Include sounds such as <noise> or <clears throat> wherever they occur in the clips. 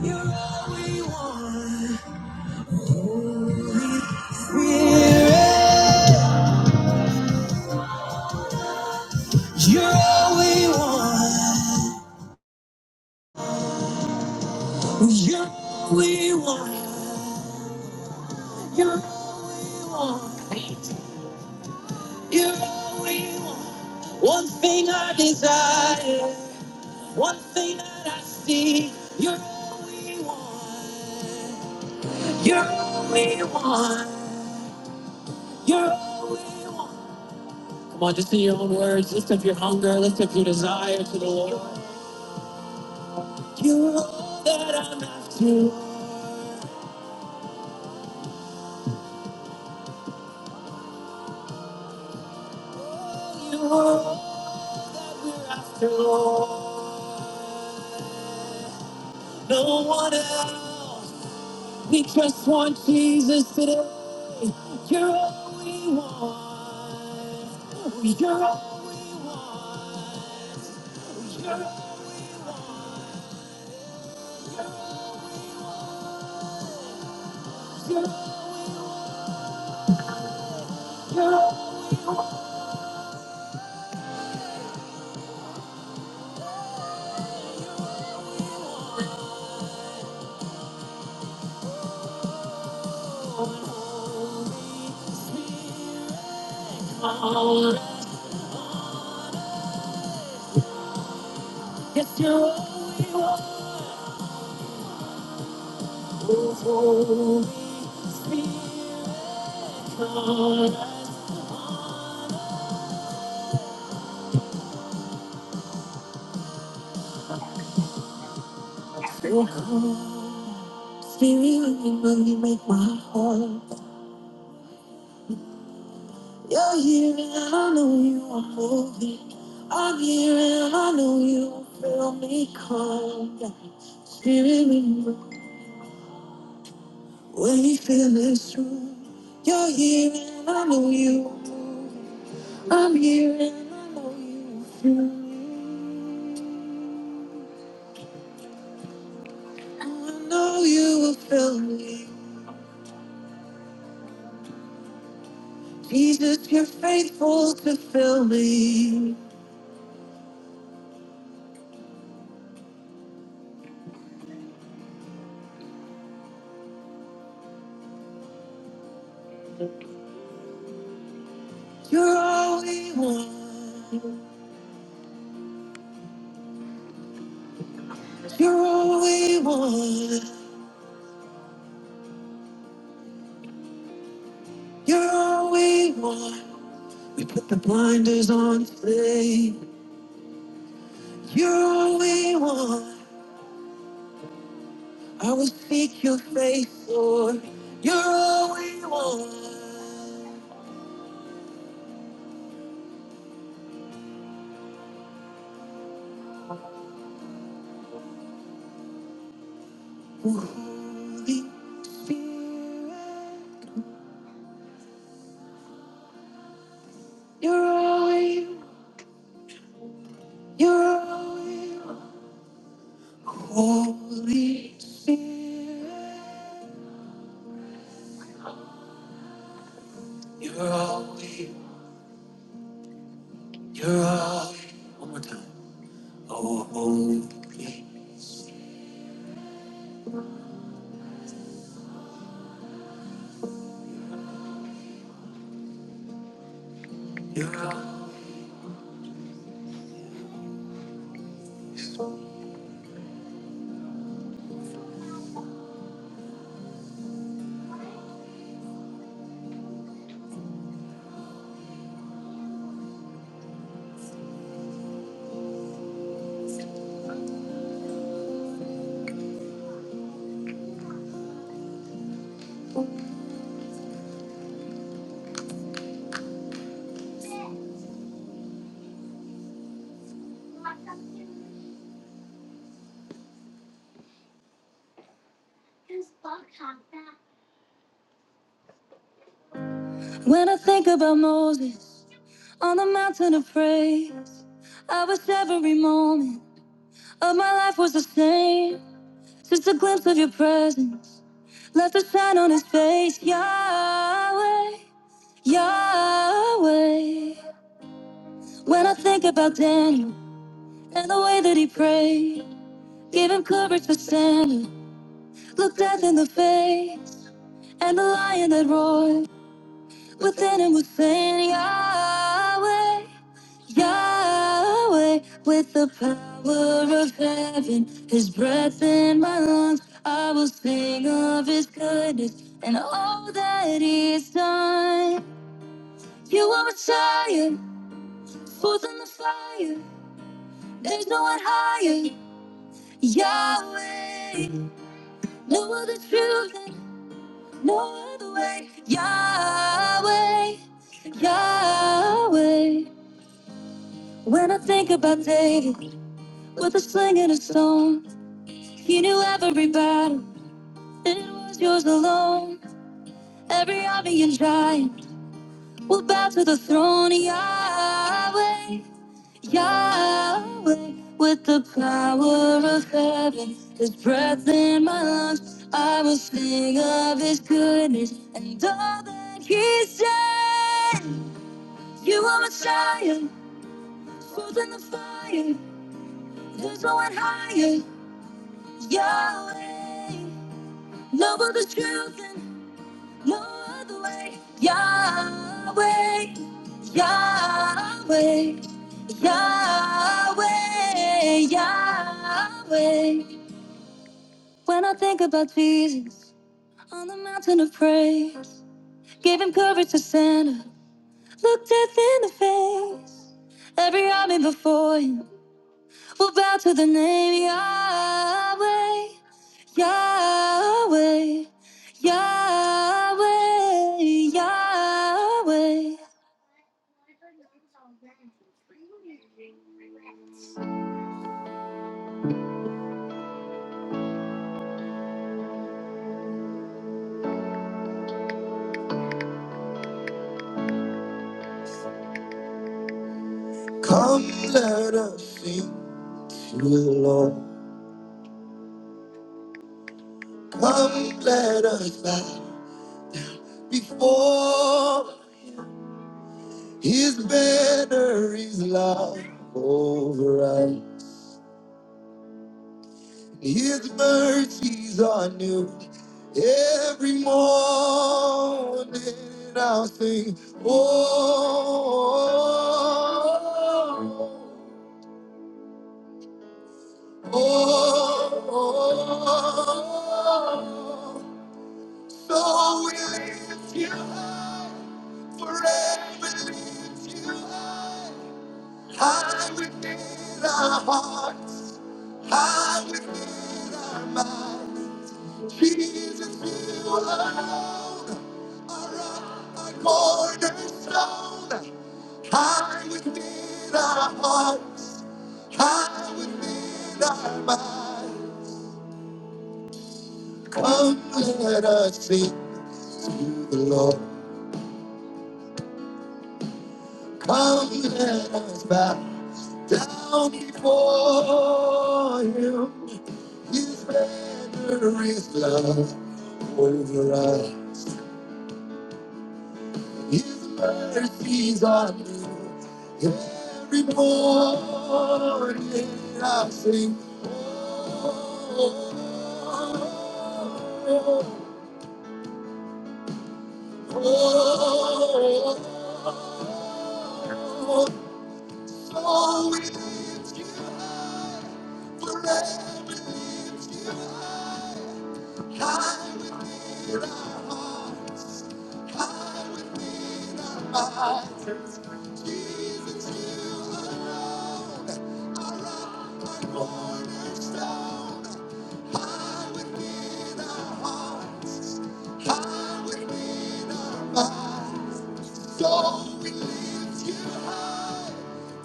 You're all we want. Spirit, you're all we want. You're all we want. You're all we want. You're all we want. One thing I desire, one thing that I see. You're all we want. You're all we want. You're all we want. Come on, just in your own words, lift up your hunger, lift up your desire to the Lord. You're all that I'm after. You're all that we're after, Lord. No one else. We just want Jesus today. You're all we want. You're all we want. You're all we want. You're, you're all we want. Holy Spirit, come. Yes, you're all we want. Holy Spirit, come. Your heart, Spirit, really make my heart. You're here and I know you are moving. I'm here and I know you feel me come. Spirit, remember when you feel this room. You're here and I know you are moving. I'm here and I know you feel me. I know you will fill me. Jesus, you're faithful to fill me. You're all we want. You're all we want. You're all we want. We put the blinders on today. You're all we want. I will seek your face, Lord. You're all we want. Holy Spirit, you're all we want. You're all we want. Holy Spirit, you're holy, you're holy. One more time. Oh, holy, you're holy. When I think about Moses on the mountain of praise, I wish every moment of my life was the same. Just a glimpse of your presence left a shine on his face, Yahweh, Yahweh. When I think about Daniel and the way that he prayed, Give him courage for standing. Look death in the face. And the lion that roared within him was saying, Yahweh, Yahweh, with the power of heaven, his breath in my lungs. I will sing of his goodness and all that he's done. You are Messiah, forth in the fire. There's no one higher. Yahweh, no other truth. than No other way, Yahweh, Yahweh. When I think about David with a sling and a stone, he knew every battle, it was yours alone. Every army and giant will bow to the throne, Yahweh, Yahweh. With the power of heaven, his breath in my lungs, I will sing of his goodness and all that he's done. You are Messiah, forth in the fire. There's no one higher, Yahweh. Love of the truth and no other way, Yahweh, Yahweh, Yahweh, Yahweh. When I think about Jesus on the mountain of praise, gave him courage to stand up, look death in the face. Every army before him. We'll bow to the name Yahweh, Yahweh, Yahweh, Yahweh. Come, let us sing to the Lord. Come, let us bow before His banner is love over us. His mercies are new every morning. And I'll sing, oh, oh, oh. So we lift you high, forever lift you high. High within our hearts, high within our minds. Jesus, you alone are rock, our cornerstone. High within our hearts, high within our mind. Come, let us sing to the Lord. Come, let us bow down before Him. His banner is love over us. His mercies are new every morning. I sing, oh, oh, oh, so we pray Lord, in our high would be our mind. So we lift you high,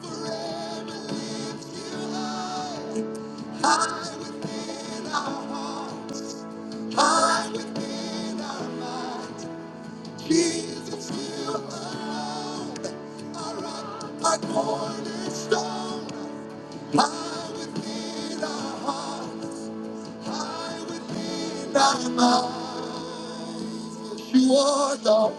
forever lift you high, high. Hide within our minds. Jesus, you alone are our cornerstone. Hide within our hearts. Hide within our minds. You are the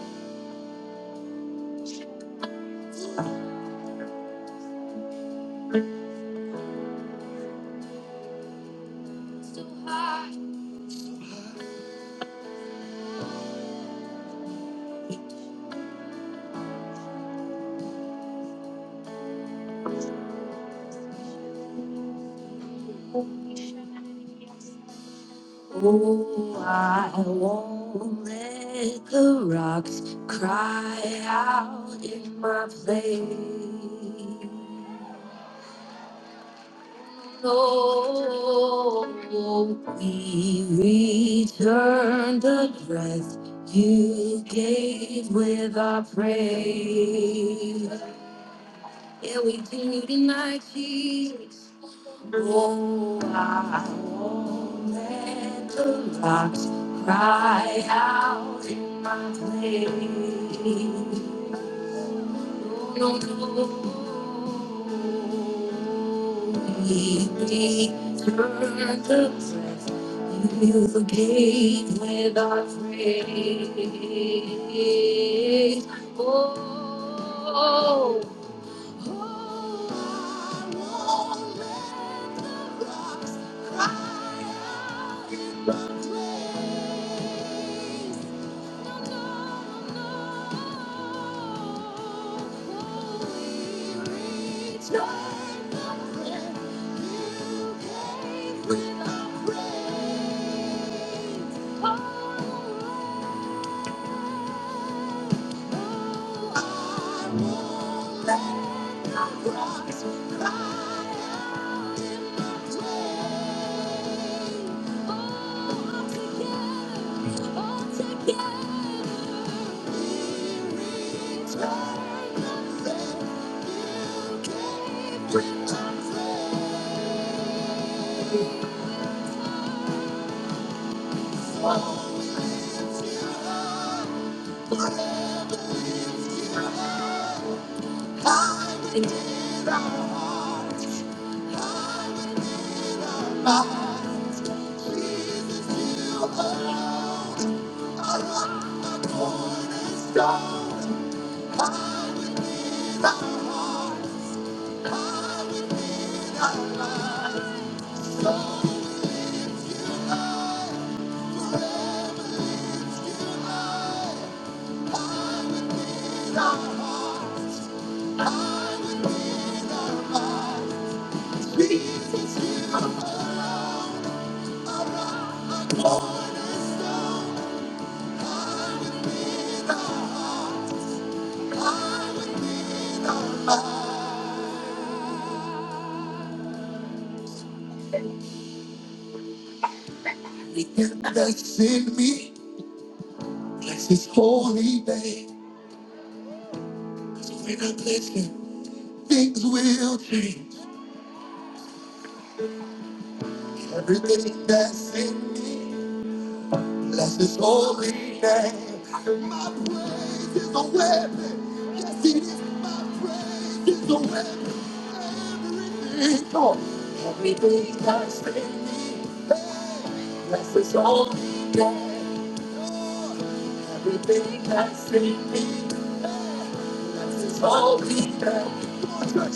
Oh, I won't let the rocks cry out in my place. Lord, we return the breath you gave with our praise. Yeah, we do you tonight, Jesus. Oh, I won't let the rocks cry out in my place return the breath You forgave without praise. Stop. That's in me. Bless his holy name. So when I bless him, things will change. Everything that's in me. Bless his holy name. My praise is a weapon. Yes, it is. My praise is a weapon. Come on. Everything that's in me. Bless his holy name. Everything that's in me. Bless his holy name. Come on, church,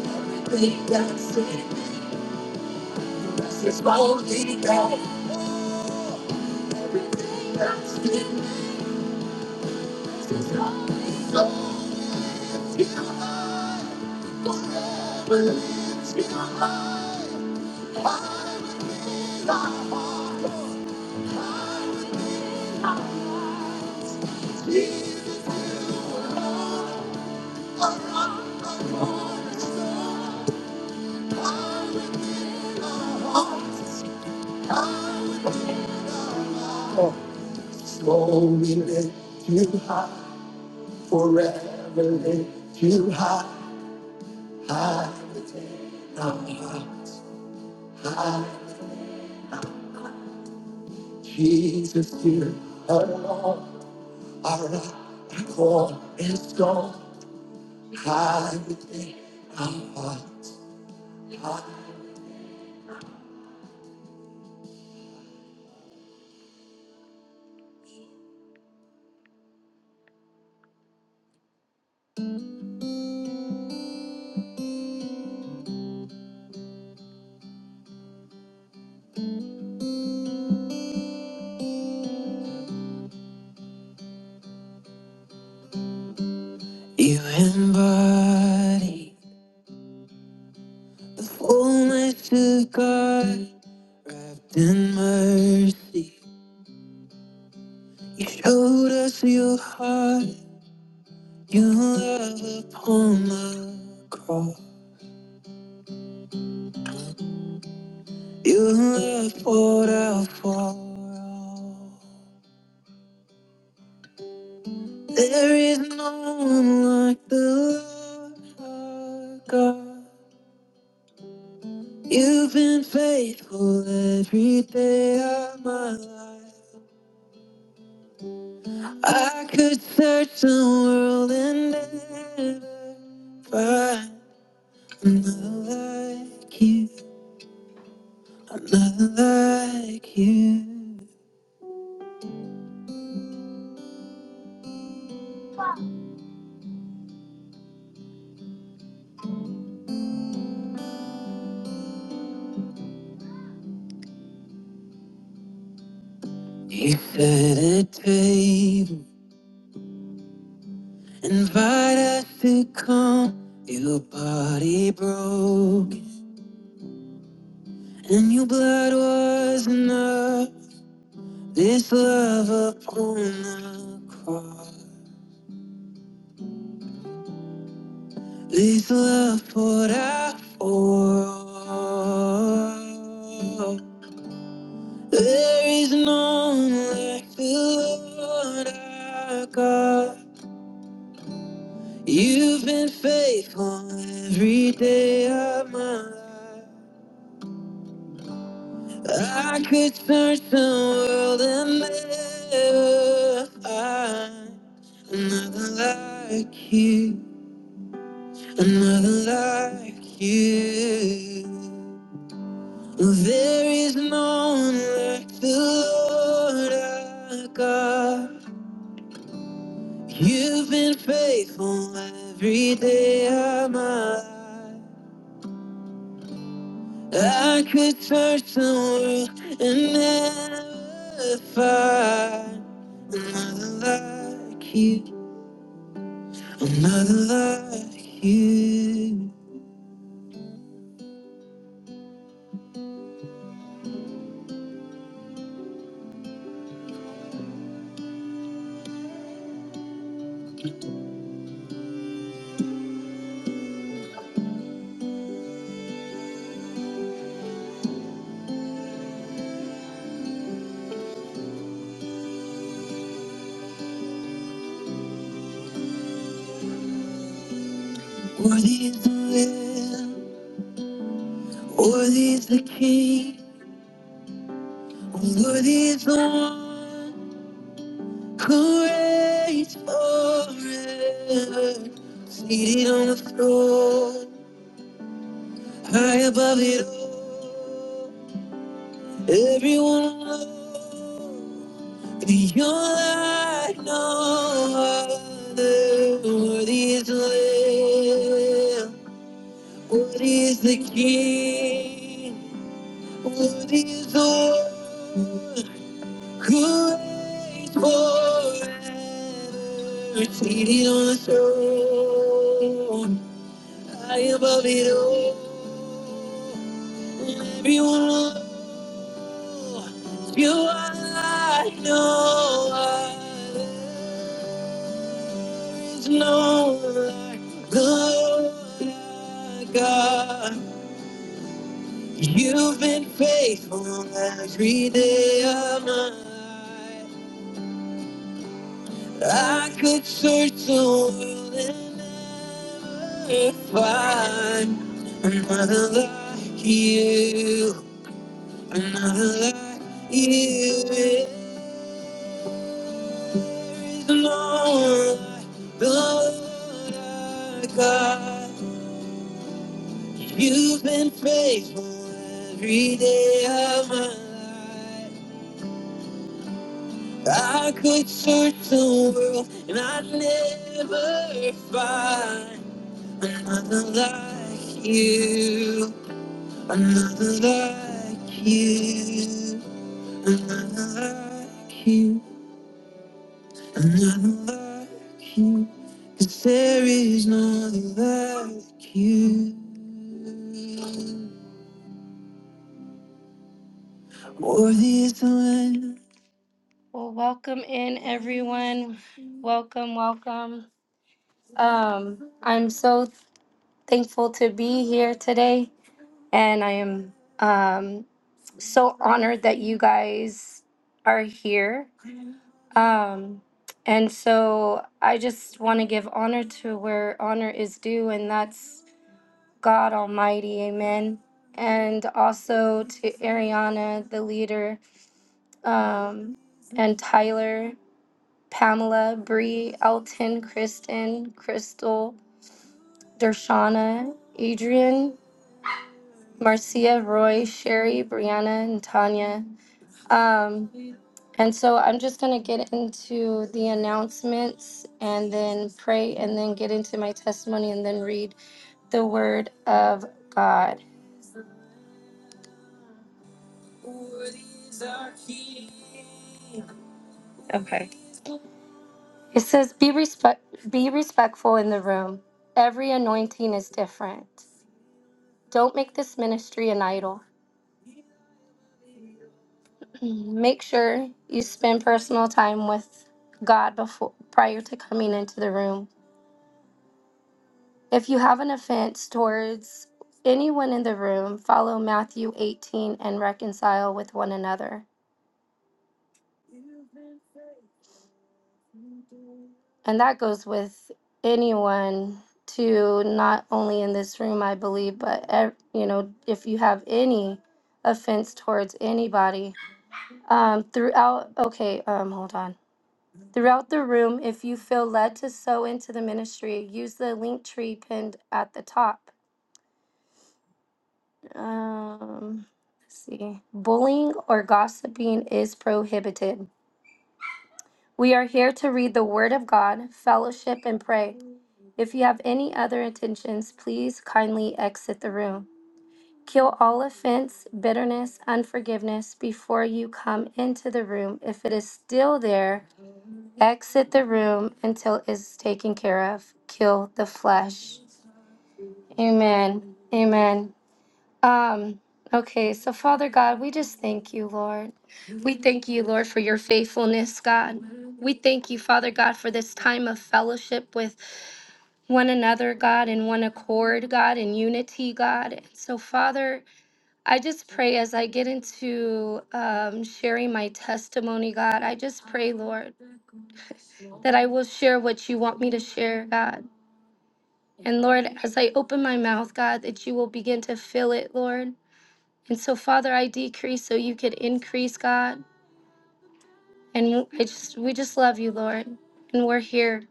Everything that's in me. It's my only God. Everything that's in this is God. So it's God. Whatever lives in my life, I give Slowly lift you high, forever lift you high, high within our hearts, high. Jesus, you alone are our core and strong, high within our hearts. Fullness of God, wrapped in mercy, you showed us your heart, your love upon the cross, your love poured out for all. There is no one like the Lord our God. You've been faithful every day of my life. I could search the world and never find another like you, another like you. This love upon the cross, this love poured out for all. There is no one like the Lord our God. You've been faithful every day of my life. I could search the world and never find another like you, another like you. There is no one like the Lord our God. You've been faithful every day of my life. I could search the world and never find another like you, another like you. Worthy is the Lamb, worthy is the King, worthy is the one who reigns forever, seated on the throne, high above it all. Everyone low, you're like no other. Worthy the Lamb, worthy the King, worthy the one who reigns forever. Seated on the throne, high above it all. Everyone alone. You are like no other. There's no like the Lord our God. You've been faithful every day of my life. I could search the world and never find another like you, another like you. The Lord, the Lord our God, you've been faithful every day of my life. I could search the world and I'd never find another like you, another like you, another like you. And I don't like you, 'cause there is no other like you. Worthy is the Lamb. Well, welcome in everyone. Welcome, welcome. Um, I'm so thankful to be here today, and I am um so honored that you guys are here. Um, and so I just want to give honor to where honor is due, and that's God Almighty, amen. And also to Ariana, the leader, um, and Tyler, Pamela, Bree, Elton, Kristen, Crystal, Dershana, Adrian, Marcia, Roy, Sherry, Brianna, and Tanya. Um, and so I'm just going to get into the announcements and then pray and then get into my testimony and then read the word of God. It says, be, respect- be respectful in the room. Every anointing is different. Don't make this ministry an idol. Mm, Make sure you spend personal time with God before prior to coming into the room. If you have an offense towards anyone in the room, follow Matthew 18 and reconcile with one another. And that goes with anyone to not only in this room, I believe, but ev- you know, if you have any offense towards anybody, um, throughout. Okay, um, hold on. Throughout the room, if you feel led to sow into the ministry, use the link tree pinned at the top. Um, let's see. Bullying or gossiping is prohibited. We are here to read the Word of God, fellowship, and pray. If you have any other intentions, please kindly exit the room. Kill all offense, bitterness, unforgiveness before you come into the room. If it is still there, exit the room until it's taken care of. Kill the flesh. Amen. Amen. Um okay, so Father God, we just thank you, Lord. We thank you, Lord, for your faithfulness, God. We thank you, Father God, for this time of fellowship with one another, God, in one accord, God, in unity, God. So, Father, I just pray as I get into um, sharing my testimony, God, I just pray, Lord, that I will share what you want me to share, God. And Lord, as I open my mouth, God, that you will begin to fill it, Lord. And so, Father, I decrease so you could increase, God. And I just, we just love you, Lord. And we're here.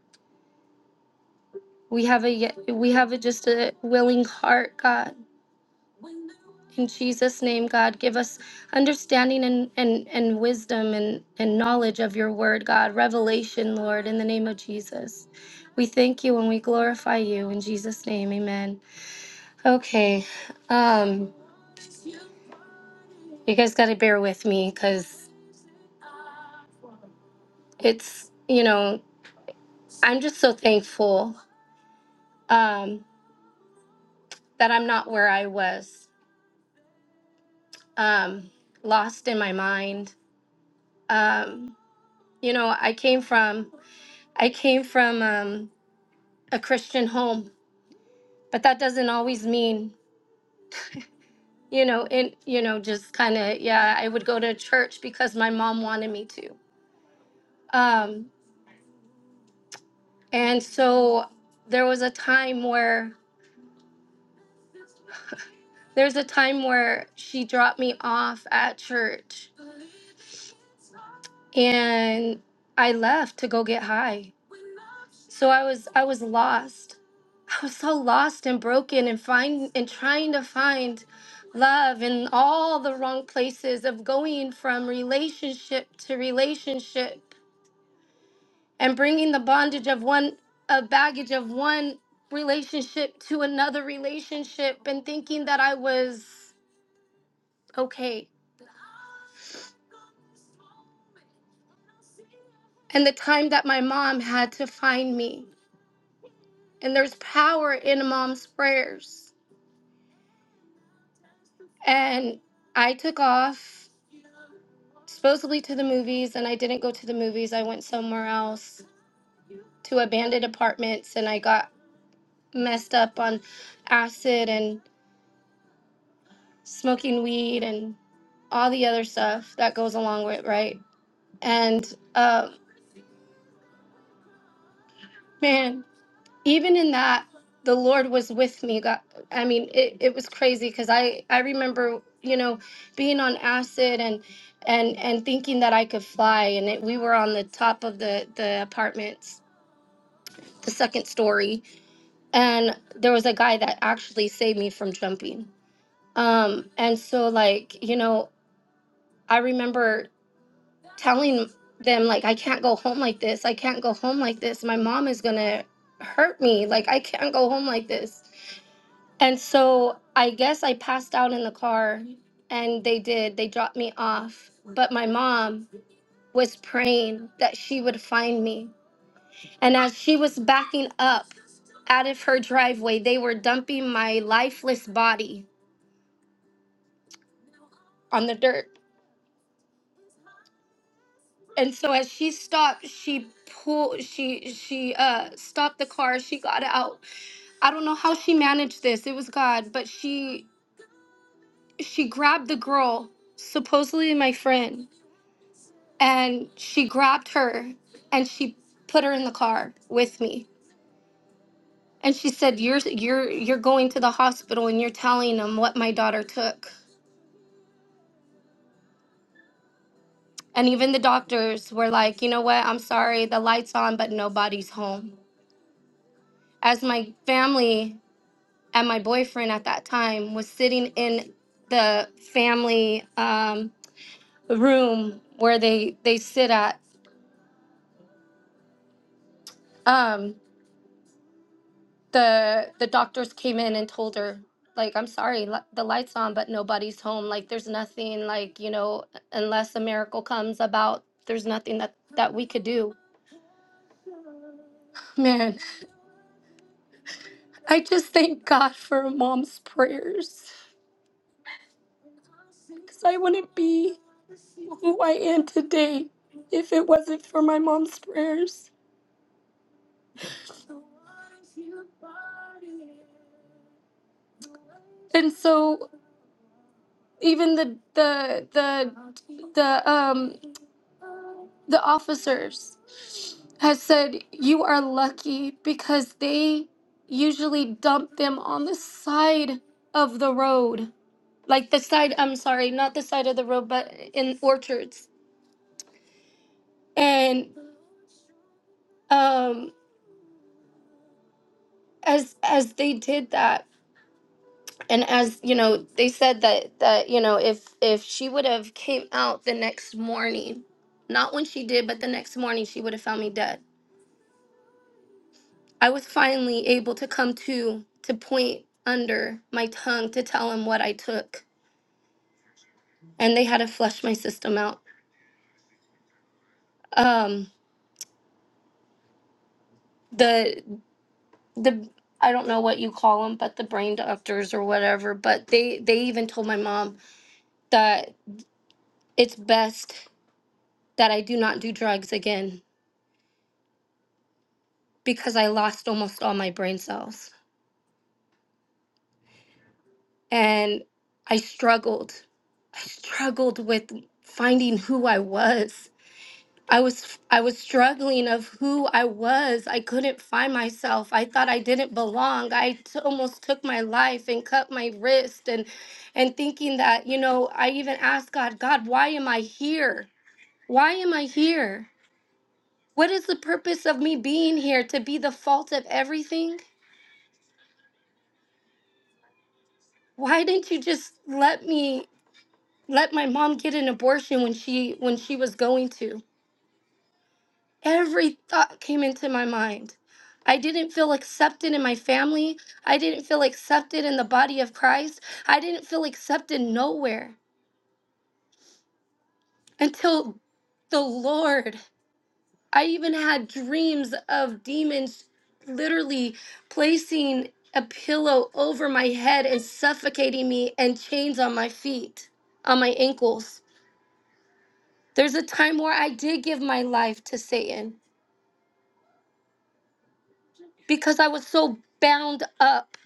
We have a, we have a, just a willing heart, God. In Jesus' name, God, give us understanding and, and, and wisdom and, and knowledge of your word, God. Revelation, Lord, in the name of Jesus. We thank you and we glorify you in Jesus' name. Amen. Okay. Um, you guys got to bear with me because it's, you know, I'm just so thankful um, that I'm not where I was, um, lost in my mind. Um, you know, I came from, I came from um, a Christian home but that doesn't always mean you know and you know just kind of yeah i would go to church because my mom wanted me to um and so there was a time where there's a time where she dropped me off at church and i left to go get high so i was i was lost i was so lost and broken and find and trying to find love in all the wrong places of going from relationship to relationship and bringing the bondage of one a baggage of one relationship to another relationship and thinking that I was okay and the time that my mom had to find me and there's power in a mom's prayers and I took off supposedly to the movies and I didn't go to the movies I went somewhere else to abandoned apartments and I got messed up on acid and smoking weed and all the other stuff that goes along with right and uh, man even in that the lord was with me god i mean it, it was crazy because i i remember you know being on acid and and and thinking that i could fly and it, we were on the top of the the apartments the second story and there was a guy that actually saved me from jumping um and so like you know i remember telling them like I can't go home like this. I can't go home like this. My mom is going to hurt me. Like I can't go home like this. And so I guess I passed out in the car and they did. They dropped me off. But my mom was praying that she would find me. And as she was backing up out of her driveway, they were dumping my lifeless body on the dirt. and so as she stopped she pulled she she uh stopped the car she got out i don't know how she managed this it was god but she she grabbed the girl supposedly my friend and she grabbed her and she put her in the car with me and she said you're you're you're going to the hospital and you're telling them what my daughter took and even the doctors were like you know what i'm sorry the lights on but nobody's home as my family and my boyfriend at that time was sitting in the family um, room where they they sit at um, the the doctors came in and told her like i'm sorry li- the lights on but nobody's home like there's nothing like you know unless a miracle comes about there's nothing that that we could do man i just thank god for mom's prayers because i wouldn't be who i am today if it wasn't for my mom's prayers and so even the the the the um the officers has said you are lucky because they usually dump them on the side of the road like the side i'm sorry not the side of the road but in orchards and um as as they did that and as you know they said that that you know if if she would have came out the next morning not when she did but the next morning she would have found me dead i was finally able to come to to point under my tongue to tell him what i took and they had to flush my system out um the the i don't know what you call them but the brain doctors or whatever but they they even told my mom that it's best that i do not do drugs again because I lost almost all my brain cells. And I struggled. I struggled with finding who I was. I was I was struggling of who I was. I couldn't find myself. I thought I didn't belong. I t- almost took my life and cut my wrist and and thinking that, you know, I even asked God, God, why am I here? Why am I here? What is the purpose of me being here to be the fault of everything? Why didn't you just let me let my mom get an abortion when she when she was going to every thought came into my mind i didn't feel accepted in my family i didn't feel accepted in the body of christ i didn't feel accepted nowhere until the lord i even had dreams of demons literally placing a pillow over my head and suffocating me and chains on my feet on my ankles there's a time where i did give my life to satan because I was so bound up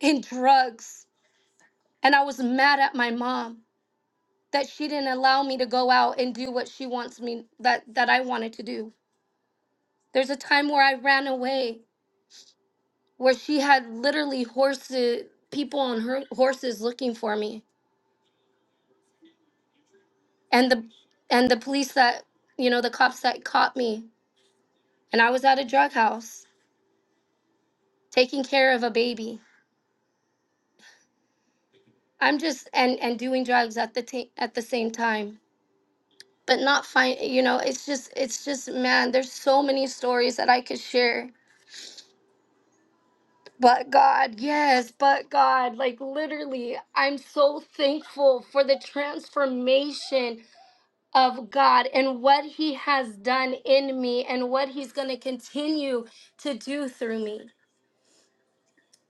in drugs and I was mad at my mom that she didn't allow me to go out and do what she wants me that that I wanted to do. There's a time where I ran away where she had literally horses people on her horses looking for me and the and the police that you know the cops that caught me and I was at a drug house taking care of a baby. I'm just and and doing drugs at the ta- at the same time. but not find you know it's just it's just man there's so many stories that i could share but god yes but god like literally i'm so thankful for the transformation of god and what he has done in me and what he's going to continue to do through me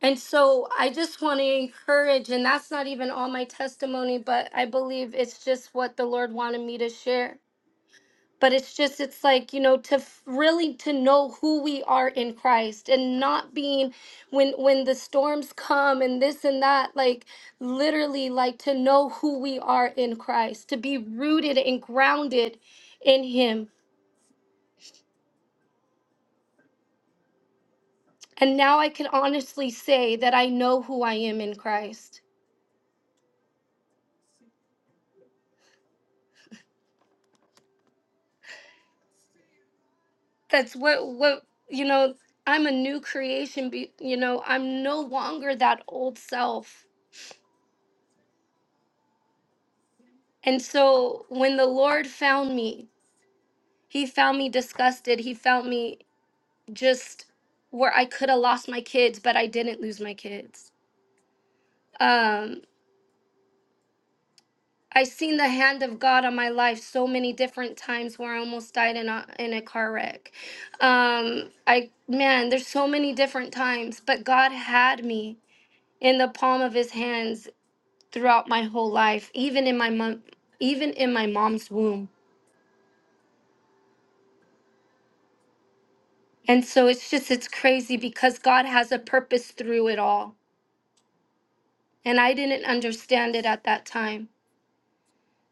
and so i just want to encourage and that's not even all my testimony but i believe it's just what the lord wanted me to share but it's just it's like you know to f- really to know who we are in christ and not being when when the storms come and this and that like literally like to know who we are in christ to be rooted and grounded in him and now i can honestly say that i know who i am in christ that's what what you know i'm a new creation be, you know i'm no longer that old self and so when the Lord found me, He found me disgusted. He found me just where I could have lost my kids, but I didn't lose my kids. Um, I seen the hand of God on my life so many different times where I almost died in a in a car wreck. Um, I man, there's so many different times, but God had me in the palm of His hands throughout my whole life, even in my mom, even in my mom's womb. And so it's just it's crazy because God has a purpose through it all and I didn't understand it at that time.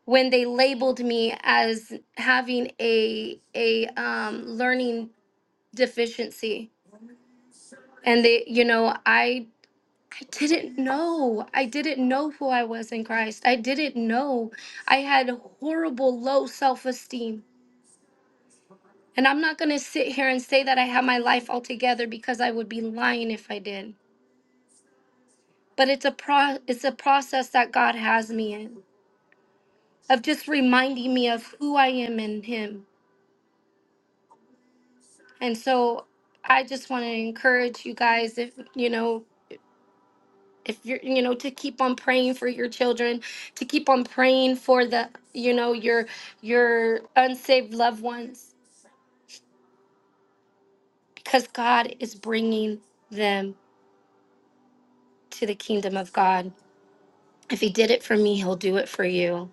When they labeled me as having a a um, learning deficiency, and they, you know, I I didn't know. I didn't know who I was in Christ. I didn't know. I had horrible low self esteem, and I'm not gonna sit here and say that I have my life all together because I would be lying if I did. But it's a pro it's a process that God has me in of just reminding me of who I am in Him And so I just want to encourage you guys if you know if you're you know to keep on praying for your children, to keep on praying for the you know your your unsaved loved ones because God is bringing them to the kingdom of God. If he did it for me, he'll do it for you.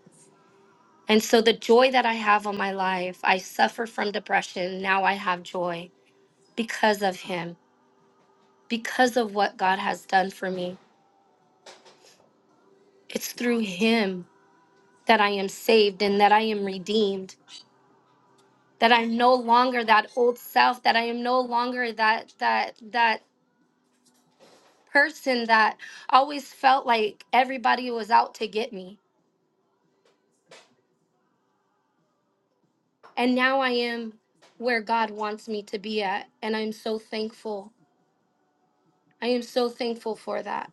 And so the joy that I have on my life, I suffer from depression, now I have joy because of him, because of what God has done for me. It's through him that I am saved and that I am redeemed, that I'm no longer that old self, that I am no longer that that that person that always felt like everybody was out to get me. And now I am where God wants me to be at, and I'm so thankful. I am so thankful for that.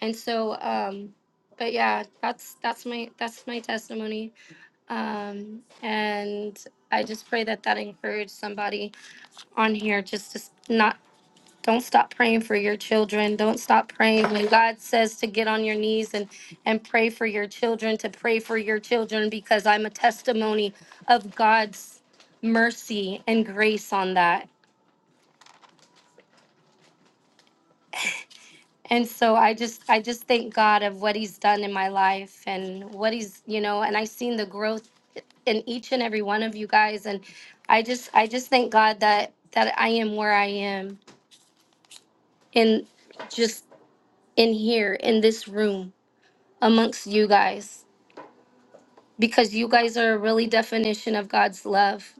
And so um but yeah, that's that's my that's my testimony. Um and I just pray that that encouraged somebody on here just to s- not Don't stop praying for your children. Don't stop praying. When God says to get on your knees and, and pray for your children, to pray for your children, because I'm a testimony of God's mercy and grace on that. And so I just I just thank God of what he's done in my life and what he's, you know, and I seen the growth in each and every one of you guys. And I just I just thank God that that I am where I am in just in here in this room amongst you guys because you guys are a really definition of God's love.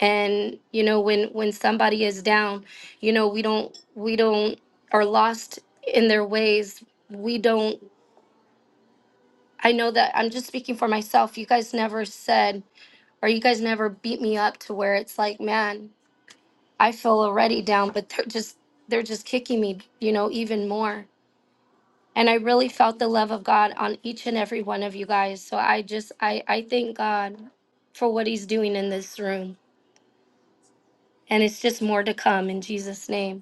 And you know, when when somebody is down, you know, we don't we don't are lost in their ways. We don't I know that I'm just speaking for myself. You guys never said or you guys never beat me up to where it's like, man, I feel already down, but they're just they're just kicking me, you know, even more. And I really felt the love of God on each and every one of you guys. So I just I I thank God for what he's doing in this room. And it's just more to come in Jesus' name.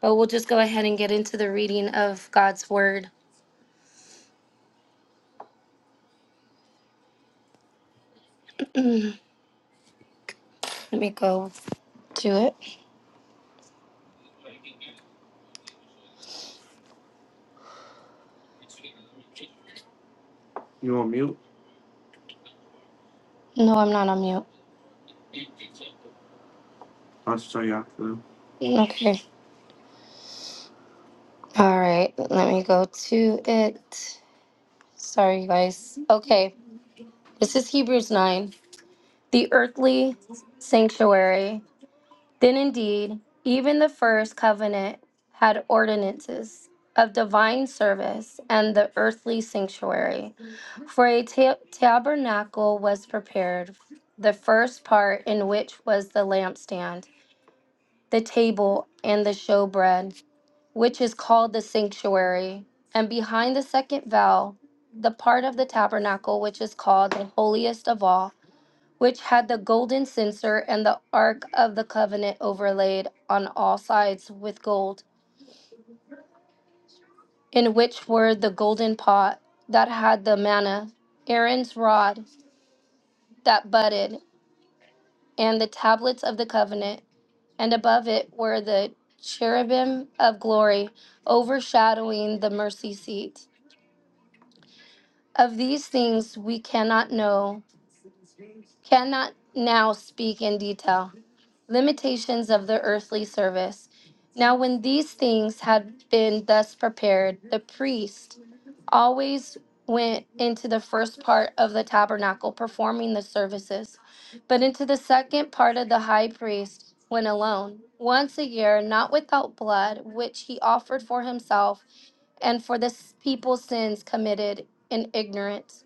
But we'll just go ahead and get into the reading of God's word. Let me go to it. You on mute? No, I'm not on mute. I'll show you after. Okay. All right. Let me go to it. Sorry, you guys. Okay. This is Hebrews 9. The earthly sanctuary. Then indeed, even the first covenant had ordinances of divine service and the earthly sanctuary. For a ta- tabernacle was prepared, the first part in which was the lampstand, the table, and the showbread, which is called the sanctuary. And behind the second veil, the part of the tabernacle which is called the holiest of all which had the golden censer and the ark of the covenant overlaid on all sides with gold, in which were the golden pot that had the manna, Aaron's rod that budded, and the tablets of the covenant, and above it were the cherubim of glory overshadowing the mercy seat. Of these things we cannot know cannot now speak in detail. Limitations of the earthly service. Now, when these things had been thus prepared, the priest always went into the first part of the tabernacle performing the services, but into the second part of the high priest went alone, once a year, not without blood, which he offered for himself and for the s- people's sins committed in ignorance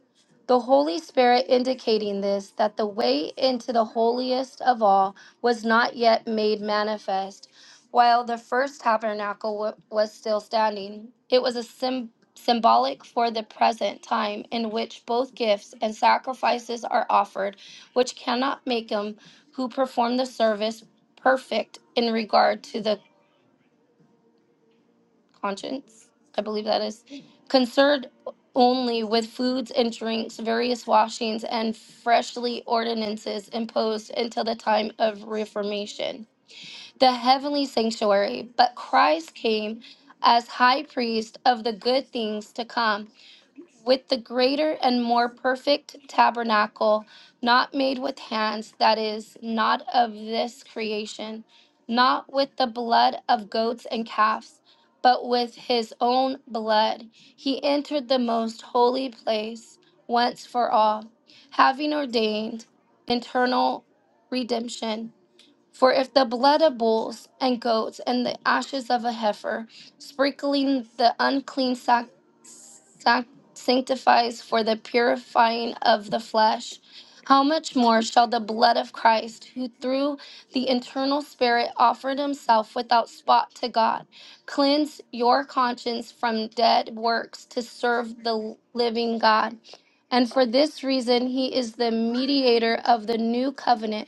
the Holy Spirit indicating this, that the way into the holiest of all was not yet made manifest, while the first tabernacle wa- was still standing. It was a sym symbolic for the present time in which both gifts and sacrifices are offered, which cannot make him who performed the service perfect in regard to the conscience, I believe that is, concerned only with foods and drinks, various washings, and freshly ordinances imposed until the time of Reformation, the heavenly sanctuary. But Christ came as high priest of the good things to come with the greater and more perfect tabernacle, not made with hands, that is, not of this creation, not with the blood of goats and calves, but with his own blood. He entered the most holy place once for all, having ordained eternal redemption for if the blood of bulls and goats and the ashes of a heifer, sprinkling the unclean sac- sac- sanctifies for the purifying of the flesh, how much more shall the blood of Christ, who through the eternal Spirit offered himself without spot to God, cleanse your conscience from dead works to serve the living God? And for this reason, he is the mediator of the new covenant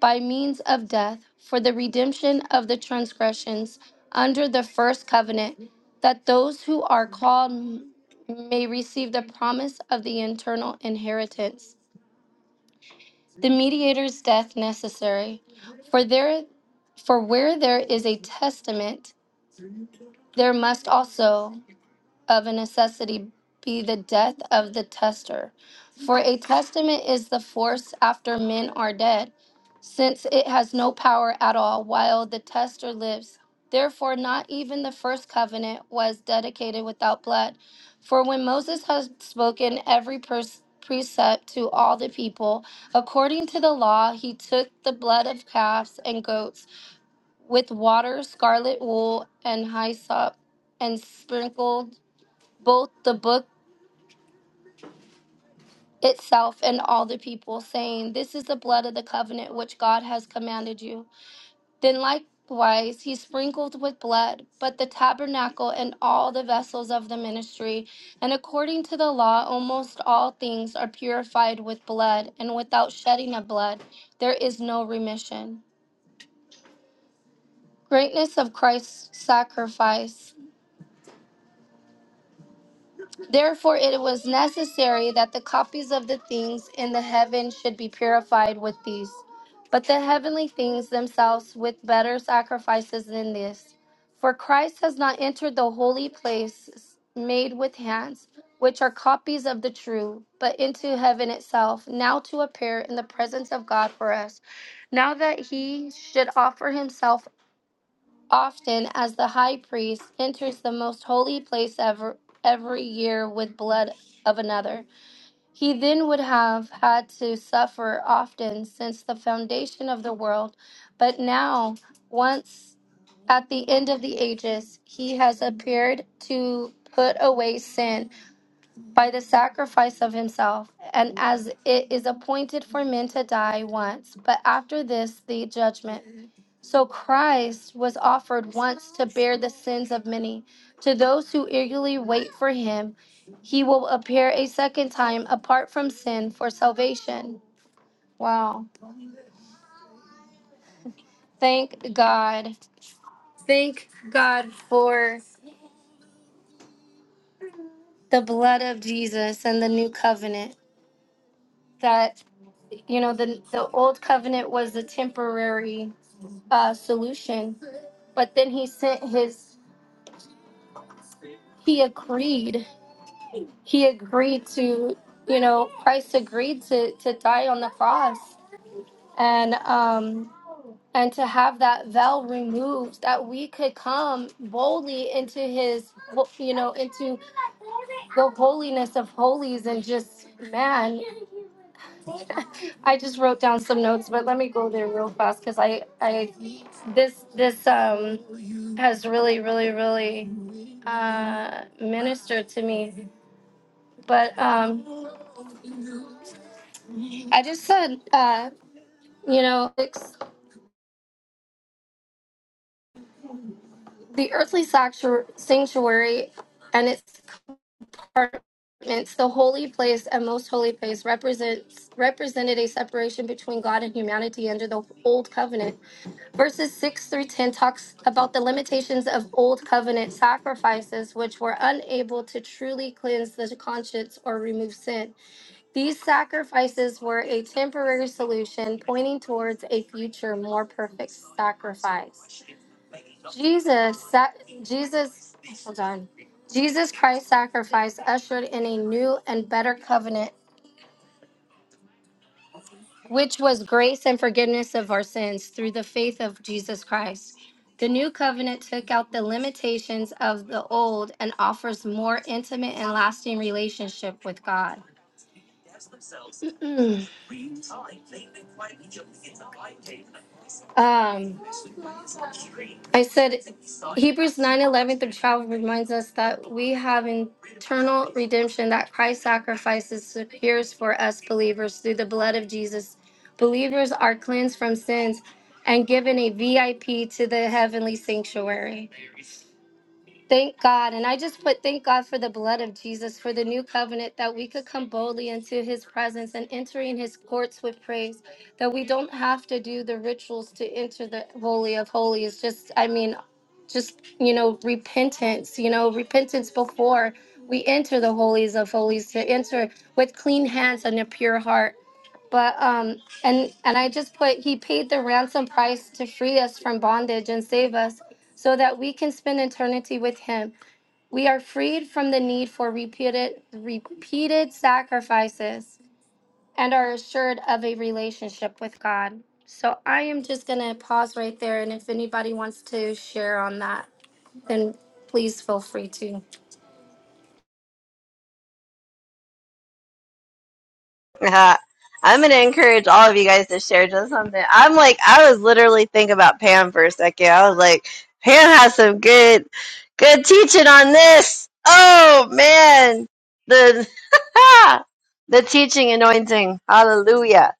by means of death for the redemption of the transgressions under the first covenant, that those who are called may receive the promise of the eternal inheritance. The mediator's death necessary, for there for where there is a testament, there must also of a necessity be the death of the tester. For a testament is the force after men are dead, since it has no power at all while the tester lives. Therefore, not even the first covenant was dedicated without blood. For when Moses had spoken every pers- precept to all the people, according to the law, he took the blood of calves and goats with water, scarlet wool, and hyssop, and sprinkled both the book itself and all the people, saying, This is the blood of the covenant which God has commanded you. Then likewise he sprinkled with blood, but the tabernacle and all the vessels of the ministry. And according to the law, almost all things are purified with blood, and without shedding of blood, there is no remission. Greatness of Christ's sacrifice. Therefore, it was necessary that the copies of the things in the heaven should be purified with these, but the heavenly things themselves with better sacrifices than this. For Christ has not entered the holy place made with hands, which are copies of the true, but into heaven itself, now to appear in the presence of God for us. Now that he should offer himself often as the high priest enters the most holy place ever every year with blood of another. He then would have had to suffer often since the foundation of the world, but now, once at the end of the ages, he has appeared to put away sin by the sacrifice of himself. And as it is appointed for men to die once, but after this, the judgment. So Christ was offered once to bear the sins of many. To those who eagerly wait for him, he will appear a second time apart from sin for salvation. Wow. Thank God. Thank God for the blood of Jesus and the new covenant. That, you know, the, the old covenant was a temporary uh, solution. But then he sent his, he agreed, he agreed to, you know, Christ agreed to, to die on the cross and, um, and to have that veil removed that we could come boldly into his, you know, into the holiness of holies and just, man, I just wrote down some notes, but let me go there real fast because I, I, this, this, um, has really, really, really, uh, ministered to me. But, um, I just said, uh, you know, it's the earthly sanctu- sanctuary and its apartments, the holy place and most holy place represents, represented a separation between God and humanity under the old covenant Verses 6 through 10 talks about the limitations of old covenant sacrifices, which were unable to truly cleanse the conscience or remove sin. These sacrifices were a temporary solution pointing towards a future, more perfect sacrifice. Jesus, sa- Jesus, hold on. Jesus Christ's sacrifice ushered in a new and better covenant which was grace and forgiveness of our sins through the faith of Jesus Christ. The new covenant took out the limitations of the old and offers more intimate and lasting relationship with God. <clears throat> um, I said Hebrews 9 11 through 12 reminds us that we have internal redemption that Christ sacrifices secures for us believers through the blood of Jesus. Believers are cleansed from sins and given a VIP to the heavenly sanctuary. Thank God. And I just put thank God for the blood of Jesus, for the new covenant, that we could come boldly into his presence and enter in his courts with praise, that we don't have to do the rituals to enter the Holy of Holies. Just, I mean, just, you know, repentance, you know, repentance before we enter the Holies of Holies, to enter with clean hands and a pure heart but um and and i just put he paid the ransom price to free us from bondage and save us so that we can spend eternity with Him. We are freed from the need for repeated, repeated sacrifices and are assured of a relationship with God. So I am just going to pause right there. And if anybody wants to share on that, then please feel free to. Uh, I'm gonna encourage all of you guys to share just something. I'm like, I was literally thinking about Pam for a second. I was like, Pam has some good, good teaching on this. Oh man, the <laughs> the teaching anointing, hallelujah.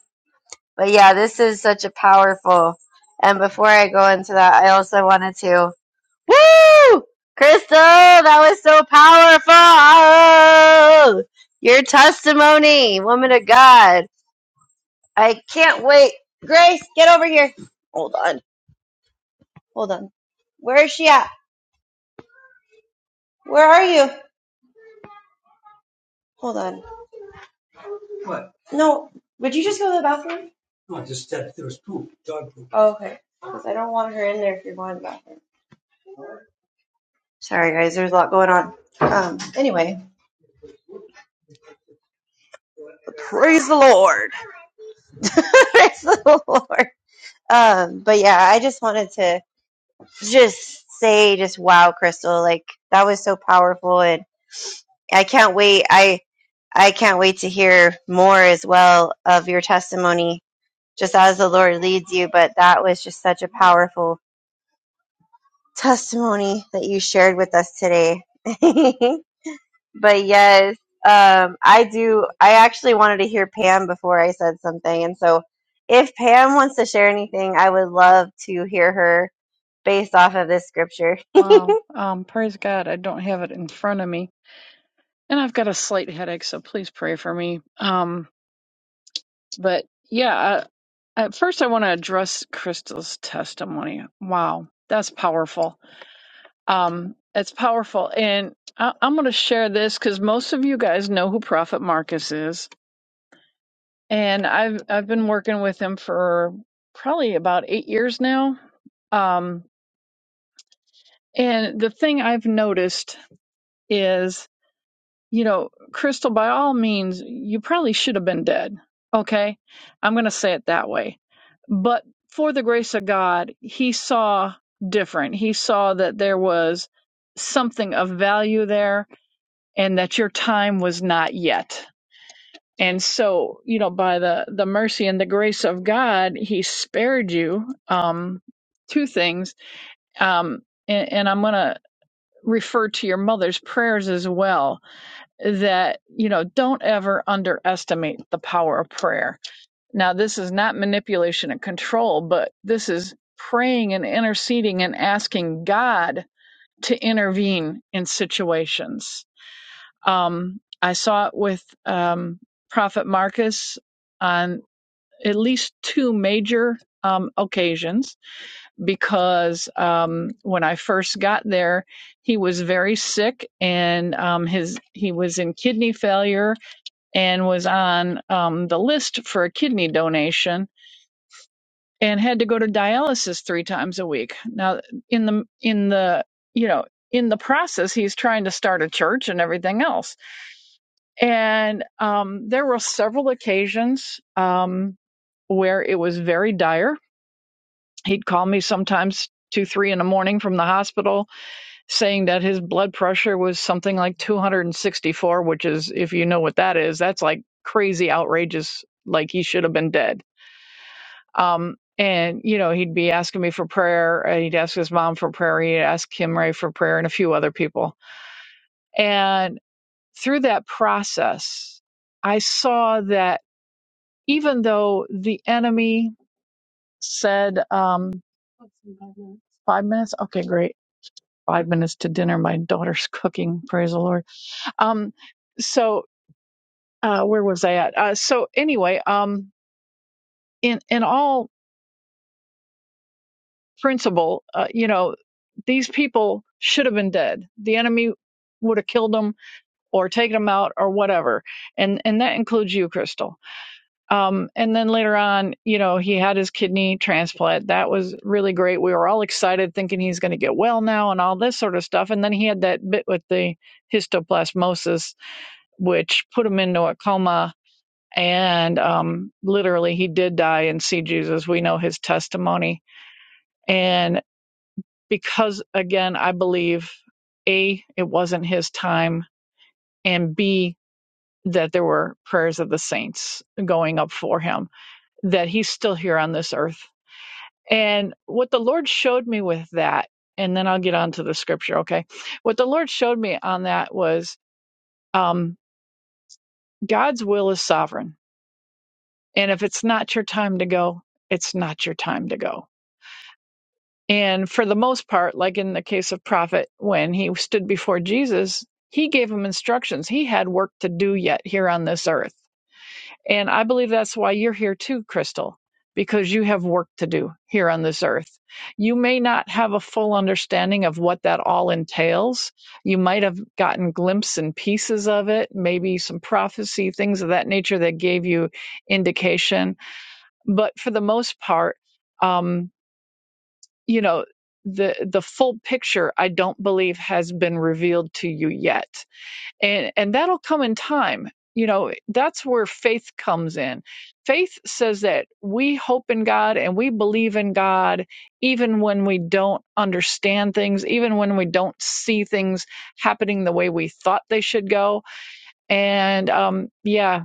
But yeah, this is such a powerful. And before I go into that, I also wanted to, woo, Crystal, that was so powerful. Oh, your testimony, woman of God. I can't wait. Grace, get over here. Hold on. Hold on. Where is she at? Where are you? Hold on. No. Would you just go to the bathroom? Oh, okay. Because I don't want her in there if you're going to the bathroom. Sorry, guys. There's a lot going on. Um. Anyway, praise the Lord. <laughs> praise the Lord. Um. But yeah, I just wanted to just say, just wow, Crystal. Like that was so powerful, and I can't wait. I I can't wait to hear more as well of your testimony just as the Lord leads you. But that was just such a powerful testimony that you shared with us today. <laughs> but yes, um, I do. I actually wanted to hear Pam before I said something. And so if Pam wants to share anything, I would love to hear her based off of this scripture. Wow. Um, praise God. I don't have it in front of me. And I've got a slight headache, so please pray for me. Um, but yeah, uh, at first I want to address Crystal's testimony. Wow. That's powerful. Um, it's powerful. And I- I'm going to share this because most of you guys know who Prophet Marcus is. And I've, I've been working with him for probably about eight years now. Um, and the thing I've noticed is you know, Crystal, by all means, you probably should have been dead. Okay. I'm going to say it that way. But for the grace of God, he saw different. He saw that there was something of value there and that your time was not yet. And so, you know, by the, the mercy and the grace of God, he spared you um, two things. Um, and, and I'm going to refer to your mother's prayers as well that you know don't ever underestimate the power of prayer now this is not manipulation and control but this is praying and interceding and asking god to intervene in situations um, i saw it with um, prophet marcus on at least two major um, occasions because um, when i first got there he was very sick and um, his he was in kidney failure and was on um, the list for a kidney donation and had to go to dialysis three times a week. Now, in the in the you know in the process, he's trying to start a church and everything else. And um, there were several occasions um, where it was very dire. He'd call me sometimes two three in the morning from the hospital saying that his blood pressure was something like 264 which is if you know what that is that's like crazy outrageous like he should have been dead Um, and you know, he'd be asking me for prayer, and he'd ask his mom for prayer, he'd ask Kim Ray for prayer, and a few other people. And through that process, I saw that even though the enemy said, um, What's in five minutes Five minutes? okay great five minutes to dinner my daughter's <laughs> cooking praise the lord um so uh where was i at uh so anyway um in in all principle, uh, you know, these people should have been dead. The enemy would have killed them or taken them out or whatever. And and that includes you, Crystal. Um, and then later on, you know, he had his kidney transplant. That was really great. We were all excited, thinking he's going to get well now and all this sort of stuff. And then he had that bit with the histoplasmosis, which put him into a coma. And um, literally, he did die and see Jesus. We know his testimony and because again i believe a it wasn't his time and b that there were prayers of the saints going up for him that he's still here on this earth and what the lord showed me with that and then i'll get on to the scripture okay what the lord showed me on that was um, god's will is sovereign and if it's not your time to go it's not your time to go And for the most part, like in the case of Prophet, when he stood before Jesus, he gave him instructions. He had work to do yet here on this earth. And I believe that's why you're here too, Crystal, because you have work to do here on this earth. You may not have a full understanding of what that all entails. You might have gotten glimpses and pieces of it, maybe some prophecy, things of that nature that gave you indication. But for the most part, um, you know the the full picture i don't believe has been revealed to you yet and and that'll come in time you know that's where faith comes in faith says that we hope in god and we believe in god even when we don't understand things even when we don't see things happening the way we thought they should go and um yeah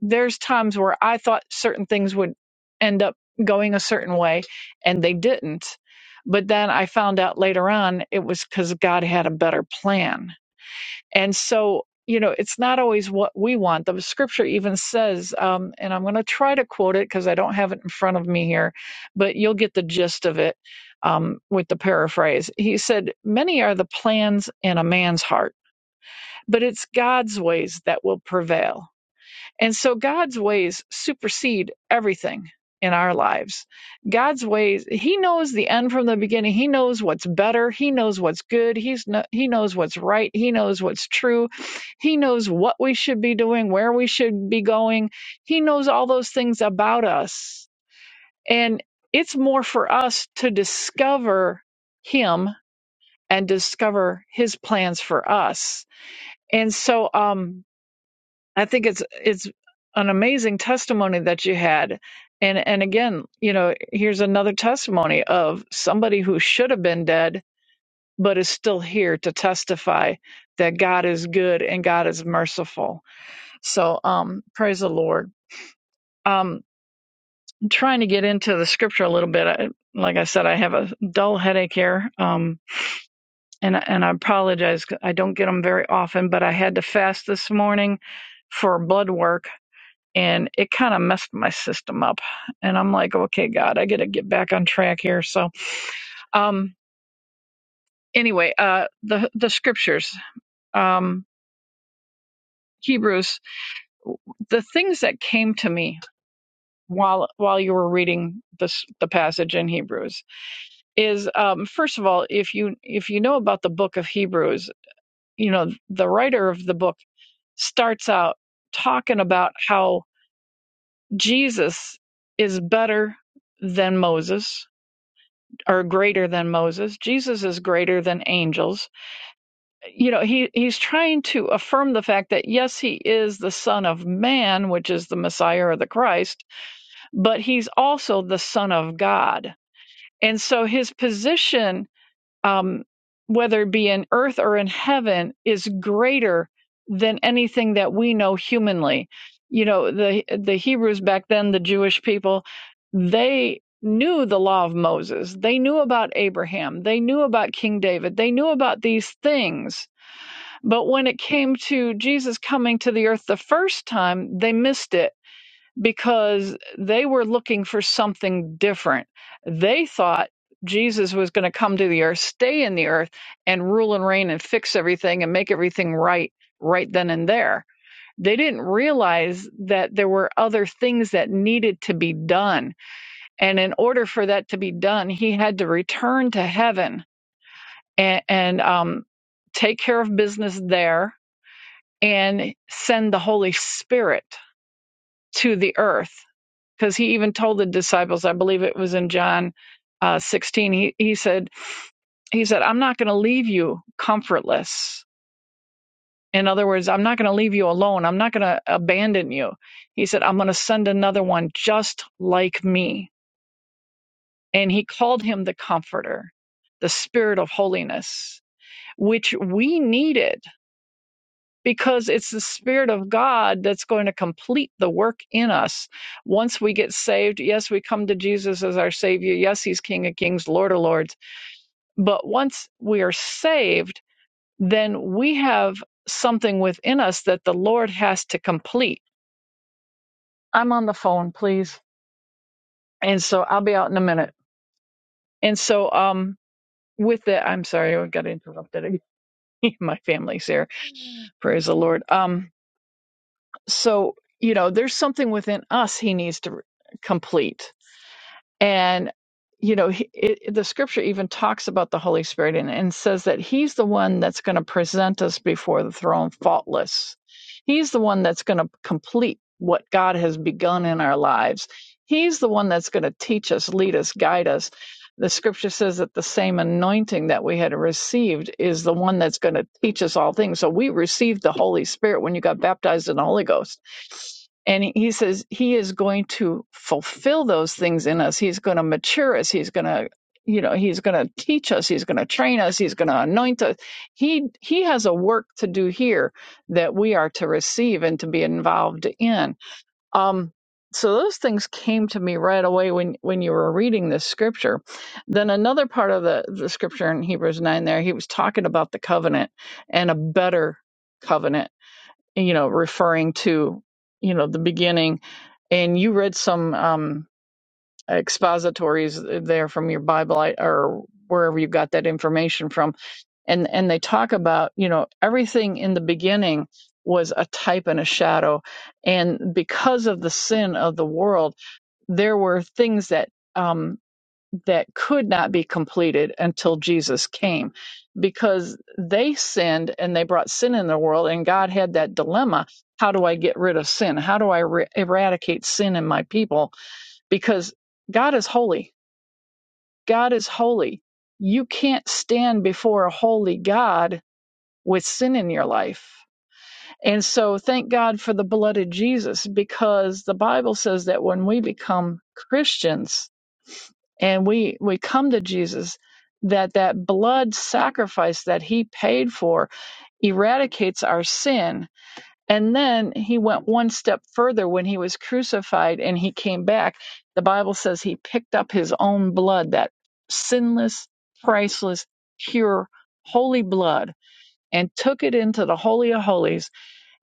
there's times where I thought certain things would end up going a certain way and they didn't. But then I found out later on it was because God had a better plan. And so, you know, it's not always what we want. The scripture even says, um, and I'm going to try to quote it because I don't have it in front of me here, but you'll get the gist of it um, with the paraphrase. He said, Many are the plans in a man's heart, but it's God's ways that will prevail and so God's ways supersede everything in our lives. God's ways, He knows the end from the beginning. He knows what's better. He knows what's good. He's no, He knows what's right. He knows what's true. He knows what we should be doing, where we should be going. He knows all those things about us. And it's more for us to discover Him and discover His plans for us. And so, um, I think it's it's an amazing testimony that you had. And and again, you know, here's another testimony of somebody who should have been dead but is still here to testify that God is good and God is merciful. So, um praise the Lord. Um trying to get into the scripture a little bit. I, like I said, I have a dull headache here. Um and I- and I apologize. 'cause I don't get them very often, but I had to fast this morning for blood work and it kind of messed my system up and i'm like okay god i gotta get back on track here so um anyway uh the the scriptures um hebrews the things that came to me while while you were reading this the passage in hebrews is um first of all if you if you know about the book of hebrews you know the writer of the book starts out talking about how jesus is better than moses are greater than Moses. Jesus is greater than angels. You know, he, he's trying to affirm the fact that yes, he is the Son of Man, which is the Messiah or the Christ, but he's also the Son of God. And so his position um, whether it be in earth or in heaven, is greater than anything that we know humanly. You know, the the Hebrews back then, the Jewish people, they knew the law of Moses. They knew about Abraham. They knew about King David. They knew about these things. But when it came to Jesus coming to the earth the first time, they missed it because they were looking for something different. They thought Jesus was going to come to the earth, stay in the earth, and rule and reign and fix everything and make everything right right then and there. They didn't realize that there were other things that needed to be done. And in order for that to be done, he had to return to heaven and, and um, take care of business there and send the Holy Spirit to the earth because he even told the disciples, I believe it was in John uh, 16, he, he said, he said, I'm not going to leave you comfortless. In other words, I'm not going to leave you alone. I'm not going to abandon you. He said, I'm going to send another one just like me. And he called him the comforter, the spirit of holiness, which we needed because it's the Spirit of God that's going to complete the work in us. Once we get saved, yes, we come to Jesus as our Savior. Yes, He's King of Kings, Lord of Lords. But once we are saved, then we have something within us that the Lord has to complete. I'm on the phone, please. And so I'll be out in a minute. And so, um, with that, I'm sorry, I got interrupted. <laughs> My family's here. Praise the Lord. Um, So, you know, there's something within us he needs to complete and you know he- it, the scripture even talks about the holy spirit and, and says that he's the one that's going to present us before the throne faultless he's the one that's going to complete what god has begun in our lives he's the one that's going to teach us lead us guide us the scripture says that the same anointing that we had received is the one that's going to teach us all things so we received the holy spirit when you got baptized in the holy ghost and he says he is going to fulfill those things in us. He's going to mature us. He's going to, you know, he's going to teach us. He's going to train us. He's going to anoint us. He he has a work to do here that we are to receive and to be involved in. Um, so those things came to me right away when when you were reading this scripture. Then another part of the the scripture in Hebrews nine, there he was talking about the covenant and a better covenant you know, referring to, you know, the beginning. And you read some um, expositories there from your Bible I- or wherever you got that information from. And, and they talk about, you know, everything in the beginning was a type and a shadow. And because of the sin of the world, there were things that, um, that could not be completed until Jesus came because they sinned and they brought sin in the world and God had that dilemma how do I get rid of sin how do I re- eradicate sin in my people because God is holy God is holy you can't stand before a holy God with sin in your life and so thank God for the blood of Jesus because the Bible says that when we become Christians and we we come to Jesus that that blood sacrifice that he paid for eradicates our sin and then he went one step further when he was crucified and he came back the bible says he picked up his own blood that sinless priceless pure holy blood and took it into the holy of holies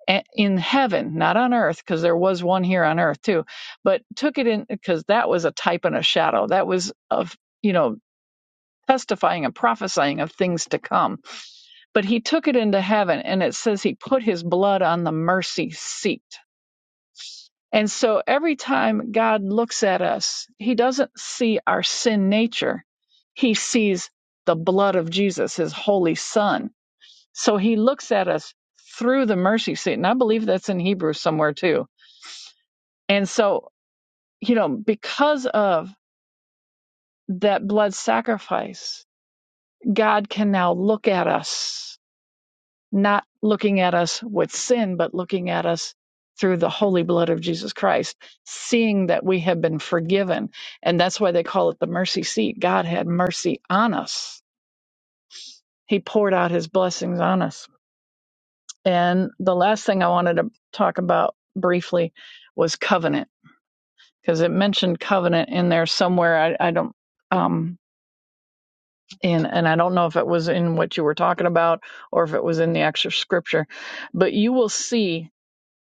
a- in heaven not on earth because there was one here on earth too but took it in because that was a type and a shadow that was of you know testifying and prophesying of things to come. But he took it into heaven, and it says he put his blood on the mercy seat. And so every time God looks at us, he doesn't see our sin nature, he sees the blood of Jesus, his holy son. So he looks at us through the mercy seat. And I believe that's in Hebrew somewhere too. And so, you know, because of that blood sacrifice, God can now look at us not looking at us with sin, but looking at us through the holy blood of Jesus Christ, seeing that we have been forgiven. And that's why they call it the mercy seat. God had mercy on us, He poured out His blessings on us. And the last thing I wanted to talk about briefly was covenant, because it mentioned covenant in there somewhere. I, I don't. Um, in and I don't know if it was in what you were talking about or if it was in the actual scripture, but you will see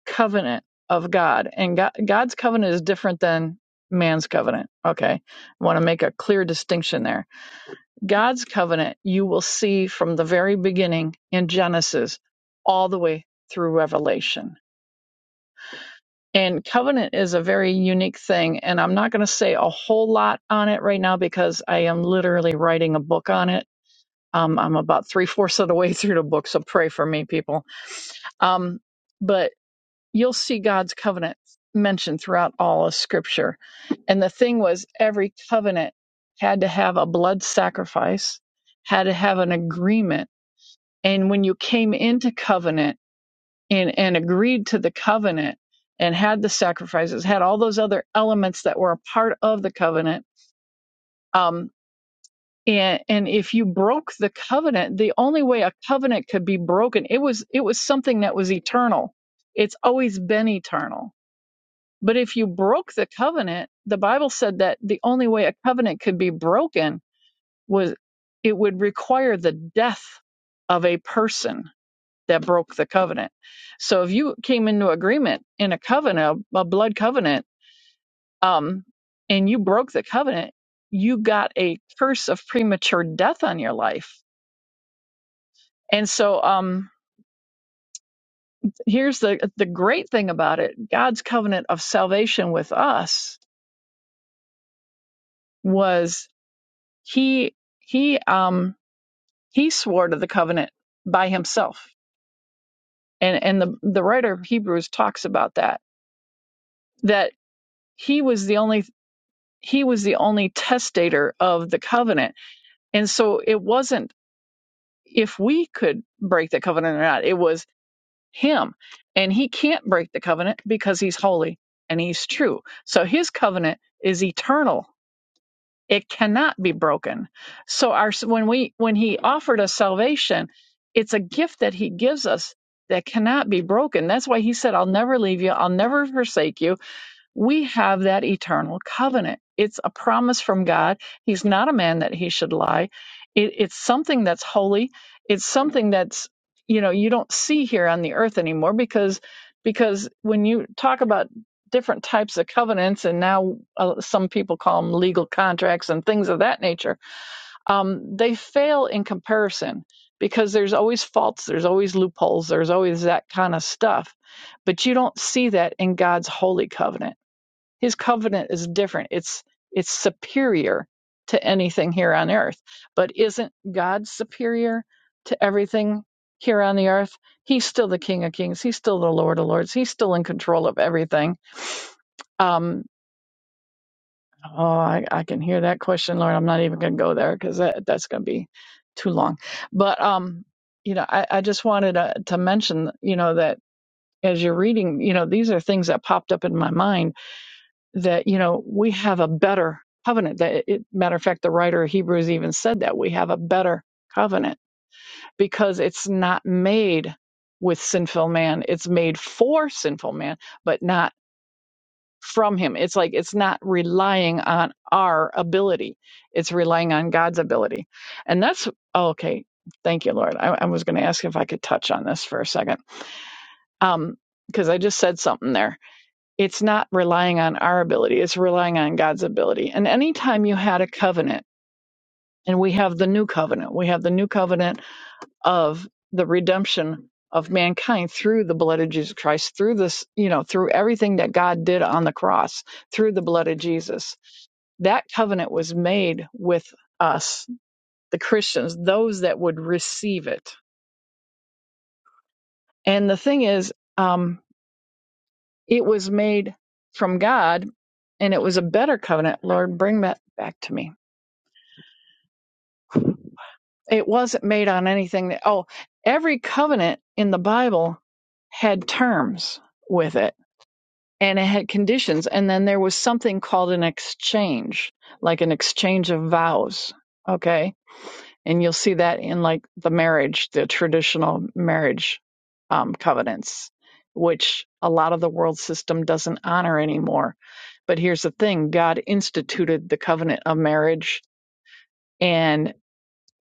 covenant of God, and God, God's covenant is different than man's covenant. Okay, I want to make a clear distinction there. God's covenant, you will see from the very beginning in Genesis all the way through Revelation. And covenant is a very unique thing, and I'm not going to say a whole lot on it right now because I am literally writing a book on it. Um, I'm about three fourths of the way <laughs> through the book, so pray for me, people. Um, but you'll see God's covenant mentioned throughout all of scripture. And the thing was, every covenant had to have a blood sacrifice, had to have an agreement. And when you came into covenant and, and agreed to the covenant and had the sacrifices, had all those other elements that were a part of the covenant, um, and, and if you broke the covenant, the only way a covenant could be broken, it was it was something that was eternal. It's always been eternal But if you broke the covenant, the Bible said that the only way a covenant could be broken was it would require the death of a person that broke the covenant. So if you came into agreement in a covenant, a blood covenant, um, and you broke the covenant, you got a curse of premature death on your life. And so um, here's the the great thing about it: God's covenant of salvation with us was he he um He swore to the covenant by himself. And and the, the writer of Hebrews talks about that, that he was the only he was the only testator of the covenant. And so it wasn't if we could break the covenant or not, it was him. And he can't break the covenant because he's holy and he's true. So his covenant is eternal it cannot be broken so our when we when he offered us salvation it's a gift that he gives us that cannot be broken that's why he said i'll never leave you i'll never forsake you we have that eternal covenant. It's a promise from God. He's not a man that he should lie. It, it's something that's holy. It's something that's you know you don't see here on the earth anymore because because when you talk about different types of covenants and now uh, some people call them legal contracts and things of that nature um, they fail in comparison because there's always faults there's always loopholes there's always that kind of stuff but you don't see that in god's holy covenant his covenant is different. It's it's superior to anything here on earth. But isn't God superior to everything here on the earth? He's still the King of Kings. He's still the Lord of Lords. He's still in control of everything. Um, oh, I, I can hear that question, Lord. I'm not even going to go there because that, that's going to be too long. But um, you know, I, I just wanted to, to mention, you know, that as you're reading, you know, these are things that popped up in my mind that you know we have a better covenant that it, matter of fact the writer of hebrews even said that we have a better covenant because it's not made with sinful man it's made for sinful man but not from him it's like it's not relying on our ability it's relying on god's ability and that's oh, okay thank you lord i, I was going to ask if i could touch on this for a second um because i just said something there it's not relying on our ability, it's relying on God's ability. And anytime you had a covenant, and we have the new covenant, we have the new covenant of the redemption of mankind through the blood of Jesus Christ, through this, you know, through everything that God did on the cross, through the blood of Jesus. That covenant was made with us, the Christians, those that would receive it. And the thing is, um, It was made from God and it was a better covenant. Lord, bring that back to me. It wasn't made on anything that, oh, every covenant in the Bible had terms with it and it had conditions. And then there was something called an exchange, like an exchange of vows. Okay and you'll see that in like the marriage the traditional marriage um, covenants which a lot of the world system doesn't honor anymore but here's the thing god instituted the covenant of marriage and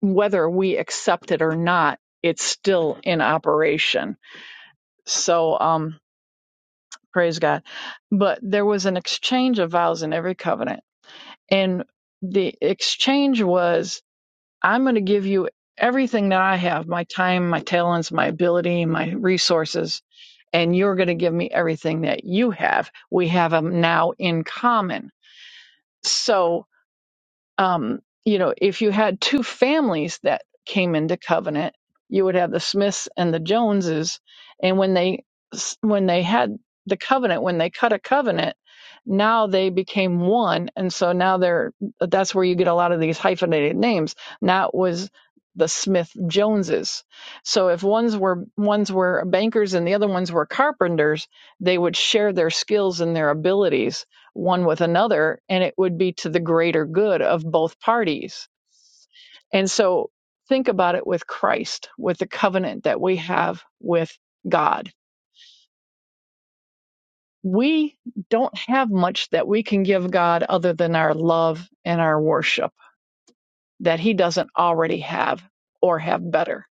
whether we accept it or not it's still in operation so um praise god but there was an exchange of vows in every covenant and the exchange was I'm going to give you everything that I have my time, my talents, my ability, my resources, and you're going to give me everything that you have. We have them now in common. So um, you know, if you had two families that came into covenant, you would have the Smiths and the Joneses. And when they when they had the covenant, when they cut a covenant, now they became one, and so now they're that's where you get a lot of these hyphenated names. Now it was the Smith Joneses. So if ones were ones were bankers and the other ones were carpenters, they would share their skills and their abilities one with another, and it would be to the greater good of both parties. And so think about it with Christ, with the covenant that we have with God. We don't have much that we can give God other than our love and our worship that He doesn't already have or have better.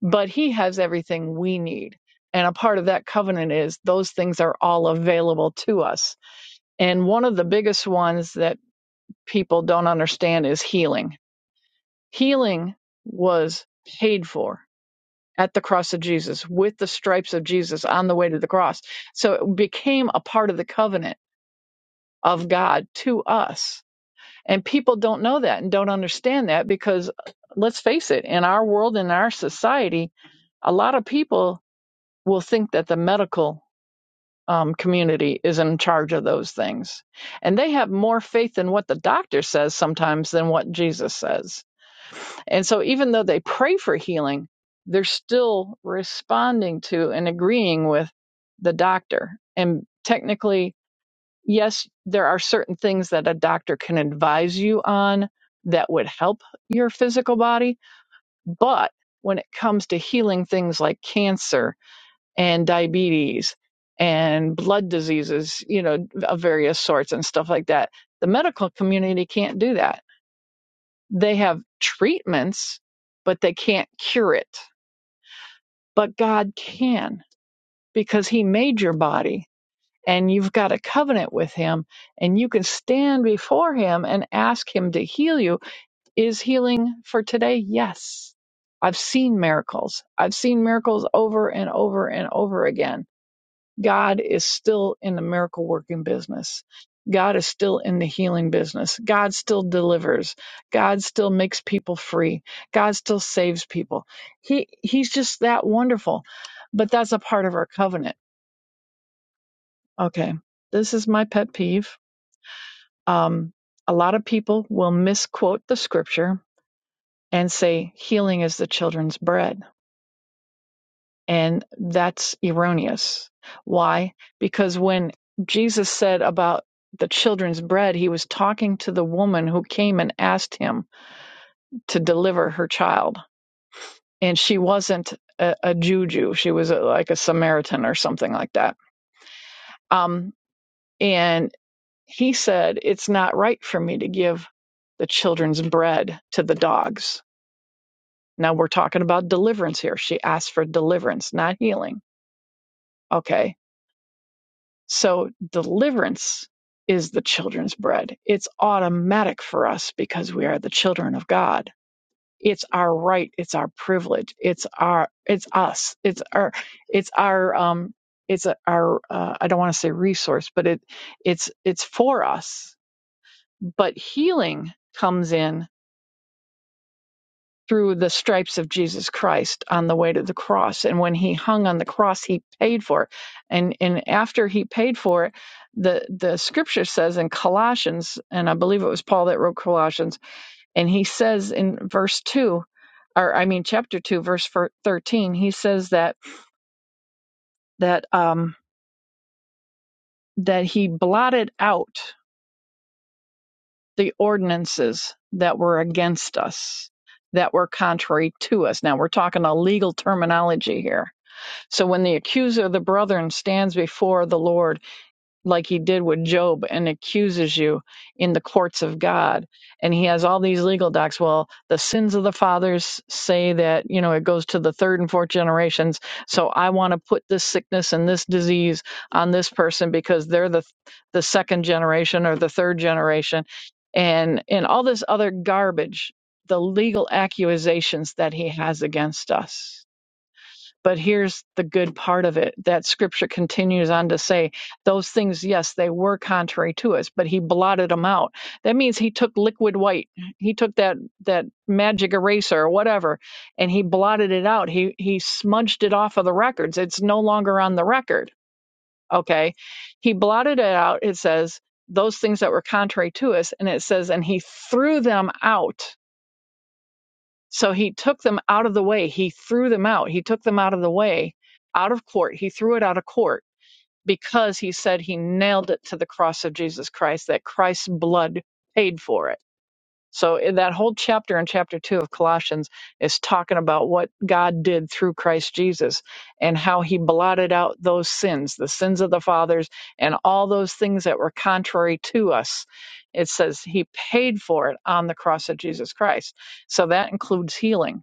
But He has everything we need. And a part of that covenant is those things are all available to us. And one of the biggest ones that people don't understand is healing Healing was paid for at the cross of Jesus with the stripes of Jesus on the way to the cross. So it became a part of the covenant of God to us. And people don't know that and don't understand that because let's face it, in our world, in our society, a lot of people will think that the medical um, community is in charge of those things. And they have more faith in what the doctor says sometimes than what Jesus says And so, even though they pray for healing, they're still responding to and agreeing with the doctor. And technically, yes, there are certain things that a doctor can advise you on that would help your physical body. But when it comes to healing things like cancer and diabetes and blood diseases, you know, of various sorts and stuff like that, the medical community can't do that they have treatments, but they can't cure it. But God can because He made your body and you've got a covenant with Him and you can stand before Him and ask Him to heal you. Is healing for today? Yes. I've seen miracles. I've seen miracles over and over and over again God is still in the miracle working business. God is still in the healing business. God still delivers. God still makes people free. God still saves people. He he's just that wonderful. But that's a part of our covenant. Okay. This is my pet peeve. Um a lot of people will misquote the scripture and say healing is the children's bread And that's erroneous. Why? Because when Jesus said about the children's bread, he was talking to the woman who came and asked him to deliver her child. And she wasn't a, a Jew, she was a, like a Samaritan or something like that. Um, and he said, It's not right for me to give the children's bread to the dogs. Now we're talking about deliverance here. She asked for deliverance, not healing. Okay So deliverance is the children's bread. It's automatic for us because we are the children of God. It's our right. It's our privilege. It's our. It's us. It's our. It's our. Um. It's a, our. Uh, I don't want to say resource, but it. It's. It's for us. But healing comes in through the stripes of Jesus Christ on the way to the cross. And when he hung on the cross, he paid for it. And and after he paid for it, the the scripture says in Colossians, and I believe it was Paul that wrote Colossians, and he says in verse two, or I mean chapter two, verse thirteen, he says that that um that he blotted out the ordinances that were against us, that were contrary to us. Now we're talking a legal terminology here So when the accuser of the brethren stands before the Lord, like he did with Job, and accuses you in the courts of God, and he has all these legal docs, well, the sins of the fathers say that, you know, it goes to the third and fourth generations. So I want to put this sickness and this disease on this person because they're the the second generation or the third generation and and all this other garbage, the legal accusations that he has against us. But here's the good part of it that scripture continues on to say, those things, yes, they were contrary to us, but he blotted them out. That means he took liquid white, he took that that magic eraser or whatever, and he blotted it out. He he smudged it off of the records. It's no longer on the record. Okay. He blotted it out, it says, those things that were contrary to us, and it says, and he threw them out so he took them out of the way. He threw them out. He took them out of the way, out of court. He threw it out of court because he said he nailed it to the cross of Jesus Christ, that Christ's blood paid for it. So in that whole chapter in chapter two of Colossians is talking about what God did through Christ Jesus and how he blotted out those sins, the sins of the fathers and all those things that were contrary to us. It says he paid for it on the cross of Jesus Christ. So that includes healing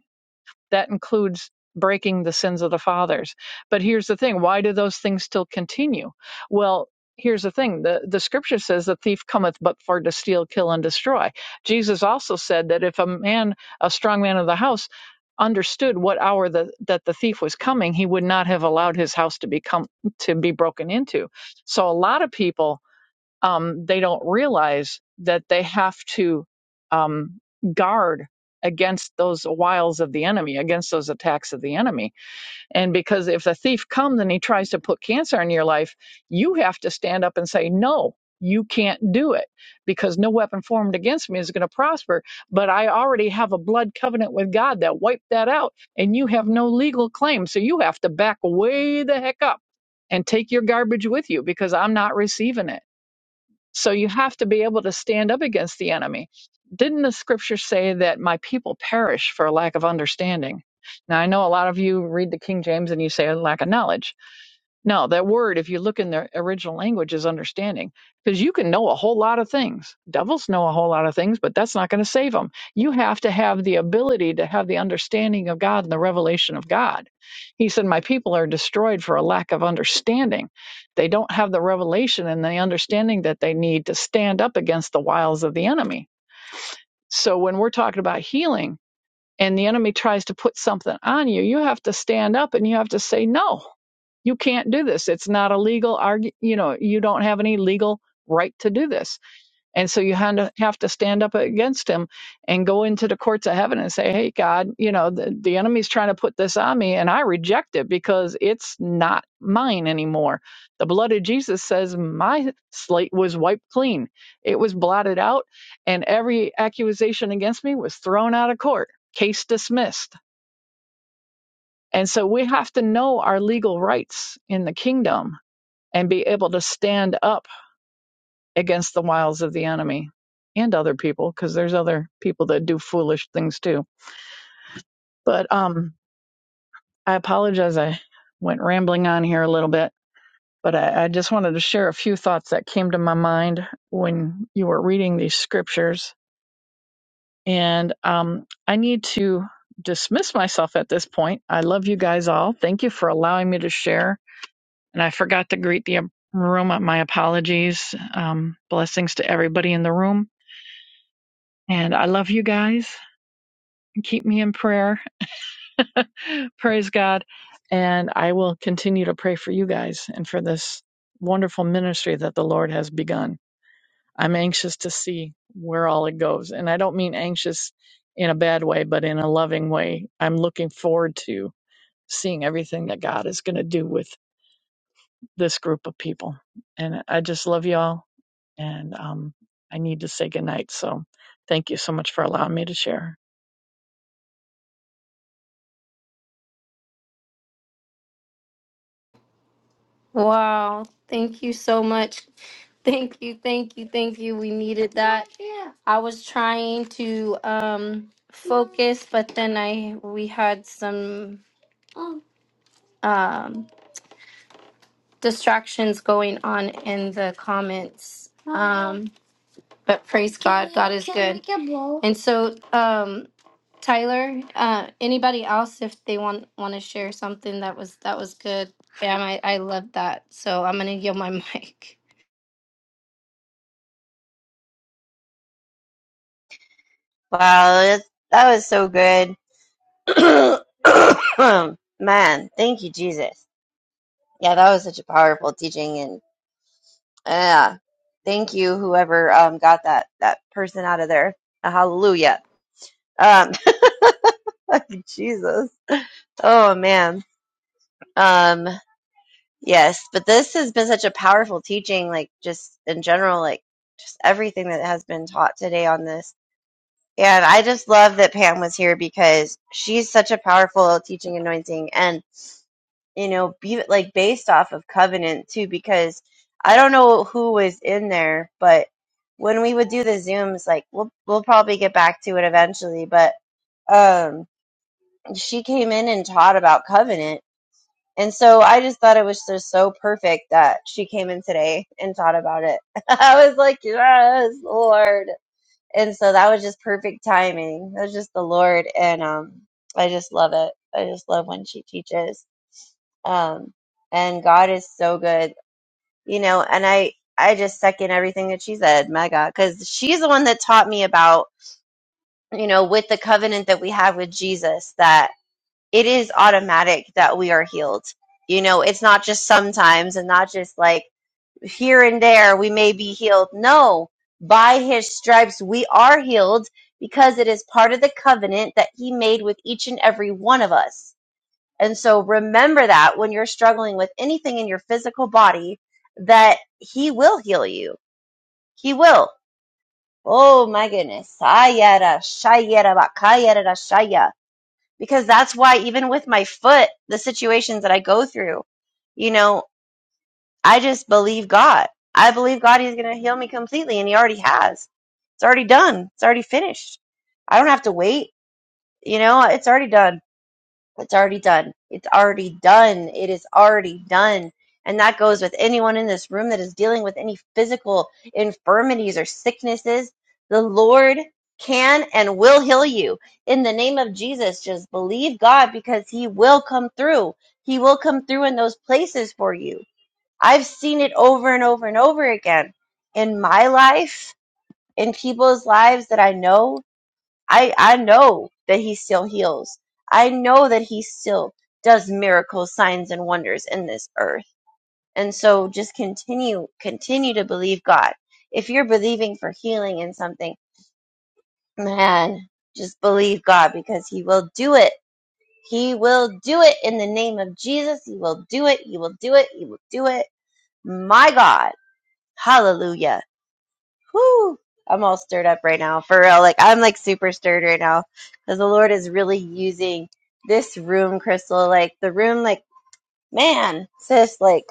that includes breaking the sins of the fathers. But here's the thing why do those things still continue? Well, here's the thing the, the scripture says the thief cometh but for to steal, kill, and destroy. Jesus also said that if a man, a strong man of the house, understood what hour the, that the thief was coming he would not have allowed his house to become to be broken into so a lot of people um, they don't realize that they have to um, guard against those wiles of the enemy, against those attacks of the enemy. And because if the thief comes and he tries to put cancer in your life, you have to stand up and say, no. You can't do it because no weapon formed against me is going to prosper. But I already have a blood covenant with God that wiped that out, and you have no legal claim. So you have to back way the heck up and take your garbage with you because I'm not receiving it so you have to be able to stand up against the enemy. Didn't the scripture say that my people perish for a lack of understanding? Now I know a lot of you read the King James and you say a lack of knowledge. No, that word, if you look in the original language, is understanding. Because you can know a whole lot of things. Devils know a whole lot of things, but that's not going to save them. You have to have the ability to have the understanding of God and the revelation of God. He said, My people are destroyed for a lack of understanding. They don't have the revelation and the understanding that they need to stand up against the wiles of the enemy. So when we're talking about healing and the enemy tries to put something on you, you have to stand up and you have to say, No, you can't do this. It's not a legal argu You know, you don't have any legal right to do this. And so you have to, have to stand up against him and go into the courts of heaven and say, Hey, God, you know, the, the enemy's trying to put this on me and I reject it because it's not mine anymore. The blood of Jesus says my slate was wiped clean. It was blotted out and every accusation against me was thrown out of court. Case dismissed. And so we have to know our legal rights in the kingdom and be able to stand up against the wiles of the enemy and other people because there's other people that do foolish things too but um i apologize i went rambling on here a little bit but I, I just wanted to share a few thoughts that came to my mind when you were reading these scriptures and um i need to dismiss myself at this point i love you guys all thank you for allowing me to share and i forgot to greet the room my apologies um blessings to everybody in the room And I love you guys. Keep me in prayer. <laughs> Praise God. And I will continue to pray for you guys and for this wonderful ministry that the Lord has begun. I'm anxious to see where all it goes. And I don't mean anxious in a bad way, but in a loving way. I'm looking forward to seeing everything that God is going to do with this group of people. And I just love y'all. And um, I need to say goodnight. So thank you so much for allowing me to share. Wow. Thank you so much. Thank you. Thank you. Thank you. We needed that. I was trying to um, focus, but then I we had some. um. distractions going on in the comments, but praise. And so, um, Tyler, uh, anybody else if they want want to share something that was that was good. Bam, I I love that. So I'm gonna yield my <laughs> mic. Wow, that that was so good. <coughs> Man, thank you, Jesus. Yeah, that was such a powerful teaching and. Yeah. Thank you, whoever um, got that that person out of there. Hallelujah. Um, <laughs> Jesus. Oh man. Um, yes, but this has been such a powerful teaching, like just in general, like just everything that has been taught today on this. And I just love that Pam was here because she's such a powerful teaching anointing. and. you know, be like based off of Covenant too, because I don't know who was in there, but when we would do the zooms, like we'll we'll probably get back to it eventually, but um, she came in and taught about Covenant, and so I just thought it was just so perfect that she came in today and taught about it. <laughs> I was like, yes, Lord, and so that was just perfect timing. That was just the Lord, and um, I just love it. I just love when she teaches um, and God is so good, you know. And I I just second everything that she said, my God, because she's the one that taught me about you know with the covenant that we have with Jesus that it is automatic that we are healed. You know, it's not just sometimes and not just like here and there we may be healed. No, by His stripes we are healed because it is part of the covenant that He made with each and every one of us and so remember that when you're struggling with anything in your physical body, that He will heal you. He will. Oh my goodness. Sayada, shayada, bakayada, shaya. Because that's why, even with my foot, the situations that I go through, you know, I just believe God. I believe God is going to heal me completely, and He already has. It's already done. It's already finished. I don't have to wait. You know, it's already done It's already done. It's already done. It is already done. And that goes with anyone in this room that is dealing with any physical infirmities or sicknesses. The Lord can and will heal you. In the name of Jesus, just believe God because He will come through. He will come through in those places for you. I've seen it over and over and over again in my life, in people's lives that I know I I know that he still heals. I know that he still does miracles, signs and wonders in this earth. And so just continue continue to believe God. If you're believing for healing in something, man, just believe God because he will do it. He will do it in the name of Jesus. He will do it. He will do it. He will do it. My God. Hallelujah. Whew, I'm all stirred up right now, for real. Like I'm like super stirred right now because the Lord is really using this room, Crystal. Like the room, like man, sis, like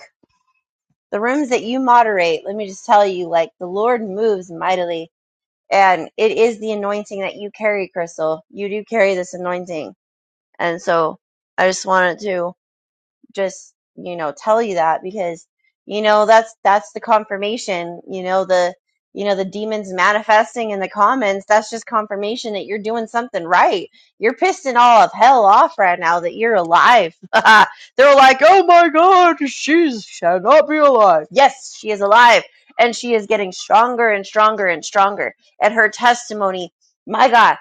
the rooms that you moderate. Let me just tell you, like the Lord moves mightily, and it is the anointing that you carry, Crystal. You do carry this anointing, and so I just wanted to just you know tell you that because you know that's that's the confirmation you know the you know the demons manifesting in the comments that's just confirmation that you're doing something right you're pissing all of hell off right now that you're alive <laughs> they're like oh my god yes she is alive and she is getting stronger and stronger and stronger and her testimony my god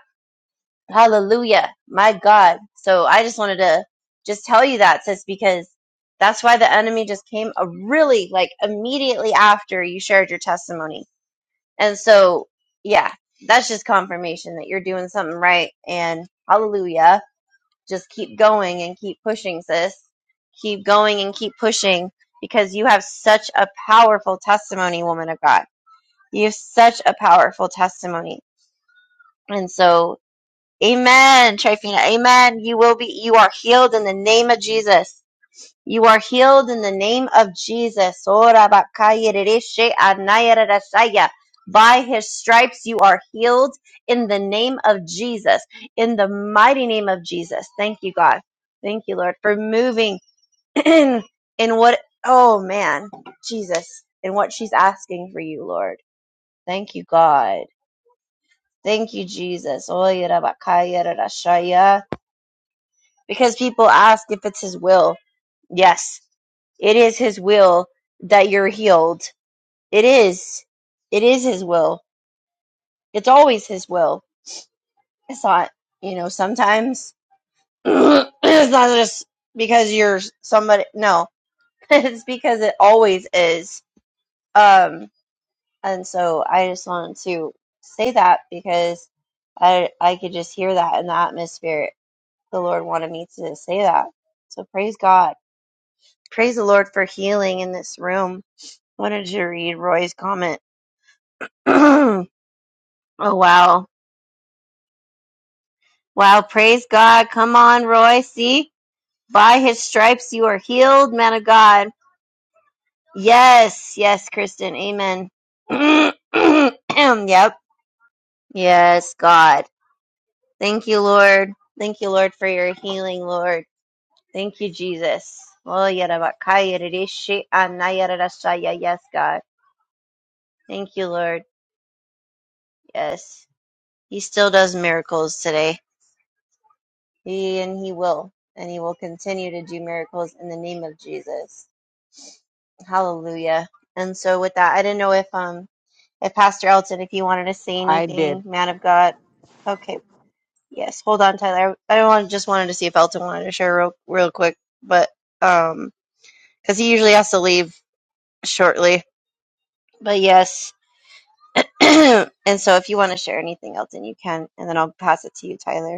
Hallelujah. My God. So I just wanted to just tell you that, sis, because that's why the enemy just came a really like immediately after you shared your testimony. And so, yeah, that's just confirmation that you're doing something right. And hallelujah. Just keep going and keep pushing, sis. Keep going and keep pushing because you have such a powerful testimony, woman of God. You have such a powerful testimony. And so, Amen, Trifina. Amen. You will be, you are healed in the name of Jesus. You are healed in the name of Jesus. Ora bakaya rereshe anaya rerasaya. By his stripes you are healed in the name of Jesus. In the mighty name of Jesus. Thank you, God. Thank you, Lord, for moving <clears throat> in what, oh man, Jesus, in what she's asking for you, Lord. Thank you, God. Thank you, Jesus. Oya rabakaya rerashaya. Because people ask if it's his will. Yes, it is his will that you're healed. It is. It is his will. It's always his will. It's not, you know, sometimes <clears throat> it's not just because you're somebody. No, <laughs> it's because it always is. Um, and so I just wanted to say that because I I could just hear that in the atmosphere. The Lord wanted me to say that. So praise God. Praise the Lord for healing in this room. Wanted to read Roy's comment. <clears throat> oh, wow. Wow. Praise God. Come on, Roy. See, by his stripes you are healed, man of God. Yes. Yes, Kristen. Amen. <clears throat> yep. Yes, God. Thank you, Lord. Thank you, Lord, for your healing, Lord. Thank you, Jesus. Oh, yarabakaya rishi anayarashaya. Yes, God. Thank you, Lord. Yes. He still does miracles today. He and he will. And he will continue to do miracles in the name of Jesus. Hallelujah. And so with that, I didn't know if um if Pastor Elton, if you wanted to say I anything, did. man of God. Okay. Yes. Hold on, Tyler. I, I want, just wanted to see if Elton wanted to share real real quick, but um because he usually has to leave shortly. But yes. <clears throat> and so if you want to share anything, Elton, you can, and then I'll pass it to you, Tyler.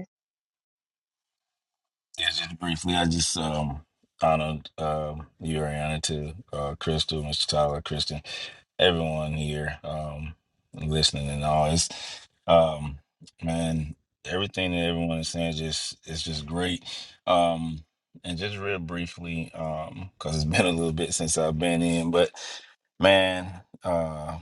Yeah, just briefly, I just um honored um you, Ariana, to uh Crystal, Mr. Tyler, Kristen everyone here um listening and all it's um man everything that everyone is saying is just it's just great um and just real briefly um because it's <laughs> been a little bit since i've been in but man uh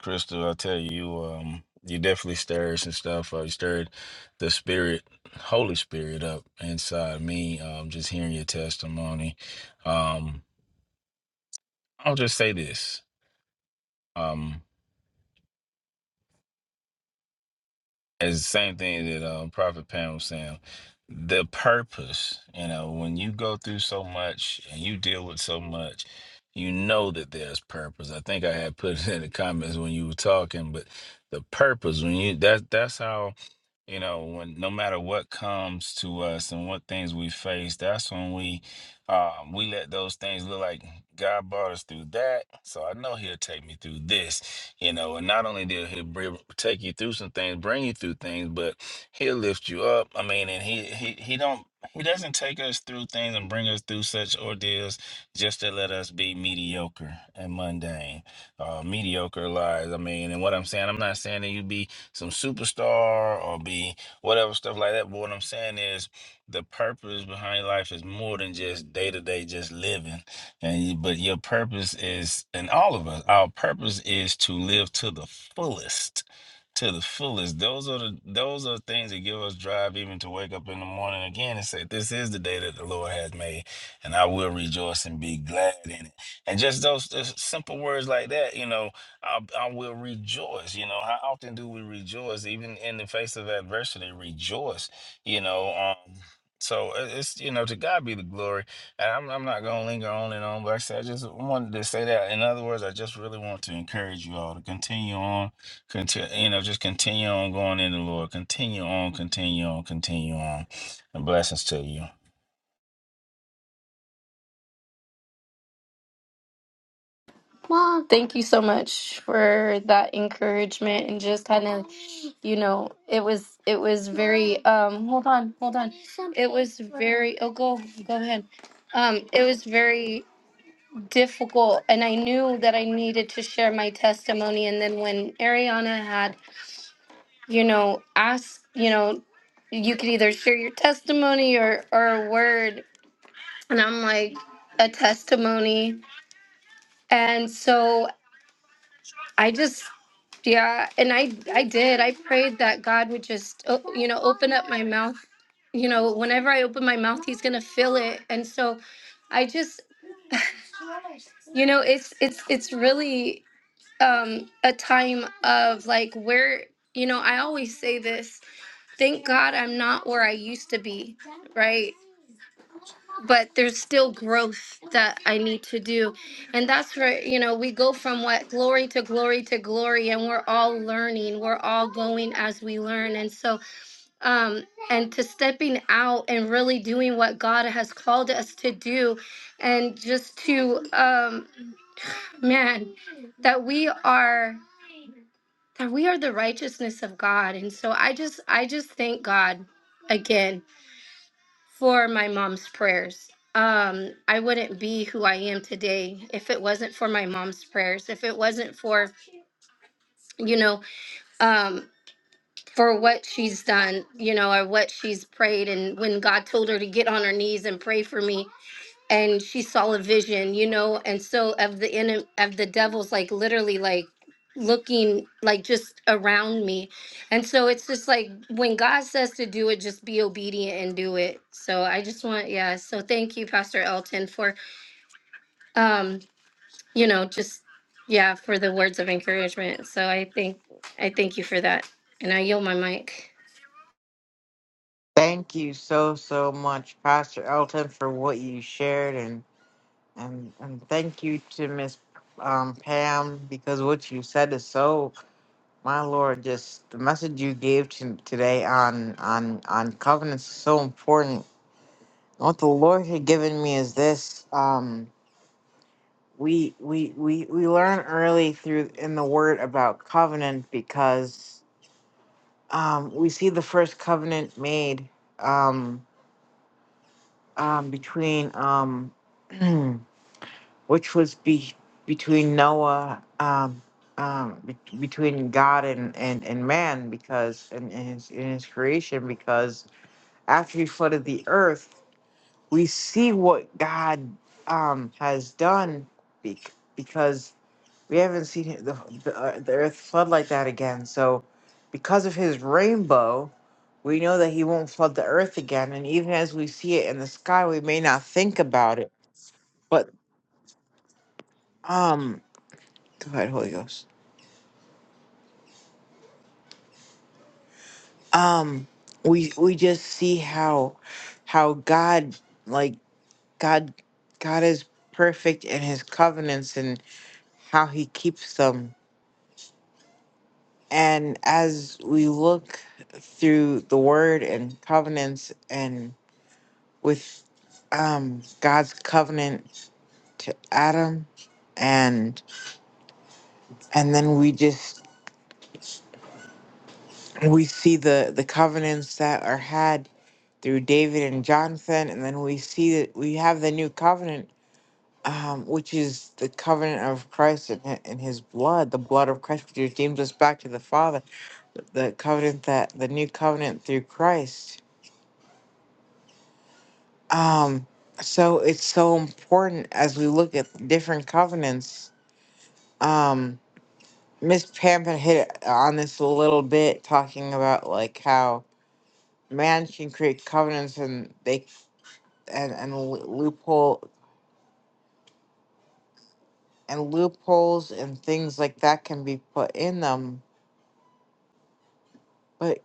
crystal i tell you um you definitely stirred some stuff uh, you stirred the spirit holy spirit up inside me um just hearing your testimony um i'll just say this Um, It's the same thing that um, Prophet Pam was saying. The purpose, you know, when you go through so much and you deal with so much, you know that there's purpose. I think I had put <laughs> it in the comments when you were talking, but the purpose when you that that's how you know when no matter what comes to us and what things we face that's when we um we let those things look like god brought us through that so i know he'll take me through this you know and not only did he bring, take you through some things bring you through things but he'll lift you up i mean and he he, he don't he doesn't take us through things and bring us through such ordeals just to let us be mediocre and mundane uh mediocre lives i mean and what i'm saying i'm not saying that you be some superstar or be whatever stuff like that. But what I'm saying is the purpose behind your life is more than just day to day just living. And you, but your purpose is and all of us, our purpose is to live to the fullest. To the fullest. Those are the those are things that give us drive even to wake up in the morning again and say, This is the day that the Lord has made, and I will rejoice and be glad in it. And just those, those simple words like that, you know, I, I will rejoice. You know, how often do we rejoice, even in the face of adversity? Rejoice. You know, um, so it- it's you know to God be the glory, and I'm I'm not gonna linger on and on. But like I said I just wanted to say that. In other words, I just really want to encourage you all to continue on, continue. You know, just continue on going in the Lord. Continue on, continue on, continue on, and blessings to you. Mom, thank you so much for that encouragement and just had you know it was it was um hold on hold- oh go go ahead um it was very difficult and I knew that I needed to share my testimony and then when Ariana had, you know, asked, you know, you could either share your testimony or or a word and I'm like a testimony. And so I just yeah, and I I did prayed that God would just uh, you know, whenever I open my mouth, going to feel it. And so I just, know, it's it's it's really um a time of like where you know i always say this thank god i'm not where i used to be but there's still growth need to do and that's where you know we go from what glory to glory to glory and we're all learning we're all going as we learn and so um and to stepping out and really doing what god has called us to do and just to um man that we are that we are the righteousness of God. And so I just I just thank God again for my mom's prayers. Um I wouldn't be who I am today if it wasn't for my mom's prayers, if it wasn't for, you know, um for what she's done, you know, or what she's prayed and when God told her to get on her knees and pray for me, and she saw a vision you know and so of the in of the devil's like literally like looking like just around me and so it's just like when god says to do it just be obedient and do it so i just want yeah so thank you pastor elton for um you know just yeah for the words of encouragement so i think i thank you for that and i yield my mic Thank you so so much, Pastor Elton, for what you shared, and and and thank you to Miss um, Pam because what you said is so. My Lord, just the message you gave to today on on on covenants is so important. What the Lord had given me is this: um, we we we we learn early through in the Word about covenant because um, we see the first covenant made. Um, um, between um, <clears throat> which was be between Noah, um, um, be- between God and, and, and man, because in, in his in his creation, because after he flooded the earth, we see what God um, has done, bec- because we haven't seen it- the the, uh, the earth flood like that again. So, because of his rainbow. We know that he won't flood the earth again, and even as we see it in the sky, we may not think about it but um, go ahead, Holy Ghost. Um, we we just see how how God like God God is perfect in His covenants and how He keeps them. And as we look through the Word and covenants and with um God's covenant to Adam, and and then we just And we see the the covenants that are had through David and Jonathan, and then we see that we have the new covenant, um, which is the covenant of Christ and, hi- and His blood, the blood of Christ, which redeems us back to the Father. The covenant that the new covenant through Christ. Um, so it's so important as we look at different covenants. Um, Miss Pam had hit on this a little bit, talking about like how man can create covenants and they and and loophole and loopholes and things like that can be put in them but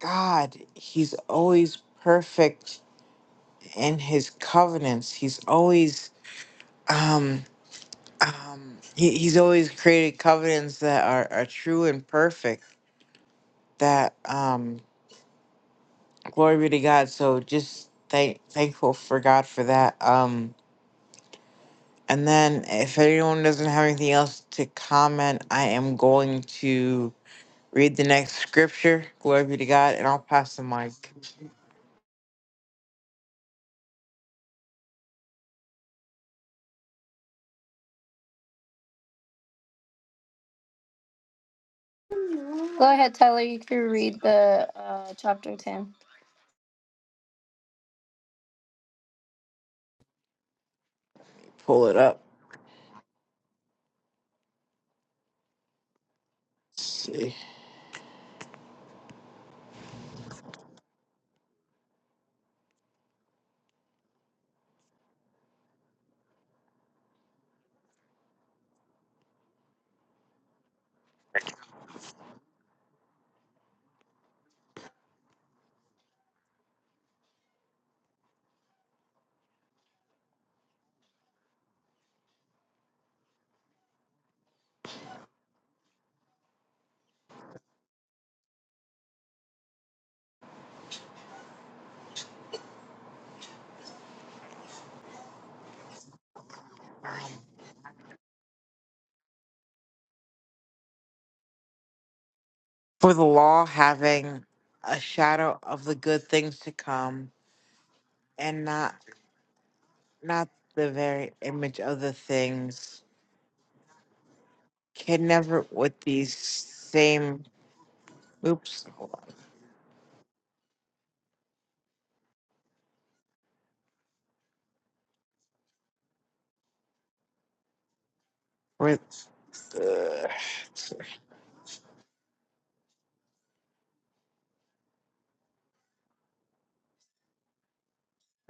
god he's always perfect in his covenants he's always um um he, he's always created covenants that are, are true and perfect that um glory be to god so just thank thankful for god for that um and then if anyone doesn't have anything else to comment i am going to Read the next scripture. Glory be to God. And I'll pass the mic. go ahead tyler you can read the uh, chapter 10 Pull it up. Let's see. For the law having a shadow of the good things to come and not not the very image of the things can never with these same oops hold on with uh,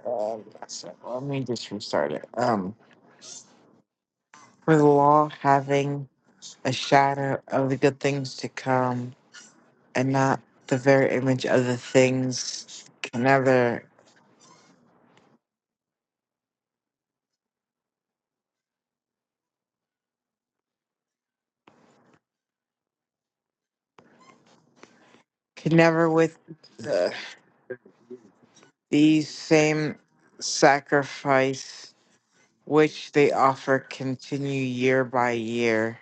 um, so let me just restart it um for the law having a shadow of the good things to come and not the very image of the things can never can never with the, these same sacrifice which they offer continue year by year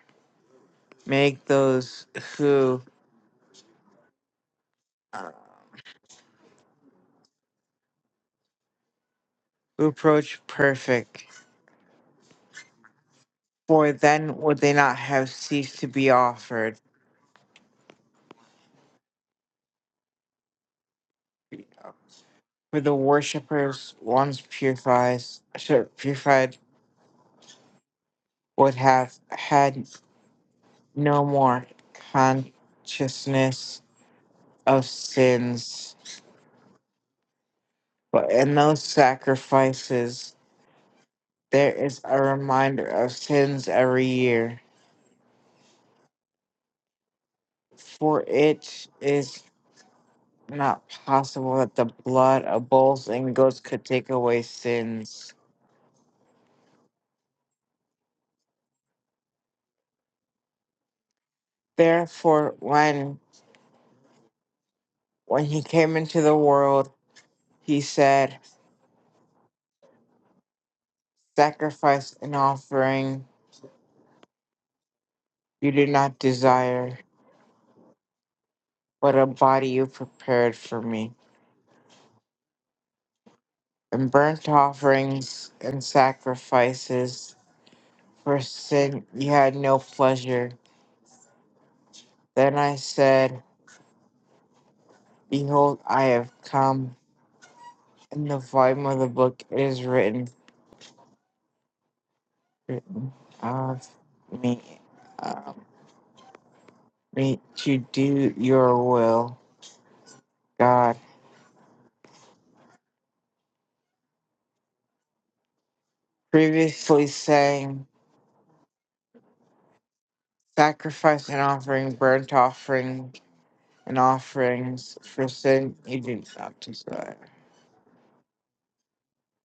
make those who uh, who approach perfect for then would they not have ceased to be offered for the worshippers once purifies, purified would have had no more consciousness of sins. But in those sacrifices, there is a reminder of sins every year. For it is not possible that the blood of bulls and goats could take away sins. Therefore, when when he came into the world, he said, "Sacrifice and offering you do not desire, but a body you prepared for me." and burnt offerings and sacrifices. For sin you had no pleasure. Then I said, Behold, I have come. In the volume of the book it is written, written of me, um, me to do your will, God. Previously saying, Sacrifice and offering, burnt offering, and offerings for sin you did not desire.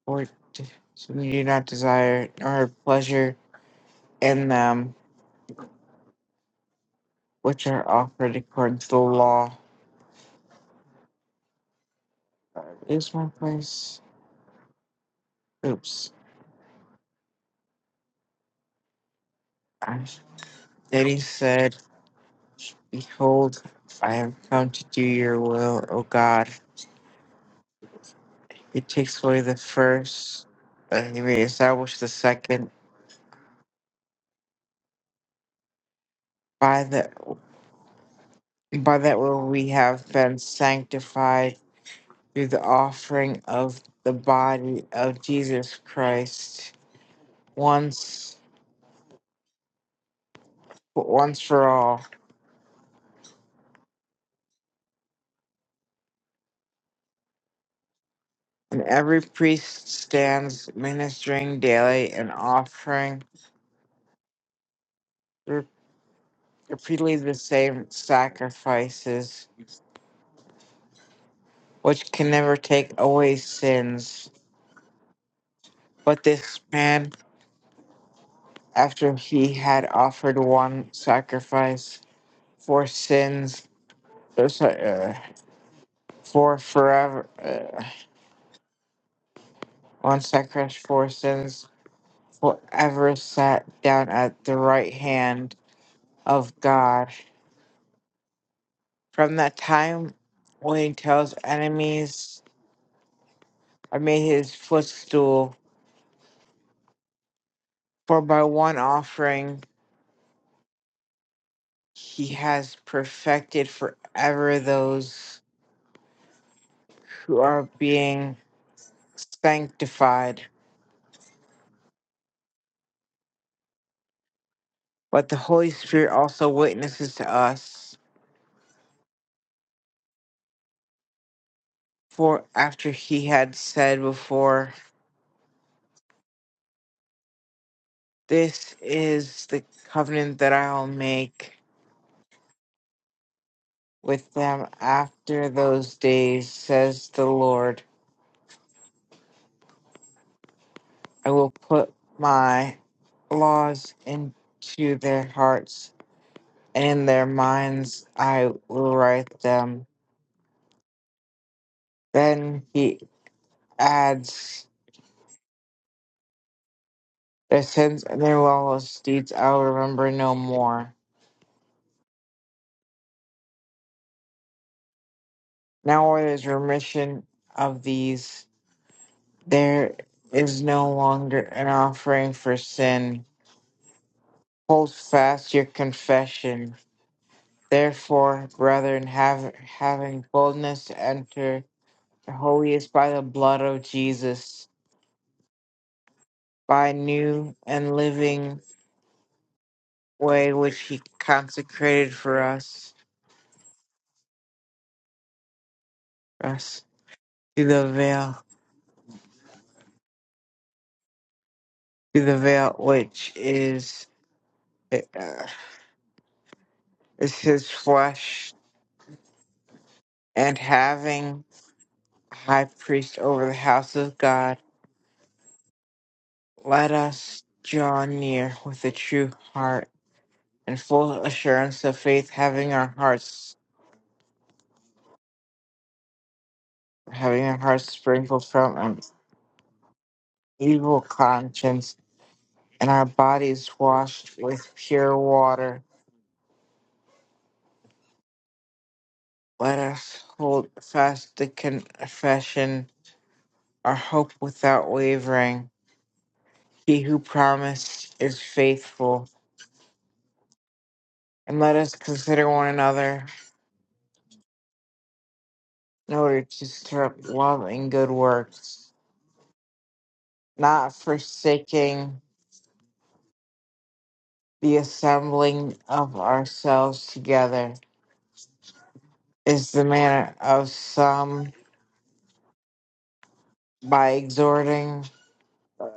or d- so we do not desire nor have pleasure in them, which are offered according to the law. Uh, Is my place? Oops. I, then he said, Behold, I have come to do your will, O God. He takes away the first, and he reestablishes the second. By that, by that will we have been sanctified through the offering of the body of Jesus Christ once but once for all. And every priest stands ministering daily and offering re- repeatedly the same sacrifices, which can never take away sins. But this man, after he had offered one sacrifice for sins, uh, so- uh, for forever, uh, one sacrifice for sins, forever sat down at the right hand of God From that time when he tells enemies, I made his footstool, for by one offering he has perfected forever those who are being sanctified. But the Holy Spirit also witnesses to us, for after he had said before, This is the covenant that I will make with them after those days, says the Lord. I will put my laws into their hearts, and in their minds I will write them. Then he adds, Their sins and their lawless deeds I will remember no more. Now where there's remission of these, there is no longer an offering for sin. Hold fast your confession. Therefore, brethren, have, having boldness to enter holy is by the blood of Jesus, by new and living way which he consecrated for us, us through the veil, through the veil which is uh, is his flesh, and having a high priest over the house of God, let us draw near with a true heart and full assurance of faith, having our hearts having our hearts sprinkled from an evil conscience and our bodies washed with pure water. Let us hold fast the confession, our hope without wavering. He who promised is faithful. And let us consider one another in order to stir up love and good works, not forsaking the assembling of ourselves together, is the manner of some by exhorting uh,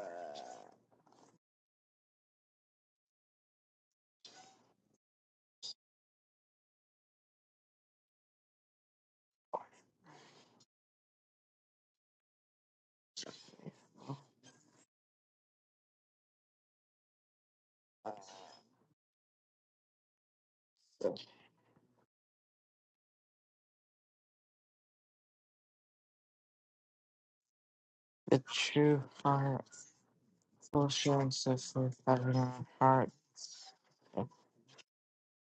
the true heart. Conscience of the covenant heart.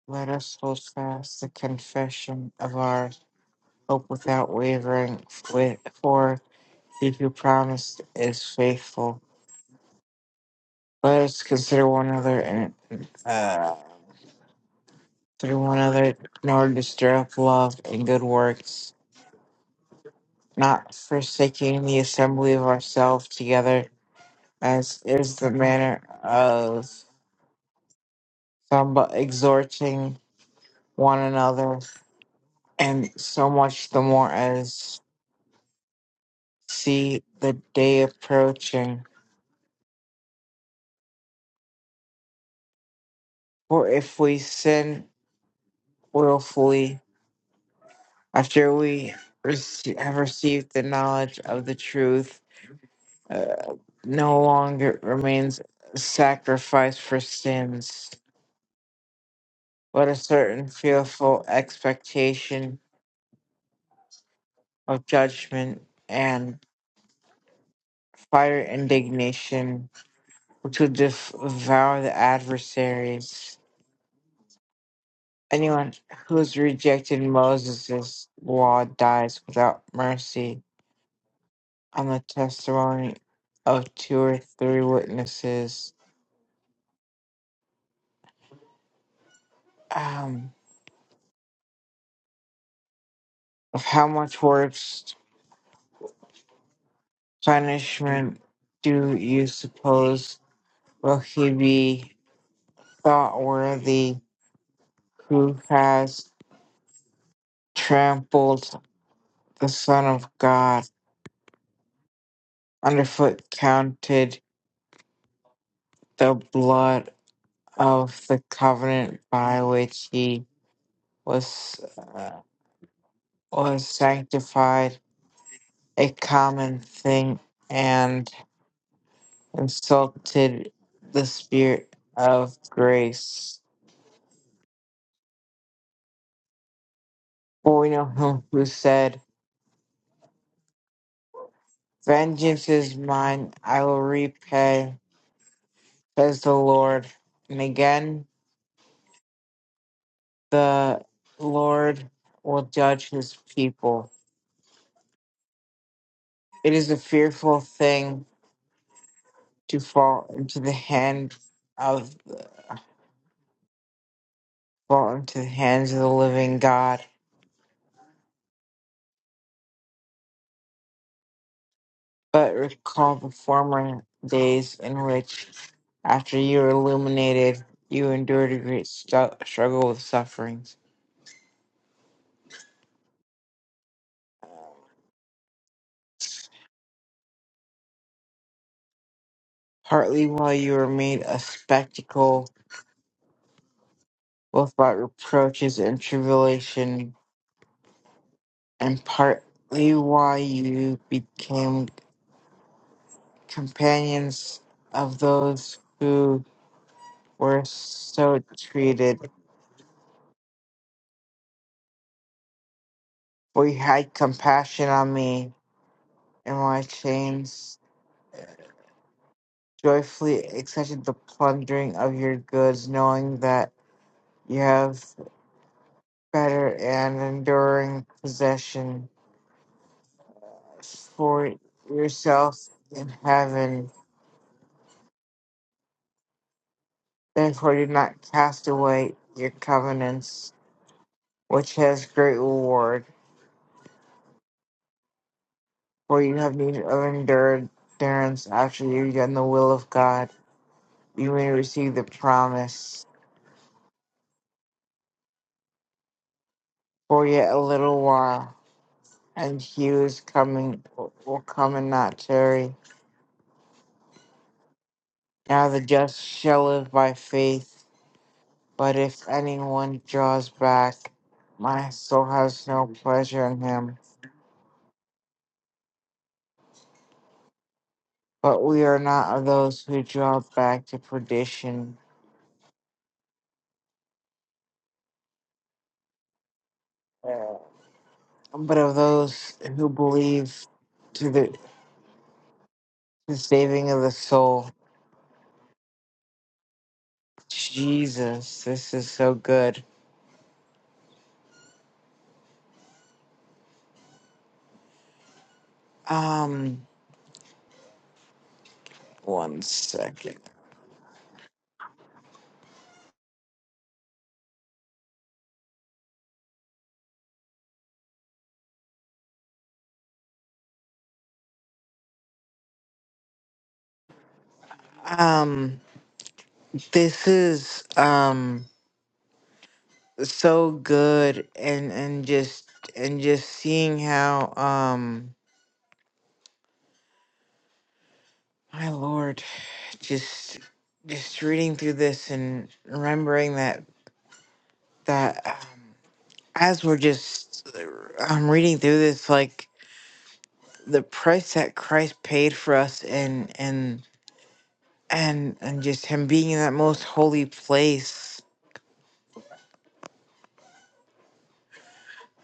Let us hold fast the confession of our hope without wavering, with- for he who promised is faithful. Let us consider one another and uh, through one another, nor stir up love and good works, not forsaking the assembly of ourselves together, as is the manner of some, but exhorting one another and so much the more as see the day approaching. For if we sin willfully after we rece- have received the knowledge of the truth, uh, no longer remains sacrifice for sins, but a certain fearful expectation of judgment and fire indignation which will devour the adversaries. Anyone who's rejected Moses' law dies without mercy on the testimony of two or three witnesses. Um, of how much worse punishment do you suppose will he be thought worthy who has trampled the Son of God underfoot, counted the blood of the covenant by which he was. uh, or sanctified a common thing and insulted the spirit of grace. For we know him who said, Vengeance is mine, I will repay, says the Lord. And again, the Lord will judge his people. It is a fearful thing to fall into the hand of fall into the hands of the living God. but recall the former days in which, after you were illuminated, you endured a great stu- struggle with sufferings, partly while you were made a spectacle both by reproaches and tribulation, and partly while you became companions of those who were so treated. For you had compassion on me in my chains joyfully accepted the plundering of your goods, knowing that you have better and enduring possession for yourself in heaven. Therefore, do not cast away your covenants, which has great reward, for you have need of endurance after you've done the will of God. You may receive the promise. For yet a little while, and he who is coming will come and not tarry. Now the just shall live by faith, but if anyone draws back, my soul has no pleasure in him. But we are not of those who draw back to perdition, uh, but of those who believe to the, the saving of the soul. Jesus, this is so good. Um, one second. Um, this is um. so good and and just and just seeing how um my lord just just reading through this and remembering that that um, as we're just I'm reading through this like the price that Christ paid for us and and and and just him being in that most holy place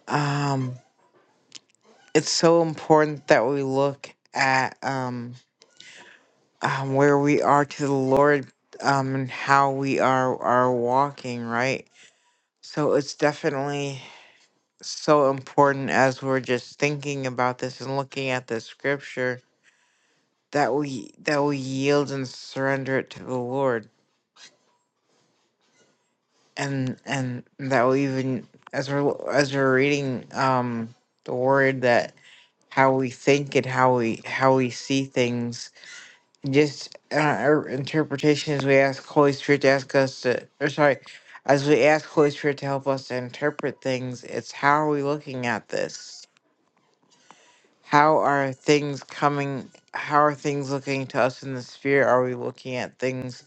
um it's so important that we look at um um, where we are to the Lord um, and how we are are walking, right? So it's definitely so important as we're just thinking about this and looking at the scripture that we that we yield and surrender it to the Lord, and and that we even as we're as we're reading um, the word that how we think and how we how we see things just uh, our interpretations, we ask Holy Spirit to ask us to, or sorry, as we ask Holy Spirit to help us to interpret things, it's how are we looking at this? How are things coming? How are things looking to us in the spirit? Are we looking at things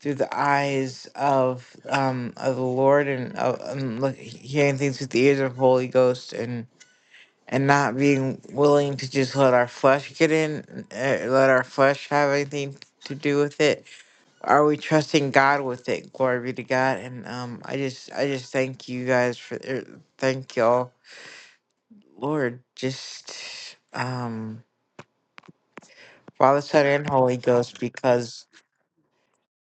through the eyes of um of the Lord and, uh, and look, hearing things with the ears of Holy Ghost and and not being willing to just let our flesh get in, uh, let our flesh have anything to do with it? are we trusting God with it? Glory be to God. And um, I just I just thank you guys for er, thank y'all, Lord. Just um, Father, Son, and Holy Ghost, because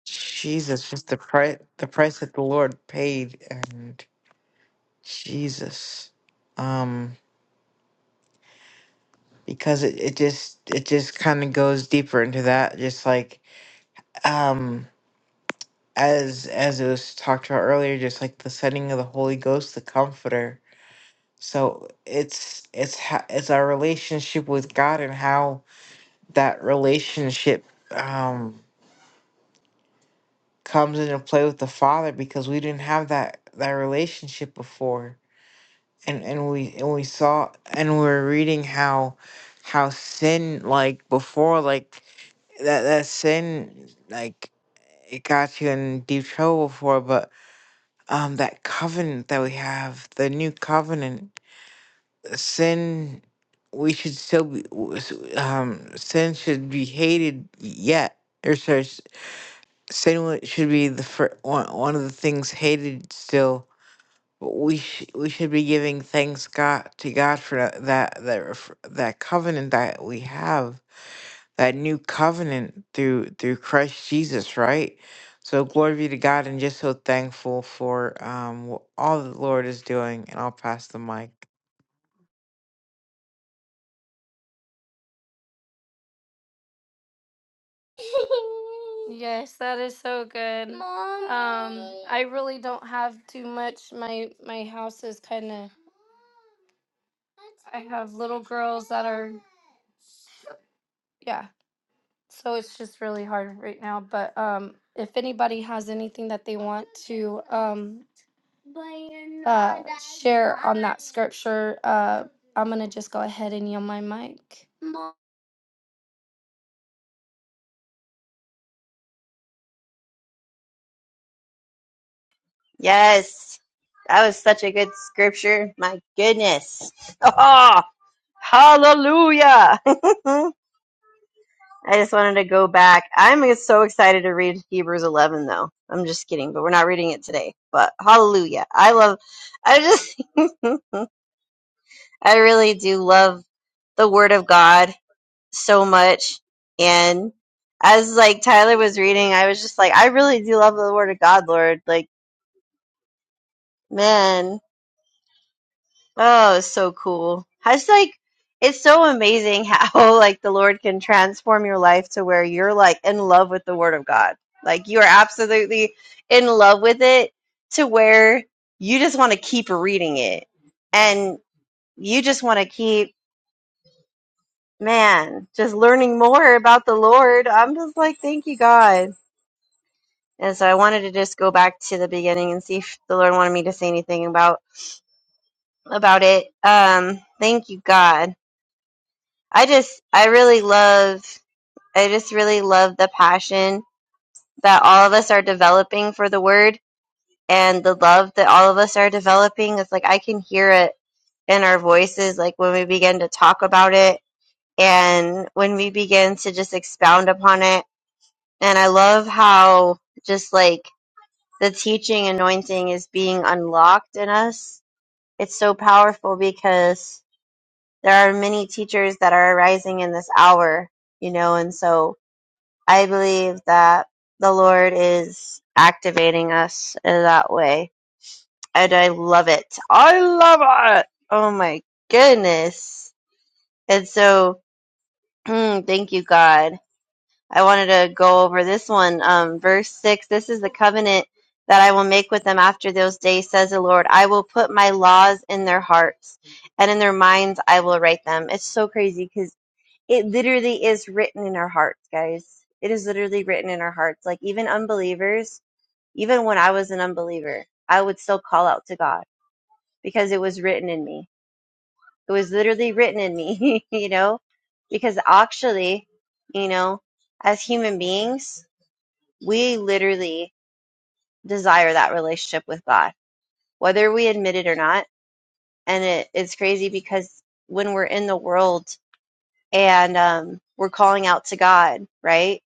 Jesus, just the price the price that the Lord paid, and Jesus, um, because it, it just it just kind of goes deeper into that, just like um as as it was talked about earlier, just like the sending of the Holy Ghost, the Comforter So it's it's ho- it's our relationship with God and how that relationship um, comes into play with the Father because we didn't have that that relationship before, and and we and we saw and we were reading how how sin like before like that that sin like it got you in deep trouble before but um that covenant that we have the new covenant sin we should still be um sin should be hated yet or sorry s- sin wa- should be the fir- one, one of the things hated still but we sh- we should be giving thanks God to God for tha- that that ref- that covenant that we have that new covenant through through Christ Jesus right so glory be to God and just so thankful for um wh- all the Lord is doing and I'll pass the mic yes that is so good I really don't have too much. My my house is kind of I have little girls that are yeah. So it's just really hard right now, but um if anybody has anything that they want to um scripture uh I'm going to just go ahead and yield my mic. Yes. That was such a good scripture. My goodness. Oh, hallelujah. <laughs> I just wanted to go back. I'm so excited to read Hebrews 11 though. I'm just kidding, but we're not reading it today. But hallelujah. I love I just <laughs> I really do love the word of God so much and as like Tyler was reading, I was just like I really do love the word of God, Lord. Like, man. Oh, it's so cool. It's like it's so amazing how <laughs> like the Lord can transform your life to where you're like in love with the Word of God. Like you are absolutely in love with it to where you just want to keep reading it and you just want to keep, man, just learning more about the Lord. I'm just like, thank you, God. And so I wanted to just go back to the beginning and see if the Lord wanted me to say anything about about it. Um, thank you, God. I just, I really love, I just really love the passion that all of us are developing for the word and the love that all of us are developing. It's like I can hear it in our voices, like when we begin to talk about it and when we begin to just expound upon it. And I love how just like the teaching anointing is being unlocked in us. It's so powerful because there are many teachers that are arising in this hour, you know, and so I believe that the Lord is activating us in that way. And I love it. I love it. Oh my goodness. And so, <clears throat> thank you, God. I wanted to go over this one. Um, verse 6 This is the covenant that I will make with them after those days, says the Lord. I will put my laws in their hearts, and in their minds I will write them. It's so crazy because. It literally is written in our hearts, guys. It is literally written in our hearts. Like even unbelievers, even when I was an unbeliever, I would still call out to God because it was written in me. It was literally written in me, <laughs> you know? Because actually, you know, as human beings, we literally desire that relationship with God, whether we admit it or not. And it, it's crazy because when we're in the world and um, we're calling out to God, right?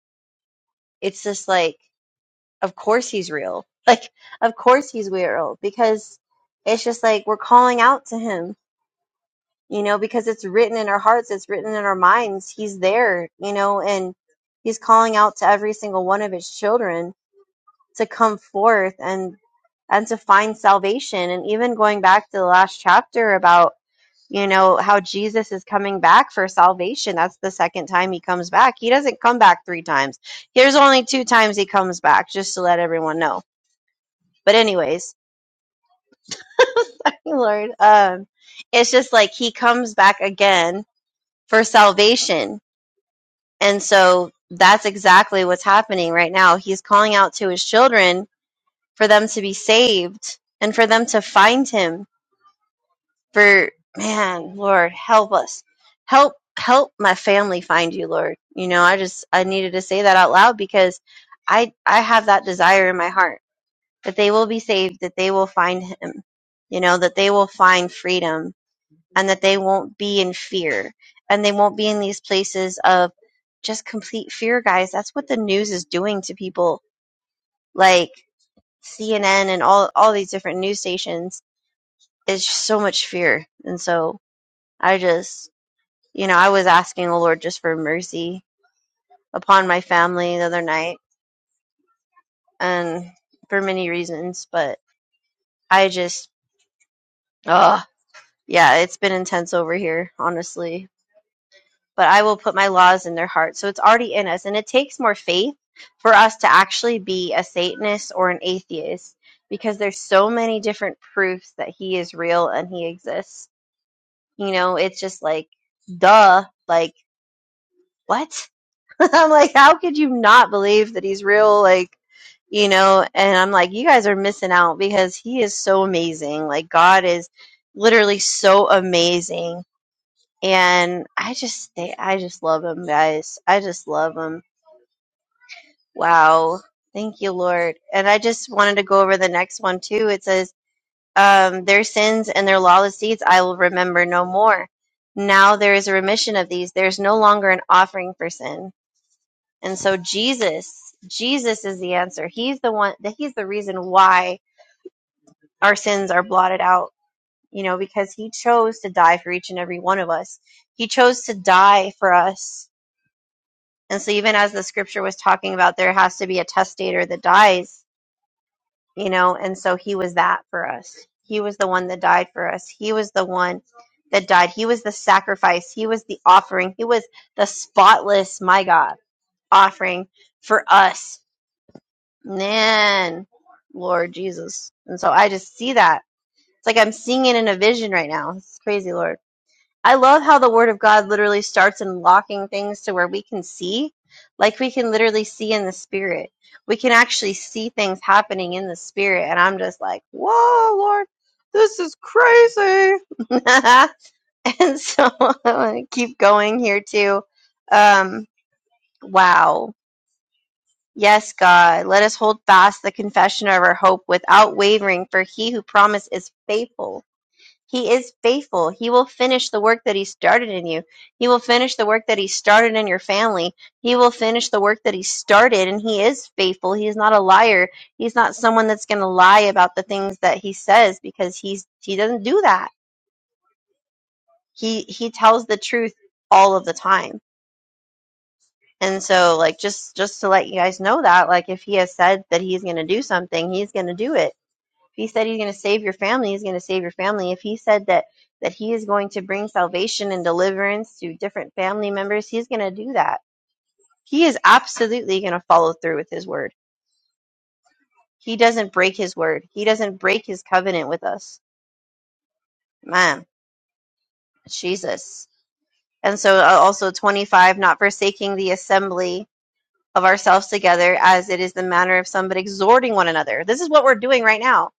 It's just like of course he's real. Like, of course he's real because it's just like we're calling out to him, you know, because it's written in our hearts, it's written in our minds. He's there, you know, and he's calling out to every single one of his children to come forth and and to find salvation. And even going back to the last chapter about, you know, how Jesus is coming back for salvation. That's the second time he comes back. He doesn't come back three times. Here's only two times he comes back, just to let everyone know but anyways, <laughs> thank you, Lord, um, it's just like he comes back again for salvation. And so that's exactly what's happening right now. He's calling out to his children for them to be saved and for them to find him. For man, Lord, help us. Help help my family find you, Lord. You know, I just I needed to say that out loud because I I have that desire in my heart that they will be saved, that they will find him, you know, that they will find freedom and that they won't be in fear and they won't be in these places of just complete fear guys that's what the news is doing to people like CNN and all all these different news stations is so much fear and so i just you know i was asking the lord just for mercy upon my family the other night and for many reasons but i just oh yeah it's been intense over here honestly but I will put my laws in their hearts. So it's already in us. And it takes more faith for us to actually be a Satanist or an atheist because there's so many different proofs that he is real and he exists. You know, it's just like, duh, like, what? <laughs> I'm like, how could you not believe that he's real? Like, you know, and I'm like, you guys are missing out because he is so amazing. Like, God is literally so amazing and I just think I just love him, guys. I just love him. Wow, thank you, Lord. And I just wanted to go over the next one too. It says, um, "Their sins and their lawless deeds I will remember no more. Now there is a remission of these. There is no longer an offering for sin." And so Jesus, Jesus is the answer. He's the one. That he's the reason why our sins are blotted out. You know, because he chose to die for each and every one of us. He chose to die for us And so, even as the scripture was talking about, there has to be a testator that dies, you know, and so he was that for us. He was the one that died for us. He was the one that died. He was the sacrifice. He was the offering. He was the spotless, my God, offering for us. Man, Lord Jesus. And so, I just see that. It's like I'm seeing it in a vision right now. It's crazy, Lord. I love how the word of God literally starts unlocking things to where we can see. Like we can literally see in the spirit. We can actually see things happening in the spirit. And I'm just like, whoa, Lord, this is crazy. <laughs> and so <laughs> i want to keep going here too. Um, wow. Yes, God, let us hold fast the confession of our hope without wavering, for he who promised is faithful. He is faithful. He will finish the work that He started in you. He will finish the work that He started in your family. He will finish the work that He started, and He is faithful. He is not a liar. He's not someone that's going to lie about the things that He says because He's He doesn't do that. He He tells the truth all of the time. And so, like, just just to let you guys know that, like, if He has said that He's going to do something, He's going to do it If he said he's going to save your family, he's going to save your family. If he said that that he is going to bring salvation and deliverance to different family members, he's going to do that. He is absolutely going to follow through with his word. He doesn't break his word. He doesn't break his covenant with us. Man, Jesus. And so uh, also 25 not forsaking the assembly of ourselves together as it is the manner of some, but exhorting one another. This is what we're doing right now.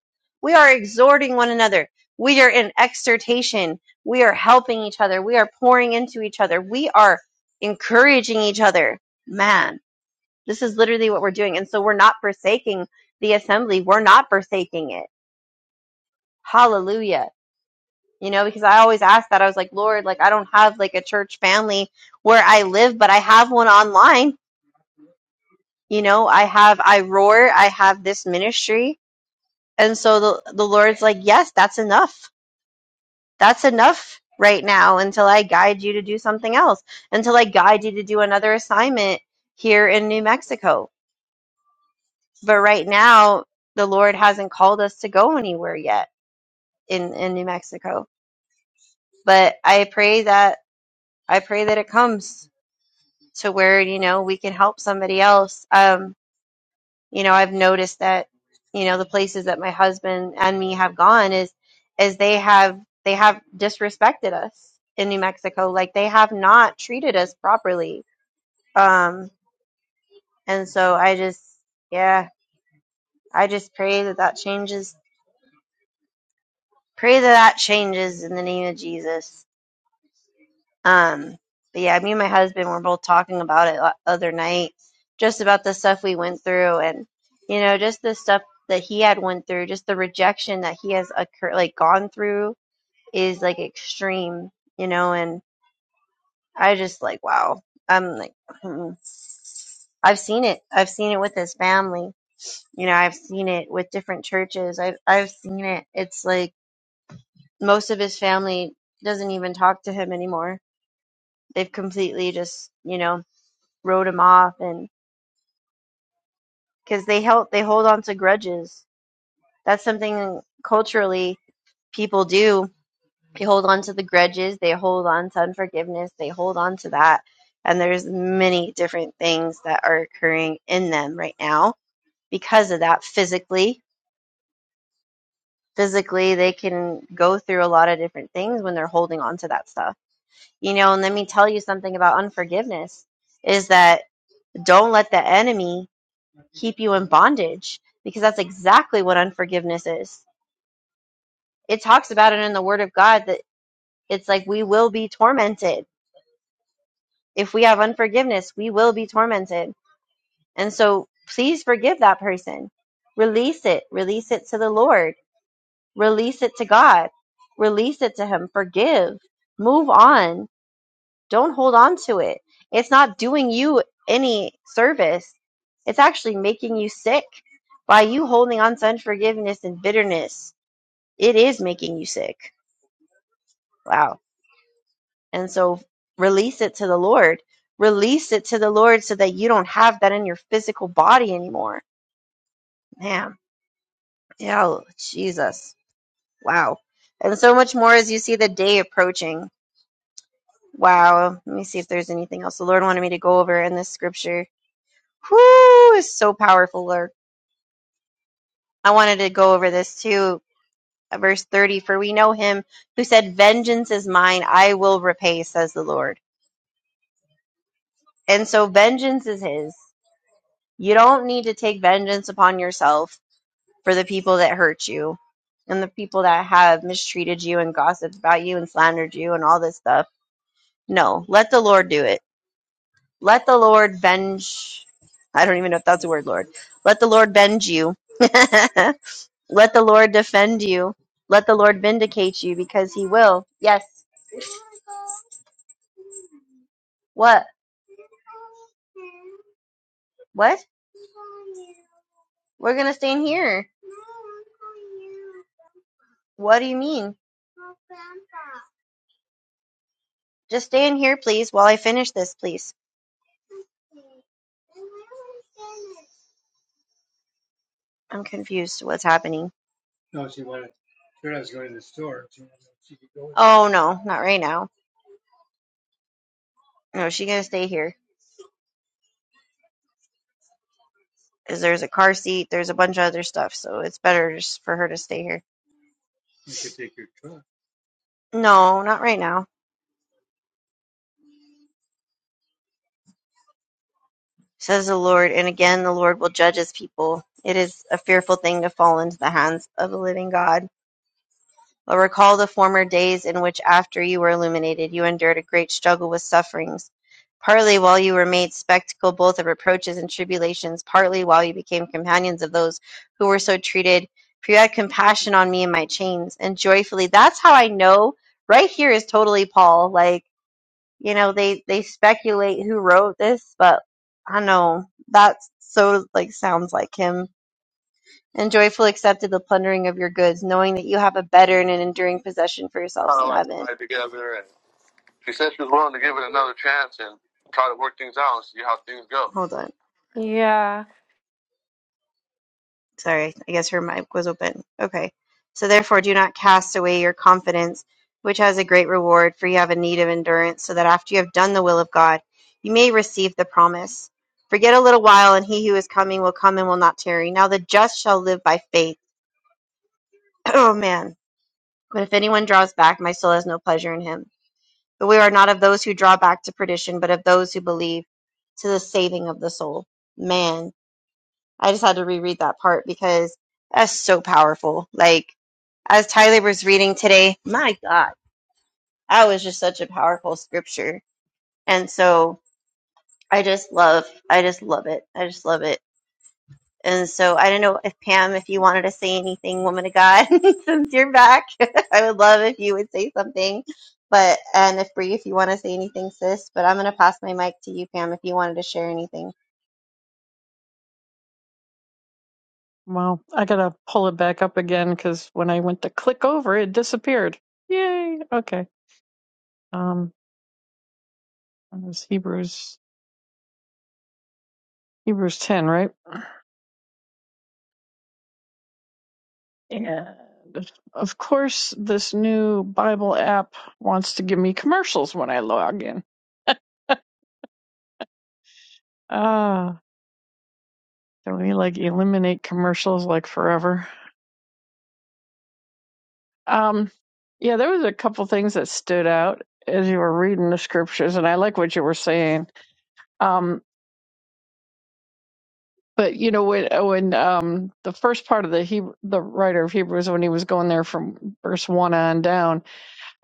We are exhorting one another. We are in exhortation. We are helping each other. We are pouring into each other. We are encouraging each other. Man, this is literally what we're doing. And so we're not forsaking the assembly. We're not forsaking it. Hallelujah. You know, because I always ask that. I was like, Lord, like, I don't have like a church family where I live, but I have one online you know i have i roar i have this ministry and so the, the lord's like yes that's enough that's enough right now until i guide you to do something else until i guide you to do another assignment here in new mexico but right now the lord hasn't called us to go anywhere yet in in new mexico but i pray that i pray that it comes to where you know we can help somebody else um you know i've noticed that you know the places that my husband and me have gone is is they have they have disrespected us in new mexico like they have not treated us properly um and so i just yeah i just pray that that changes pray that that changes in the name of jesus Um, but yeah, me and my husband were both talking about it la- other night, just about the stuff we went through, and you know, just the stuff that he had went through, just the rejection that he has occur- like gone through is like extreme, you know. And I just like, wow, I'm like, hmm. I've seen it. I've seen it with his family. You know, I've seen it with different churches. I've I've seen it. It's like most of his family doesn't even talk to him anymore. They've completely just, you know, wrote him off and because they help they hold on to grudges that's something culturally people do they hold on to the grudges they hold on to unforgiveness they hold on to that and there's many different things that are occurring in them right now because of that physically physically they can go through a lot of different things when they're holding on to that stuff you know and let me tell you something about unforgiveness is that don't let the enemy keep you in bondage because that's exactly what unforgiveness is. It talks about it in the Word of God that it's like we will be tormented. If we have unforgiveness, we will be tormented. And so please forgive that person. Release it. Release it to the Lord. Release it to God. Release it to Him. Forgive. Move on. Don't hold on to it. It's not doing you any service, it's actually making you sick by you holding on to unforgiveness and bitterness it is making you sick. Wow. And so release it to the Lord. Release it to the Lord so that you don't have that in your physical body anymore. Man. Yeah, Jesus. Wow. And so much more as you see the day approaching. Wow. Let me see if there's anything else the Lord wanted me to go over in this scripture. Whoo, is so powerful, Lord. I wanted to go over this too. Verse 30 For we know him who said, Vengeance is mine, I will repay, says the Lord. And so vengeance is his. You don't need to take vengeance upon yourself for the people that hurt you and the people that have mistreated you and gossiped about you and slandered you and all this stuff. No, let the Lord do it. Let the Lord venge. I don't even know if that's a word, Lord. Let the Lord venge you. <laughs> let the Lord defend you. Let the Lord vindicate you because He will. Yes. What? What? We're going to stay in here. What do you mean? Just stay in here, please, while I finish this, please. I'm confused what's happening. Oh no, not right now. No, she gonna stay here. 'Cause there's a car seat, there's a bunch of other stuff, so it's better just for her to stay here. No, not right now, says the Lord. And again, the Lord will judge his people. It is a fearful thing to fall into the hands of the living God. But recall the former days in which, after you were illuminated, you endured a great struggle with sufferings, partly while you were made spectacle both of reproaches and tribulations, partly while you became companions of those who were so treated. For you had compassion on me in my chains, and joyfully. That's how I know. Right here is totally Paul. Like you know, they they speculate who wrote this, but I know that's so like sounds like him and joyfully accepted the plundering of your goods, knowing that you have a better and an enduring possession for yourselves kind of in like heaven. tied together, and she said she was willing to give it another chance and try to work things out and see how things go. Hold on. Yeah. Sorry, I guess her mic was open. Okay. So therefore, do not cast away your confidence, which has a great reward, for you have a need of endurance, so that after you have done the will of God, you may receive the promise. For yet a little while, and he who is coming will come and will not tarry. Now the just shall live by faith. <clears throat> Oh, man. But if anyone draws back, my soul has no pleasure in him. But we are not of those who draw back to perdition, but of those who believe to the saving of the soul. Man, I just had to reread that part because that's so powerful. Like, as Tyler was reading today, my God, that was just such a powerful scripture. And so I just love, I just love it. I just love it. And so I don't know if Pam, if you wanted to say anything, woman of God, <laughs> since you're back, <laughs> I would love if you would say something. But and if Bree, if you want to say anything, sis. But I'm gonna pass my mic to you, Pam, if you wanted to share anything. Well, I gotta pull it back up again because when I went to click over, it disappeared. Yay! Okay. Um, it was Hebrews Hebrews ten, right? And of course, this new Bible app wants to give me commercials when I log in. <laughs> Ah, can we like eliminate commercials like forever? Um, yeah, there was a couple things that stood out as you were reading the scriptures, and I like what you were saying. Um, but you know when uh, when um the first part of the Hebrew, the writer of Hebrews when he was going there from verse one on down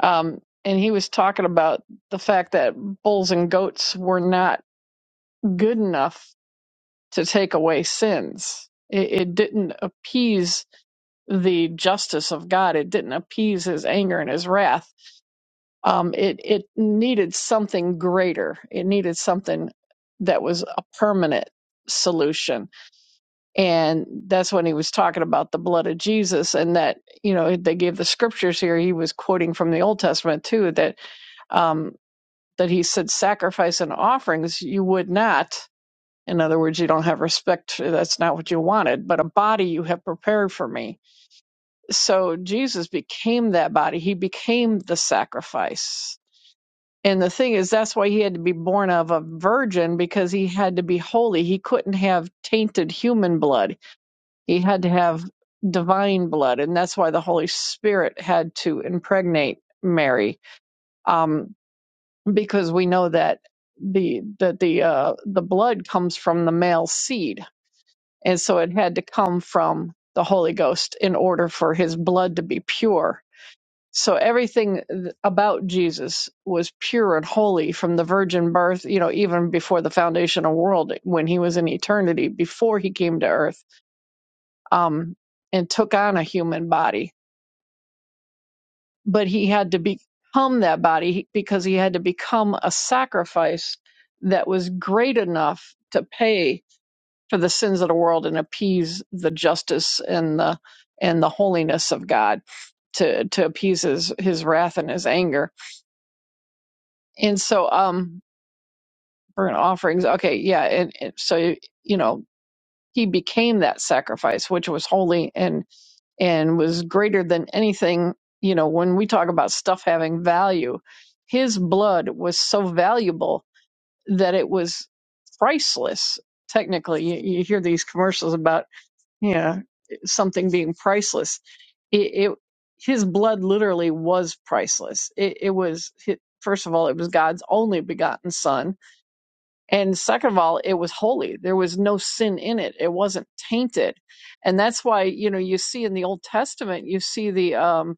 um and he was talking about the fact that bulls and goats were not good enough to take away sins it, it didn't appease the justice of God it didn't appease his anger and his wrath um it it needed something greater it needed something that was a permanent solution and that's when he was talking about the blood of Jesus and that you know they gave the scriptures here he was quoting from the Old Testament too that um that he said sacrifice and offerings you would not in other words you don't have respect that's not what you wanted but a body you have prepared for me so Jesus became that body he became the sacrifice and the thing is that's why he had to be born of a virgin because he had to be holy he couldn't have tainted human blood he had to have divine blood, and that's why the Holy Spirit had to impregnate Mary, um, because we know that the that the uh, the blood comes from the male seed, and so it had to come from the Holy Ghost in order for His blood to be pure. So everything th- about Jesus was pure and holy from the virgin birth, you know, even before the foundation of the world, when he was in eternity, before he came to earth um, and took on a human body. But he had to become that body because he had to become a sacrifice that was great enough to pay for the sins of the world and appease the justice and the and the holiness of God to to appease his his wrath and his anger. And so um burnt offerings okay yeah and, and so you know he became that sacrifice which was holy and. and was greater than anything. You know, when we talk about stuff having value, his blood was so valuable that it was priceless. Technically, you, you hear these commercials about, you know, something being priceless. It, it his blood literally was priceless. It, it was, hi- first of all, it was God's only begotten son and second of all, it was holy. There was no sin in it. It wasn't tainted. And that's why, you know, you see in the Old Testament, you see the um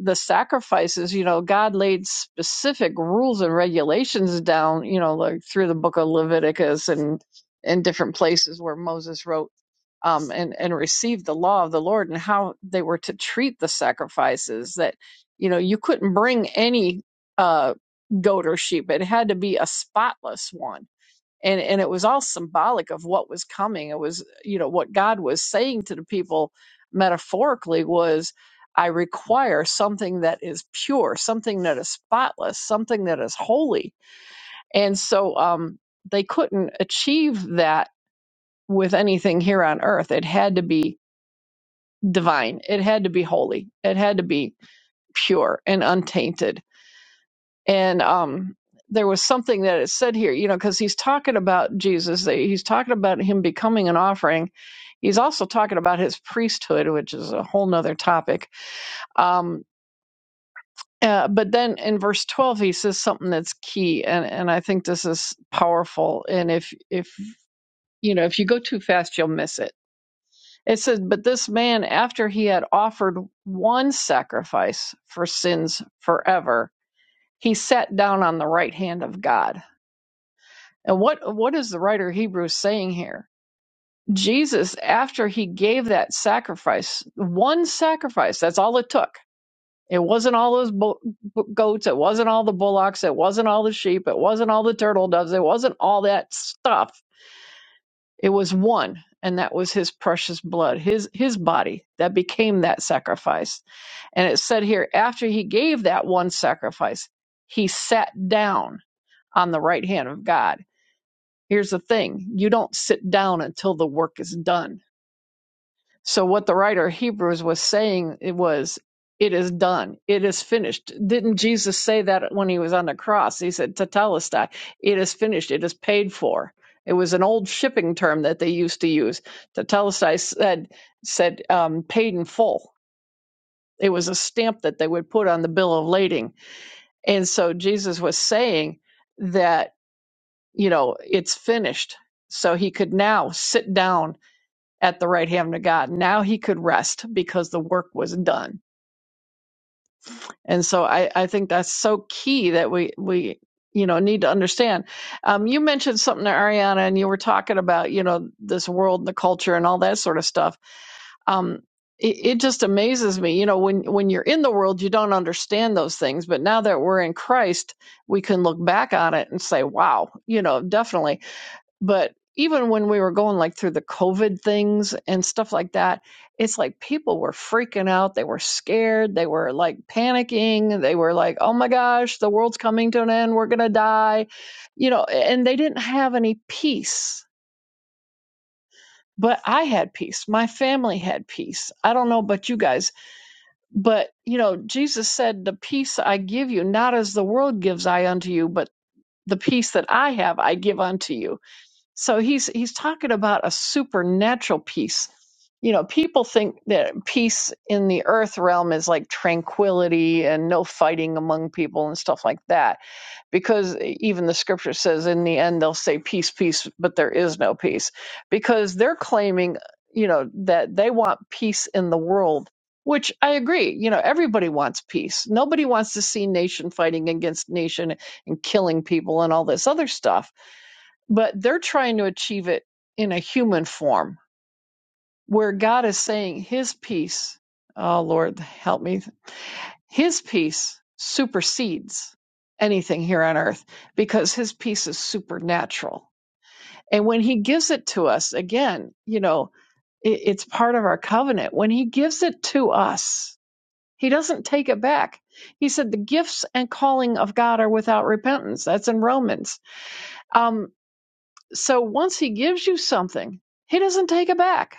the sacrifices, you know, God laid specific rules and regulations down, you know, like through the book of Leviticus and and different places where Moses wrote um and and received the law of the Lord and how they were to treat the sacrifices that you know, you couldn't bring any uh goat or sheep. It had to be a spotless one and and it was all symbolic of what was coming it was you know what god was saying to the people metaphorically was i require something that is pure something that is spotless something that is holy and so um they couldn't achieve that with anything here on earth it had to be divine it had to be holy it had to be pure and untainted and um there was something that it said here you know because he's talking about jesus he's talking about him becoming an offering he's also talking about his priesthood which is a whole nother topic um uh, but then in verse 12 he says something that's key and and i think this is powerful and if if you know if you go too fast you'll miss it it says but this man after he had offered one sacrifice for sins forever he sat down on the right hand of god And what what is the writer of Hebrews saying here? Jesus, after he gave that sacrifice, one sacrifice, that's all it took. It wasn't all those bo- bo- goats, it wasn't all the bullocks, it wasn't all the sheep, it wasn't all the turtle doves, it wasn't all that stuff. It was one, and that was his precious blood, his his body that became that sacrifice. And it said here, after he gave that one sacrifice, he sat down on the right hand of God Here's the thing you don't sit down until the work is done. So, what the writer of Hebrews was saying it was, It is done, it is finished. Didn't Jesus say that when he was on the cross? He said, Tetelestai, it is finished, it is paid for. It was an old shipping term that they used to use. Tetelestai said, said um, paid in full. It was a stamp that they would put on the bill of lading. And so Jesus was saying that, you know, it's finished. So he could now sit down at the right hand of God. Now he could rest because the work was done. And so I, I think that's so key that we, we, you know, need to understand. Um, you mentioned something to Ariana and you were talking about, you know, this world and the culture and all that sort of stuff. Um, it, it just amazes me, you know, when, when you're in the world, you don't understand those things. But now that we're in Christ, we can look back on it and say, wow, you know, definitely but even when we were going like through the covid things and stuff like that it's like people were freaking out they were scared they were like panicking they were like oh my gosh the world's coming to an end we're going to die you know and they didn't have any peace but i had peace my family had peace i don't know about you guys but you know jesus said the peace i give you not as the world gives i unto you but the peace that i have i give unto you so he's he's talking about a supernatural peace. You know, people think that peace in the earth realm is like tranquility and no fighting among people and stuff like that. Because e, even the scripture says in the end they'll say peace, peace, but there is no peace. Because they're claiming, you know, that they want peace in the world, which I agree. You know, everybody wants peace. Nobody wants to see nation fighting against nation and killing people and all this other stuff but they're trying to achieve it in a human form where God is saying his peace, oh Lord, help me, his peace supersedes anything here on earth because his peace is supernatural. And when he gives it to us, again, you know, it, it's part of our covenant. When he gives it to us, he doesn't take it back. He said the gifts and calling of God are without repentance. That's in Romans. Um, So once he gives you something, he doesn't take it back.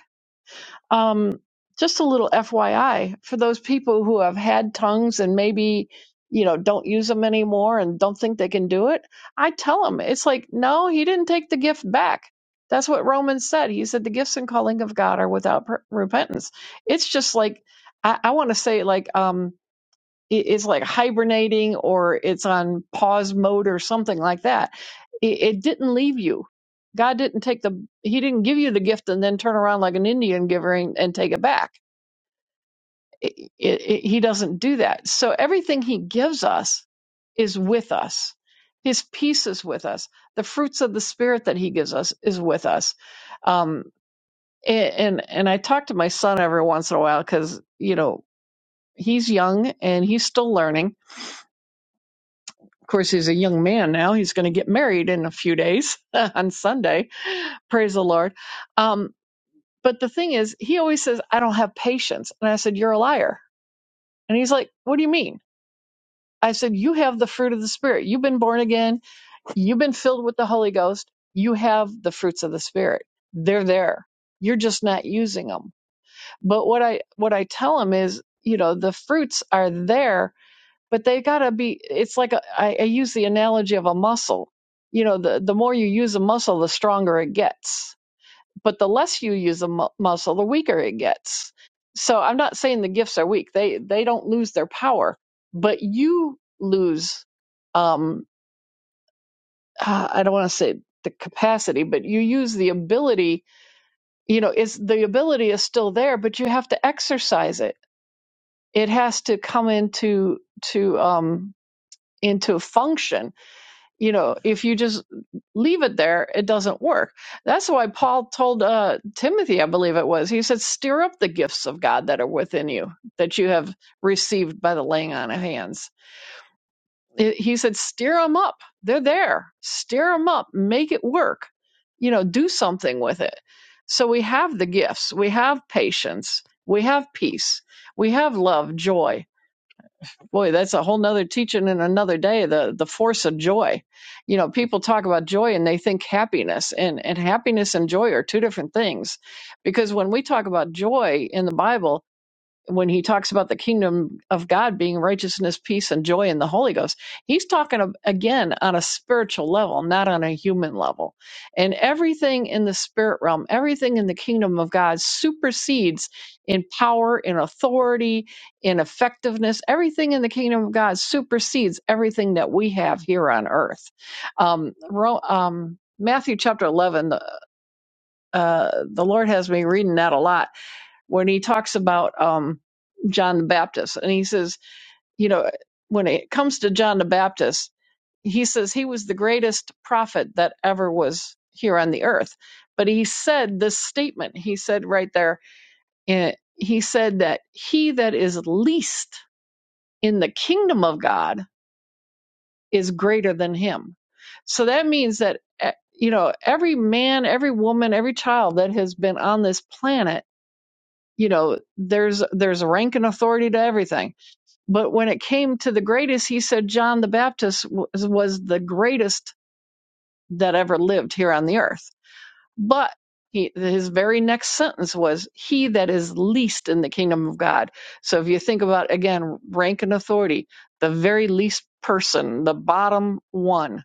Um, just a little FYI for those people who have had tongues and maybe you know don't use them anymore and don't think they can do it. I tell them it's like no, he didn't take the gift back. That's what Romans said. He said the gifts and calling of God are without per- repentance. It's just like I, I want to say like um, it's like hibernating or it's on pause mode or something like that. It, it didn't leave you. God didn't take the, He didn't give you the gift and then turn around like an Indian giver and, and take it back. It, it, it- he doesn't do that. So everything He gives us is with us. His peace is with us. The fruits of the Spirit that He gives us is with us. Um, and and I talk to my son every once in a while because you know he's young and he's still learning Of course, he's a young man now. He's going to get married in a few days <laughs> on Sunday. Praise the Lord. Um, but the thing is, he always says, I don't have patience. And I said, You're a liar. And he's like, What do you mean? I said, You have the fruit of the Spirit. You've been born again. You've been filled with the Holy Ghost. You have the fruits of the Spirit. They're there. You're just not using them. But what I what I tell him is, you know, the fruits are there but they gotta be it's like a, I, I use the analogy of a muscle you know the, the more you use a muscle the stronger it gets but the less you use a mu- muscle the weaker it gets so i'm not saying the gifts are weak they they don't lose their power but you lose um ah, i don't want to say the capacity but you use the ability you know it's the ability is still there but you have to exercise it it has to come into to um into function you know if you just leave it there it doesn't work that's why paul told uh, timothy i believe it was he said stir up the gifts of god that are within you that you have received by the laying on of hands It- he said stir them up they're there stir them up make it work you know do something with it so we have the gifts we have patience we have peace we have love joy boy that's a whole nother teaching in another day the the force of joy you know people talk about joy and they think happiness and and happiness and joy are two different things because when we talk about joy in the bible when he talks about the kingdom of God being righteousness, peace, and joy in the Holy Ghost, he's talking ab- again on a spiritual level, not on a human level. And everything in the spirit realm, everything in the kingdom of God supersedes in power, in authority, in effectiveness. Everything in the kingdom of God supersedes everything that we have here on earth. Um, Ro- um, Matthew chapter 11, uh, the Lord has me reading that a lot when he talks about um, John the Baptist. And he says, you know, when it comes to John the Baptist, he says he was the greatest prophet that ever was here on the earth. But he said this statement, he said right there, eh, he said that he that is least in the kingdom of God is greater than him. So that means that, eh, you know, every man, every woman, every child that has been on this planet you know there's there's a rank and authority to everything but when it came to the greatest he said john the baptist was, was the greatest that ever lived here on the earth but he, his very next sentence was he that is least in the kingdom of god so if you think about again rank and authority the very least person the bottom one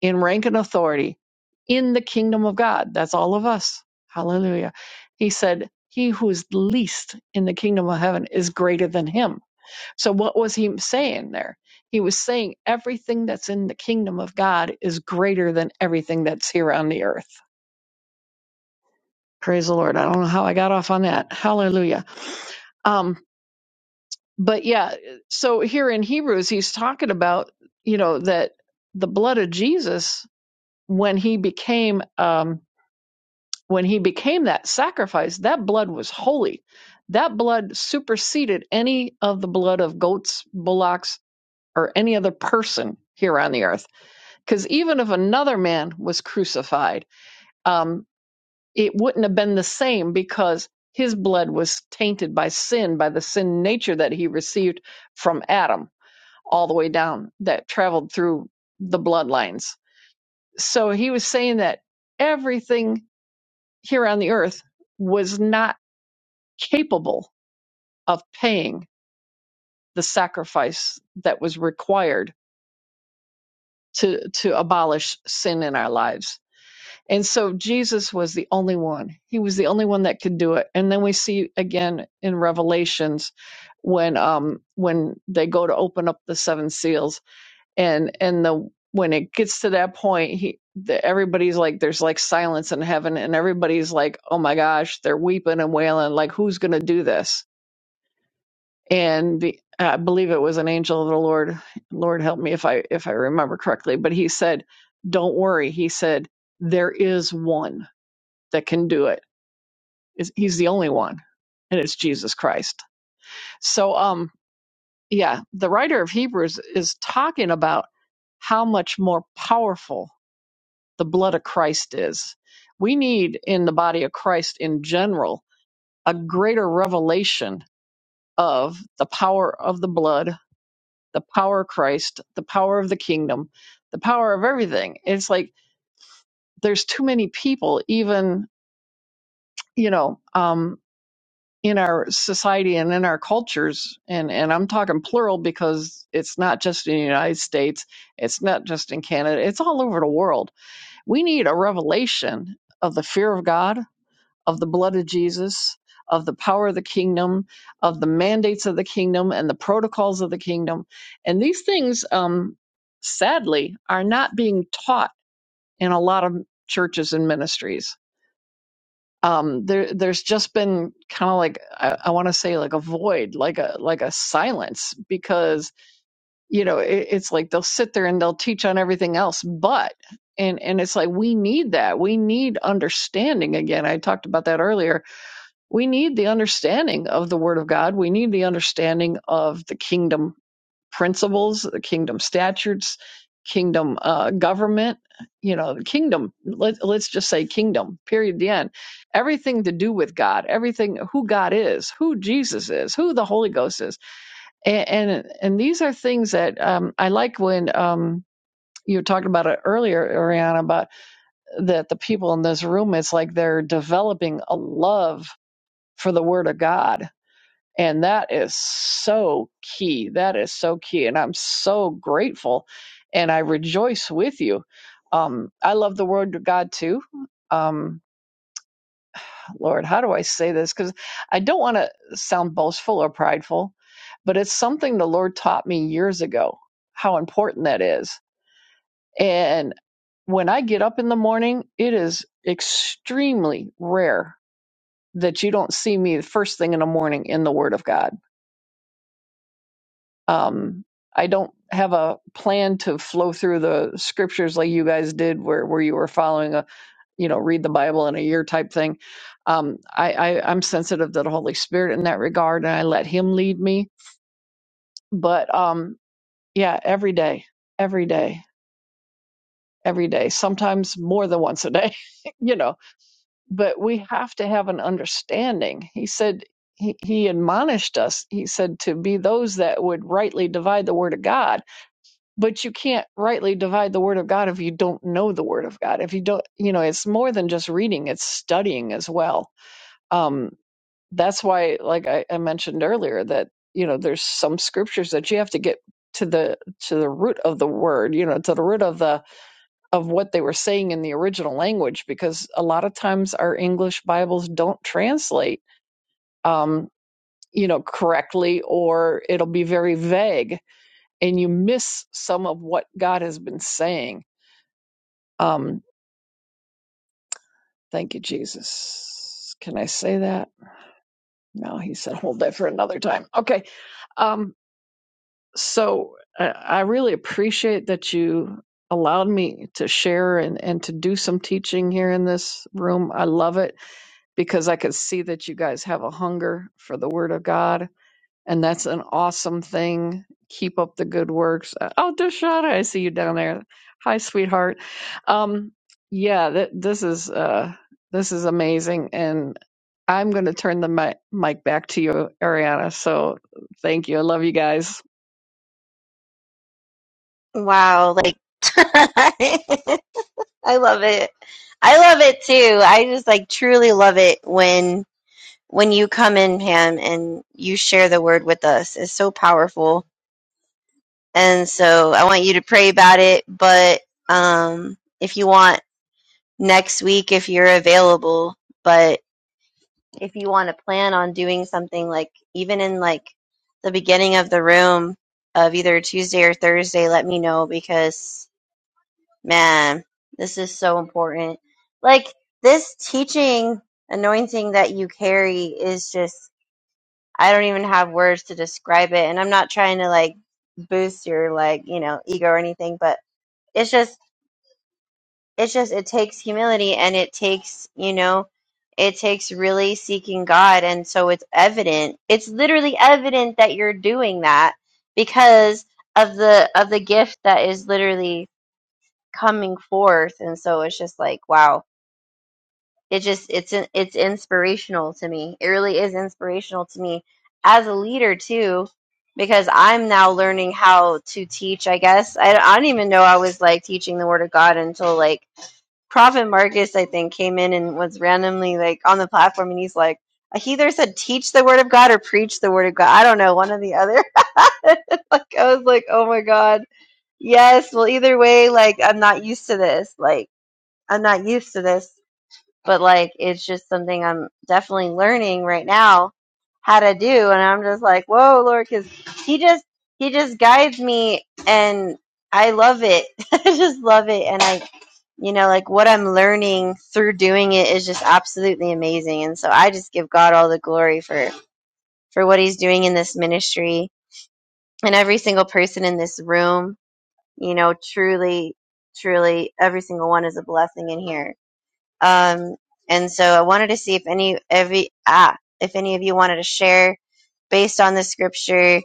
in rank and authority in the kingdom of God. That's all of us. Hallelujah. He said, He who is least in the kingdom of heaven is greater than him. So, what was he saying there? He was saying everything that's in the kingdom of God is greater than everything that's here on the earth. Praise the Lord. I don't know how I got off on that. Hallelujah. Um, but yeah, so here in Hebrews, he's talking about, you know, that the blood of Jesus, when he became, um, when he became that sacrifice, that blood was holy. That blood superseded any of the blood of goats, bullocks, or any other person here on the earth. Because even if another man was crucified, um, it wouldn't have been the same because his blood was tainted by sin, by the sin nature that he received from Adam all the way down that traveled through the bloodlines. So he was saying that everything here on the earth was not capable of paying the sacrifice that was required to to abolish sin in our lives. And so Jesus was the only one. He was the only one that could do it. And then we see again in Revelations when um when they go to open up the seven seals and and the when it gets to that point he the, everybody's like there's like silence in heaven and everybody's like oh my gosh they're weeping and wailing like who's going to do this and be, I believe it was an angel of the Lord. Lord help me if I if I remember correctly, but he said, "Don't worry." He said, "There is one that can do it. It's- He's the only one, and it's Jesus Christ." So, um, yeah, the writer of Hebrews is talking about how much more powerful the blood of Christ is. We need in the body of Christ in general a greater revelation of the power of the blood the power of Christ, the power of the kingdom, the power of everything. It's like there's too many people, even you know, um, in our society and in our cultures, and and I'm talking plural because it's not just in the United States, it's not just in Canada, it's all over the world. We need a revelation of the fear of God of the blood of Jesus, of the power of the kingdom, of the mandates of the kingdom, and the protocols of the kingdom. And these things, um, sadly, are not being taught in a lot of churches and ministries. Um, there, there's just been kind of like I, I want to say like a void, like a like a silence, because you know it, it's like they'll sit there and they'll teach on everything else, but and and it's like we need that, we need understanding again. I talked about that earlier we need the understanding of the Word of God. We need the understanding of the kingdom principles, the kingdom statutes, kingdom uh, government. You know, the kingdom. Let, let's just say kingdom. Period. The end. Everything to do with God. Everything who God is, who Jesus is, who the Holy Ghost is, and and, and these are things that um, I like when. Um, you were talking about it earlier, Ariana, about that the people in this room, it's like they're developing a love for the Word of God and that is so key. That is so key. And I'm so grateful and I rejoice with you. Um, I love the word of God too. Um, Lord, how do I say this? Because I don't want to sound boastful or prideful, but it's something the Lord taught me years ago how important that is. And when I get up in the morning, it is extremely rare that you don't see me the first thing in the morning in the Word of God um, I don't have a plan to flow through the scriptures like you guys did, where where you were following a you know read the Bible in a year type thing. Um, I, I I'm sensitive to the Holy Spirit in that regard, and I let Him lead me. But um, yeah, every day, every day, every day. Sometimes more than once a day, <laughs> you know. But we have to have an understanding. He said. He, he admonished us, he said, to be those that would rightly divide the word of God but you can't rightly divide the word of god if you don't know the word of god if you don't you know it's more than just reading it's studying as well um that's why like i, I mentioned earlier that you know there's some scriptures that you have to get to the to the root of the word you know to the root of the of what they were saying in the original language because a lot of times our english bibles don't translate um you know correctly or it'll be very vague and you miss some of what god has been saying Um, thank you, Jesus. Can I say that? No, he said, hold that for another time. Okay. Um, so I, I really appreciate that you allowed me to share and, and to do some teaching here in this room. I love it because I could see that you guys have a hunger for the word of God and that's an awesome thing. Keep up the good works. Uh, Oh, Deshada, I see you down there. Hi, sweetheart. Um, yeah, th- this is uh, this is amazing, and I'm going to turn the mi- mic back to you, Ariana. So thank you. I love you guys. Wow, like <laughs> I love it. I love it too. I just like truly love it when when you come in, Pam, and you share the word with us. It's so powerful. And so I want you to pray about it, but um if you want next week if you're available. But if you want to plan on doing something like even in like the beginning of the room of either Tuesday or Thursday, let me know because man, this is so important. Like this teaching anointing that you carry is just I don't even have words to describe it and I'm not trying to like boost your like, you know, ego or anything, but it's just it's just it takes humility and it takes you know it takes really seeking god and so it's evident it's literally evident that you're doing that because of the of the gift that is literally coming forth and so it's just like wow it just it's in- it's inspirational to me it really is inspirational to me as a leader too because i'm now learning how to teach i guess i, I don't even know i was like teaching the word of god until like Prophet Marcus, I think, came in and was randomly like on the platform, and he's like, he either said teach the word of God or preach the word of God. I don't know, one or the other. <laughs> like I was like, oh my god, yes. Well, either way, like I'm not used to this. Like I'm not used to this but like it's just something I'm definitely learning right now how to do and I'm just like whoa Lord because he just he just guides me and I love it <laughs> I just love it and I you know like what I'm learning through doing it is just absolutely amazing and so I just give God all the glory for for what he's doing in this ministry and every single person in this room you know truly truly every single one is a blessing in here um, and so I wanted to see if any every ah if any of you wanted to share based on the scripture.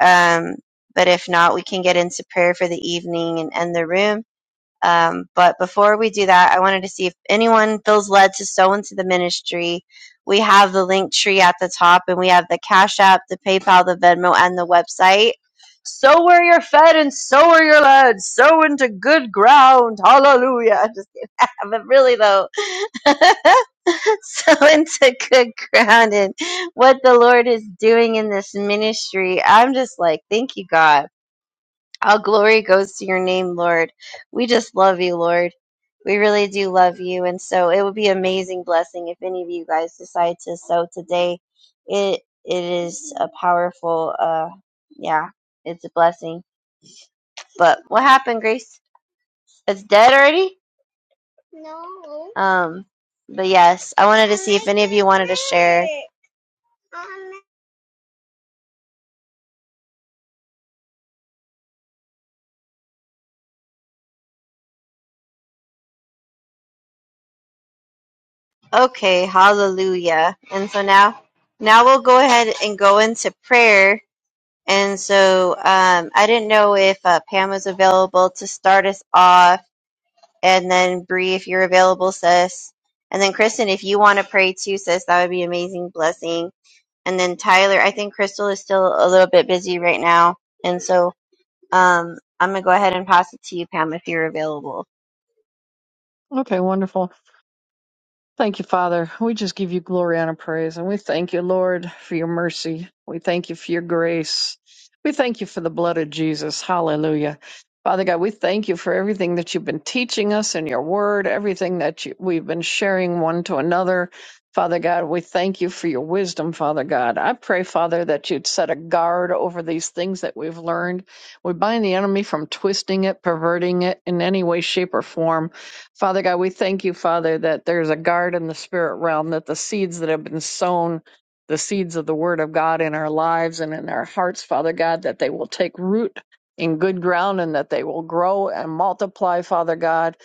Um, but if not, we can get into prayer for the evening and end the room. Um, but before we do that, I wanted to see if anyone feels led to sow into the ministry. We have the link tree at the top, and we have the Cash App, the PayPal, the Venmo, and the website. Sow where you're fed, and sow where you're led. Sow into good ground. Hallelujah! <laughs> I'm Just kidding. <laughs> but really though, <laughs> sow into good ground and what the Lord is doing in this ministry. I'm just like, thank you, God all glory goes to your name, Lord. We just love you, Lord. We really do love you. And so it would be an amazing blessing if any of you guys decide to sow today. It it is a powerful uh yeah, it's a blessing. But what happened, Grace? It's dead already? Um but yes, I wanted to see if any of you wanted to share. Okay, hallelujah. And so now now we'll go ahead and go into prayer And so um, I didn't know if uh, Pam was available to start us off, and then Bree, if you're available, sis. And then Kristen, if you want to pray too, sis, that would be amazing blessing. And then Tyler, I think Crystal is still a little bit busy right now, and so um, I'm gonna go ahead and pass it to you, Pam, if you're available. Okay, wonderful. Thank you, Father. We just give you glory honor, and praise, and we thank you, Lord, for your mercy. We thank you for your grace. We thank you for the blood of Jesus. Hallelujah. Father God, we thank you for everything that you've been teaching us in your word, everything that you, we've been sharing one to another. Father God, we thank you for your wisdom, Father God. I pray, Father, that you'd set a guard over these things that we've learned. We bind the enemy from twisting it, perverting it in any way, shape, or form. Father God, we thank you, Father, that there's a guard in the spirit realm, that the seeds that have been sown, the seeds of the word of God in our lives and in our hearts, Father God, that they will take root in good ground and that they will grow and multiply, Father God.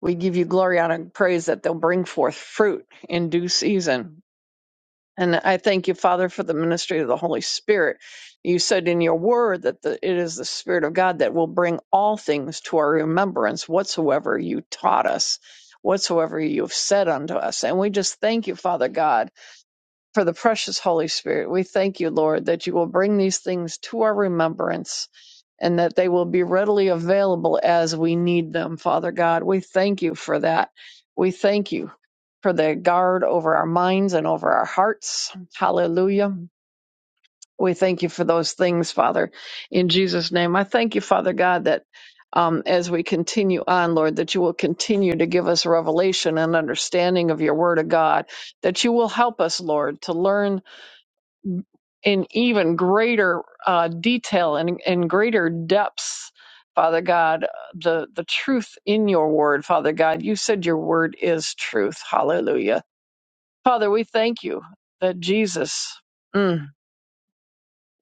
We give you glory, honor, and praise that they'll bring forth fruit in due season, and I thank you, Father, for the ministry of the Holy Spirit. You said in your word that the, it is the Spirit of God that will bring all things to our remembrance, whatsoever you taught us, whatsoever you have said unto us. And we just thank you, Father God for the precious Holy Spirit. We thank you, Lord, that you will bring these things to our remembrance and that they will be readily available as we need them, Father God. We thank you for that. We thank you for the guard over our minds and over our hearts. Hallelujah. We thank you for those things, Father, in Jesus' name. I thank you, Father God, that um, as we continue on, Lord, that you will continue to give us revelation and understanding of your word of God, that you will help us, Lord, to learn in even greater uh, detail and in greater depths, Father God, the, the truth in your word, Father God. You said your word is truth. Hallelujah. Father, we thank you that Jesus mm,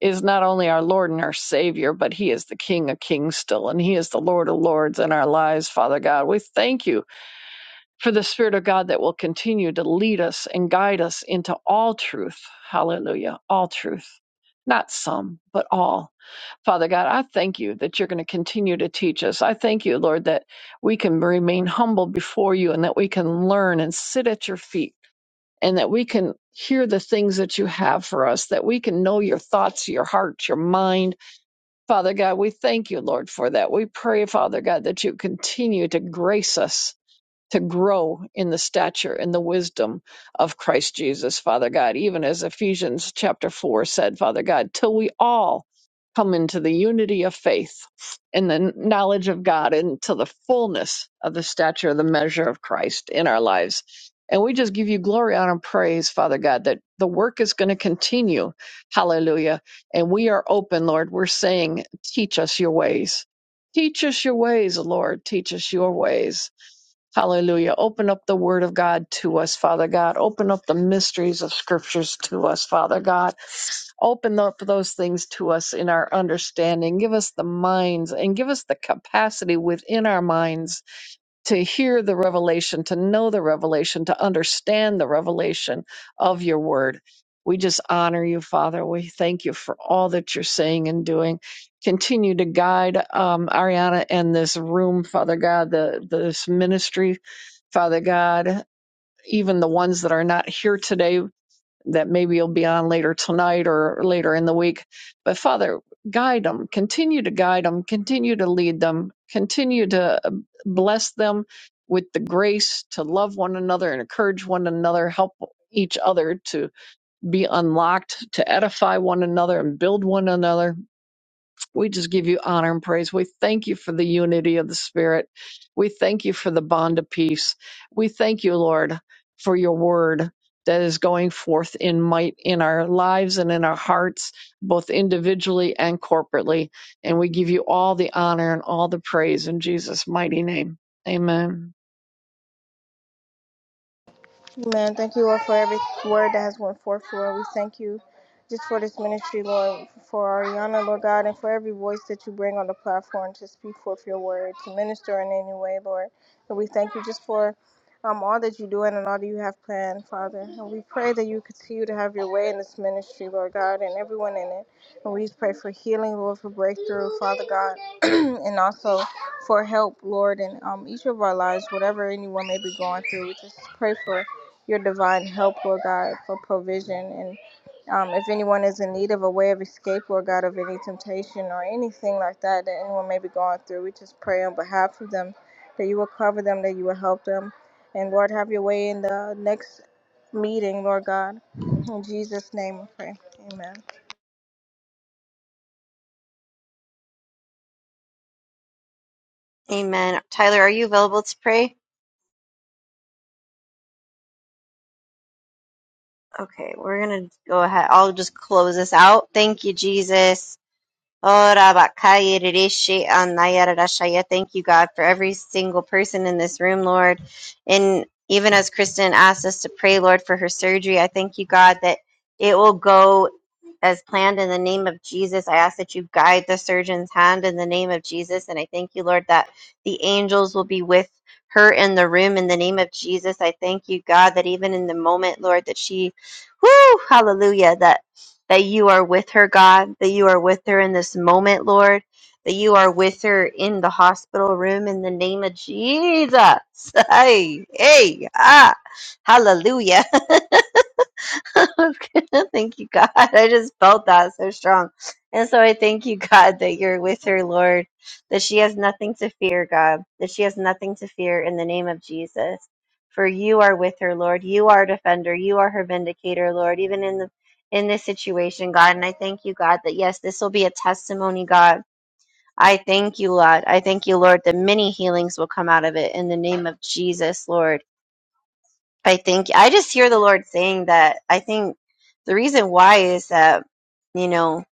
is not only our Lord and our Savior, but He is the King of kings still, and He is the Lord of lords in our lives, Father God. We thank you for the Spirit of God that will continue to lead us and guide us into all truth. Hallelujah. All truth. Not some, but all Father God, I thank you that you're going to continue to teach us. I thank you, Lord, that we can remain humble before you and that we can learn and sit at your feet and that we can hear the things that you have for us, that we can know your thoughts, your heart, your mind. Father God, we thank you, Lord, for that. We pray, Father God, that you continue to grace us to grow in the stature and the wisdom of Christ Jesus, Father God, even as Ephesians chapter 4 said, Father God, till we all come into the unity of faith and the knowledge of God and to the fullness of the stature of the measure of Christ in our lives. And we just give you glory, honor, and praise, Father God, that the work is going to continue. Hallelujah. And we are open, Lord. We're saying, teach us your ways. Teach us your ways, Lord. Teach us your ways. Hallelujah. Open up the word of God to us, Father God. Open up the mysteries of scriptures to us, Father God. Open up those things to us in our understanding. Give us the minds and give us the capacity within our minds to hear the revelation, to know the revelation, to understand the revelation of your word. We just honor you, Father. We thank you for all that you're saying and doing. Continue to guide um, Ariana and this room, Father God, the this ministry, Father God, even the ones that are not here today that maybe you'll be on later tonight or later in the week. But Father, guide them, continue to guide them, continue to lead them, continue to uh, bless them with the grace to love one another and encourage one another, help each other to be unlocked, to edify one another and build one another we just give you honor and praise. We thank you for the unity of the Spirit. We thank you for the bond of peace. We thank you, Lord, for your word that is going forth in might in our lives and in our hearts, both individually and corporately. And we give you all the honor and all the praise in Jesus' mighty name. Amen. Amen. Thank you, Lord, for every word that has went forth, Lord. We thank you just for this ministry, Lord, for Ariana, Lord God, and for every voice that you bring on the platform to speak forth your word, to minister in any way, Lord. And we thank you just for um, all that you're doing and all that you have planned, Father. And we pray that you continue to have your way in this ministry, Lord God, and everyone in it. And we just pray for healing, Lord, for breakthrough, Father God, <clears throat> and also for help, Lord, in um, each of our lives, whatever anyone may be going through. We just pray for your divine help, Lord God, for provision. And um, if anyone is in need of a way of escape, Lord God, of any temptation or anything like that that anyone may be going through, we just pray on behalf of them that you will cover them, that you will help them. And Lord, have your way in the next meeting, Lord God. In Jesus' name we pray. Amen. Amen. Tyler, are you available to pray? Okay, we're gonna go ahead. I'll just close this out. Thank you, Jesus. Oh, bakaya rishi anaya rarashaya. Thank you, God, for every single person in this room, Lord. And even as Kristen asked us to pray, Lord, for her surgery, I thank you, God, that it will go as planned in the name of Jesus. I ask that you guide the surgeon's hand in the name of Jesus. And I thank you, Lord, that the angels will be with her in the room in the name of Jesus. I thank you, God, that even in the moment, Lord, that she, whoo, hallelujah, that that you are with her, God, that you are with her in this moment, Lord, that you are with her in the hospital room in the name of Jesus. <laughs> Hey, hey, ah, hallelujah. <laughs> <laughs> thank you, God. I just felt that so strong. And so I thank you, God, that you're with her, Lord, that she has nothing to fear, God, that she has nothing to fear in the name of Jesus. For you are with her, Lord. You are a defender. You are her vindicator, Lord, even in the in this situation, God. And I thank you, God, that yes, this will be a testimony, God. I thank you, Lord. I thank you, Lord, that many healings will come out of it in the name of Jesus, Lord. I think I just hear the Lord saying that. I think the reason why is that you know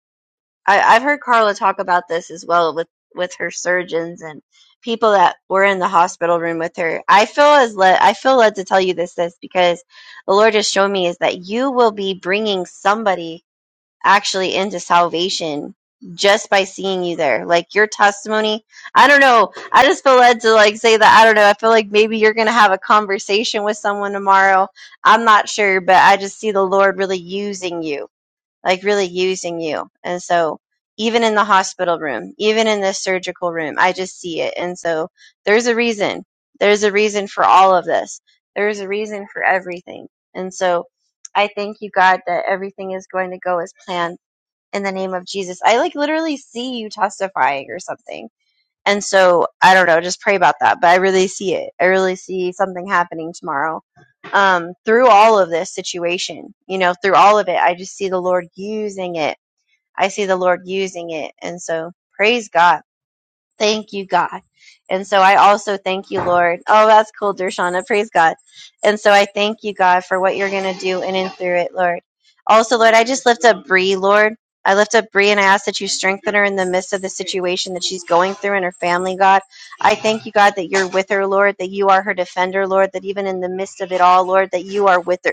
I, I've heard Carla talk about this as well with with her surgeons and people that were in the hospital room with her. I feel as led I feel led to tell you this this because the Lord just showed me is that you will be bringing somebody actually into salvation just by seeing you there. Like your testimony, I don't know. I just feel led to like say that. I don't know. I feel like maybe you're going to have a conversation with someone tomorrow. I'm not sure, but I just see the Lord really using you, like really using you. And so even in the hospital room, even in the surgical room, I just see it. And so there's a reason. There's a reason for all of this. There's a reason for everything. And so I thank you, God, that everything is going to go as planned in the name of Jesus. I like literally see you testifying or something. And so I don't know, just pray about that. But I really see it. I really see something happening tomorrow. Um, through all of this situation, you know, through all of it, I just see the Lord using it. I see the Lord using it. And so praise God Thank you, God. And so I also thank you, Lord. Oh, that's cool, Dershana. Praise God. And so I thank you, God, for what you're going to do in and through it, Lord. Also, Lord, I just lift up Bree, Lord. I lift up Bree and I ask that you strengthen her in the midst of the situation that she's going through and her family, God. I thank you, God, that you're with her, Lord, that you are her defender, Lord, that even in the midst of it all, Lord, that you are with her.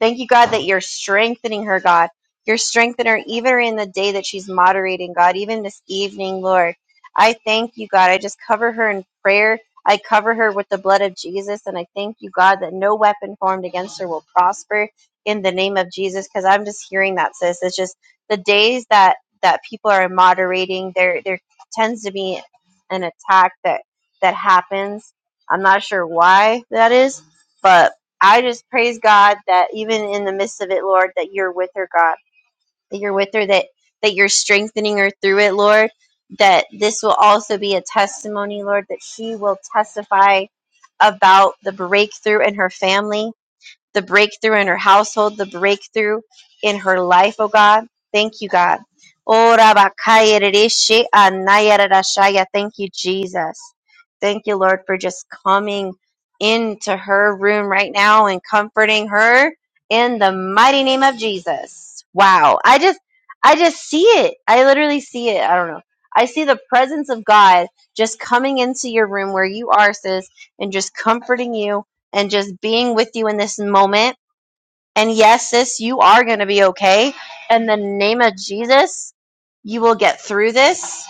Thank you, God, that you're strengthening her, God. You're strengthening her even in the day that she's moderating, God, even this evening, Lord. I thank you, God. I just cover her in prayer. I cover her with the blood of Jesus. And I thank you, God, that no weapon formed against her will prosper in the name of Jesus. Because I'm just hearing that, sis. It's just the days that that people are moderating, there there tends to be an attack that that happens. I'm not sure why that is, but I just praise God that even in the midst of it, Lord, that you're with her, God, that you're with her, that that you're strengthening her through it, Lord. That this will also be a testimony, Lord, that she will testify about the breakthrough in her family the breakthrough in her household, the breakthrough in her life, oh God. Thank you, God. Oh, Rabakaya Rishi Thank you, Jesus. Thank you, Lord, for just coming into her room right now and comforting her in the mighty name of Jesus. Wow. I just I just see it. I literally see it. I don't know. I see the presence of God just coming into your room where you are, sis, and just comforting you and just being with you in this moment. And yes, sis, you are going to be okay. In the name of Jesus, you will get through this.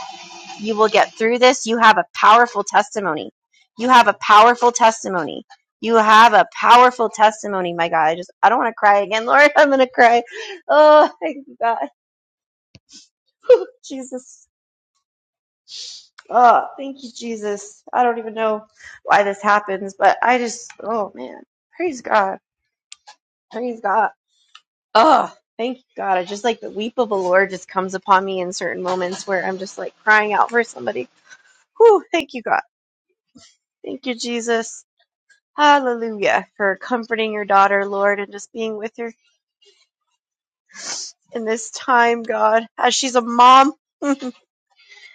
You will get through this. You have a powerful testimony. You have a powerful testimony. You have a powerful testimony, my God. I just, I don't want to cry again, <laughs> Lord. I'm going to cry. Oh, thank you, God. <laughs> Jesus. Oh, thank you, Jesus. I don't even know why this happens, but I just, oh, man. Praise God. Praise God. Oh, thank God. I just like the weep of the Lord just comes upon me in certain moments where I'm just like crying out for somebody. Whew, thank you, God. Thank you, Jesus. Hallelujah for comforting your daughter, Lord, and just being with her in this time, God, as she's a mom,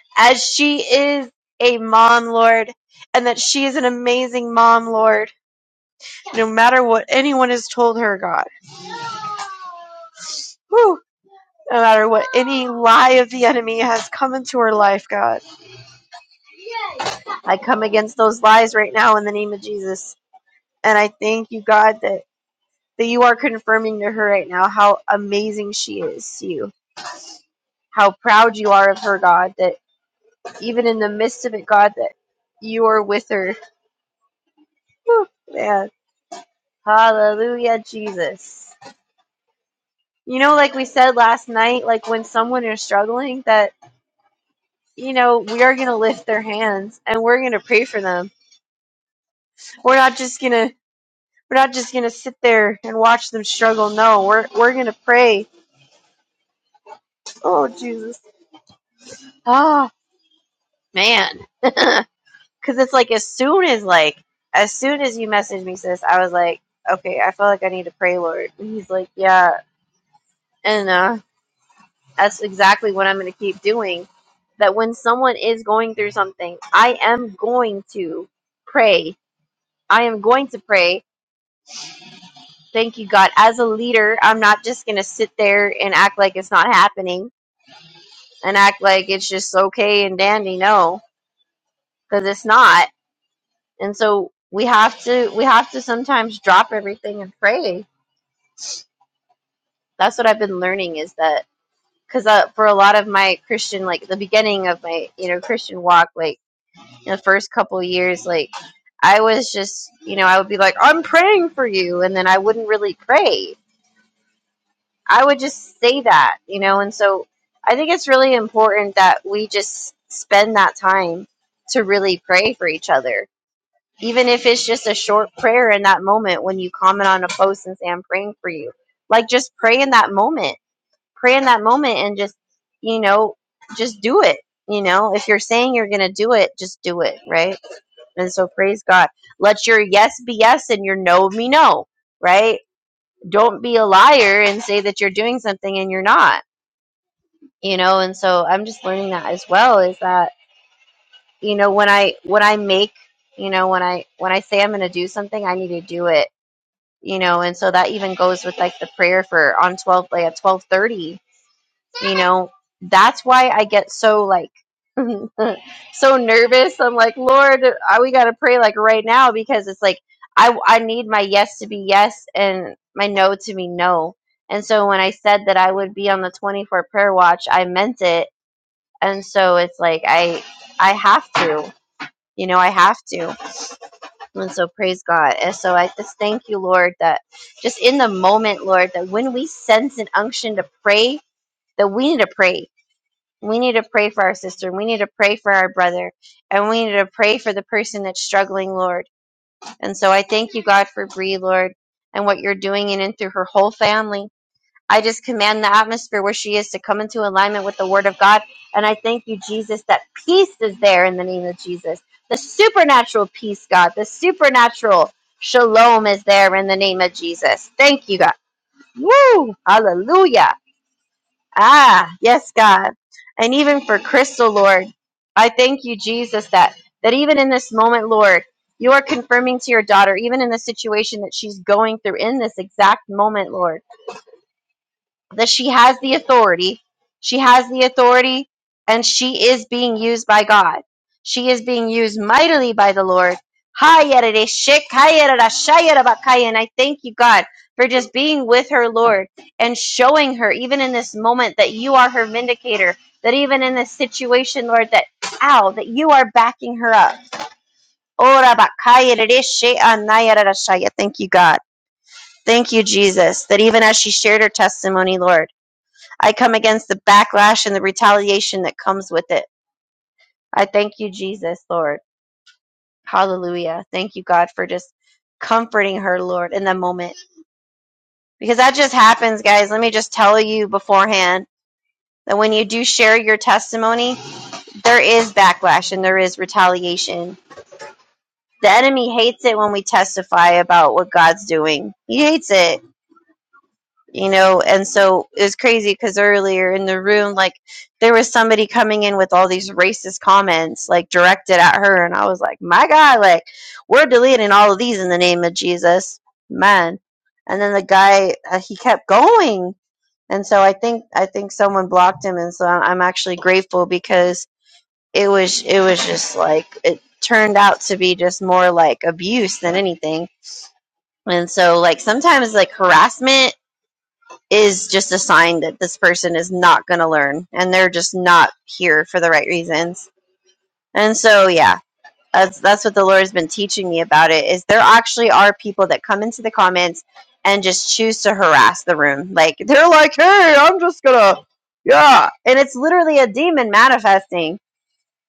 <laughs> as she is a mom, Lord, and that she is an amazing mom, Lord, no matter what anyone has told her, God. Whew, no matter what any lie of the enemy has come into her life, God. I come against those lies right now in the name of Jesus. And I thank you, God, that, that you are confirming to her right now how amazing she is to you, how proud you are of her, God, that even in the midst of it, God, that you are with her. Whew, man. Hallelujah, Jesus. You know, like we said last night, like when someone is struggling, that, you know, we are going to lift their hands and we're going to pray for them. We're not just going to. We're not just gonna sit there and watch them struggle. No, we're we're gonna pray Oh Jesus. Oh man. <laughs> Cause it's like as soon as like as soon as you messaged me sis, I was like, Okay, I feel like I need to pray, Lord. And he's like, Yeah. And uh that's exactly what I'm gonna keep doing. That when someone is going through something, I am going to pray. I am going to pray. Thank you, God. As a leader, I'm not just gonna sit there and act like it's not happening and act like it's just okay and dandy. No, because it's not And so we have to we have to sometimes drop everything and pray. That's what I've been learning is that because uh, for a lot of my Christian like the beginning of my you know Christian walk like in the first couple of years like I was just you know I would be like I'm praying for you and then I wouldn't really pray. I would just say that you know and so I think it's really important that we just spend that time to really pray for each other even if it's just a short prayer in that moment when you comment on a post and say i'm praying for you like just pray in that moment pray in that moment and just you know just do it you know if you're saying you're gonna do it just do it right and so praise god let your yes be yes and your no be no right don't be a liar and say that you're doing something and you're not you know and so i'm just learning that as well is that you know when i when i make you know when i when i say i'm gonna do something i need to do it you know and so that even goes with like the prayer for on 12 like at 12:30 you know that's why I get so like <laughs> so nervous I'm like lord I, we got to pray like right now because it's like I I need my yes to be yes and my no to be no and so when I said that I would be on the 24 prayer watch I meant it and so it's like I I have to you know I have to and so praise God. And so I just thank you, Lord, that just in the moment, Lord, that when we sense an unction to pray, that we need to pray. We need to pray for our sister. We need to pray for our brother. And we need to pray for the person that's struggling, Lord. And so I thank you, God, for Bree, Lord, and what you're doing in and through her whole family. I just command the atmosphere where she is to come into alignment with the Word of God. And I thank you, Jesus, that peace is there in the name of Jesus. The supernatural peace, God, the supernatural shalom is there in the name of Jesus. Thank you, God. Woo! Hallelujah. Ah, yes, God. And even for Crystal, Lord, I thank you, Jesus, that that even in this moment, Lord, you are confirming to your daughter, even in the situation that she's going through in this exact moment, Lord that she has the authority. She has the authority and she is being used by God. She is being used mightily by the Lord. Hayarashik, hayarashayarabakaya. And I thank you, God, for just being with her, Lord, and showing her, even in this moment, that you are her vindicator. That even in this situation, Lord, that, ow, that you are backing her up. Orabakayarasheanayarashaya. Thank you, God. Thank you, Jesus, that even as she shared her testimony, Lord I come against the backlash and the retaliation that comes with it. I thank you, Jesus, Lord. Hallelujah. Thank you, God, for just comforting her, Lord, in that moment. Because that just happens, guys. Let me just tell you beforehand that when you do share your testimony, there is backlash and there is retaliation. The enemy hates it when we testify about what God's doing. He hates it. you know and so it was crazy because earlier in the room like there was somebody coming in with all these racist comments like directed at her and i was like my god like we're deleting all of these in the name of jesus man and then the guy uh, he kept going and so i think i think someone blocked him and so I- i'm actually grateful because it was it was just like it turned out to be just more like abuse than anything and so like sometimes like harassment is just a sign that this person is not going to learn and they're just not here for the right reasons. And so, yeah, that's that's what the Lord has been teaching me about it is there actually are people that come into the comments and just choose to harass the room. Like they're like, "Hey, I'm just going to yeah." And it's literally a demon manifesting.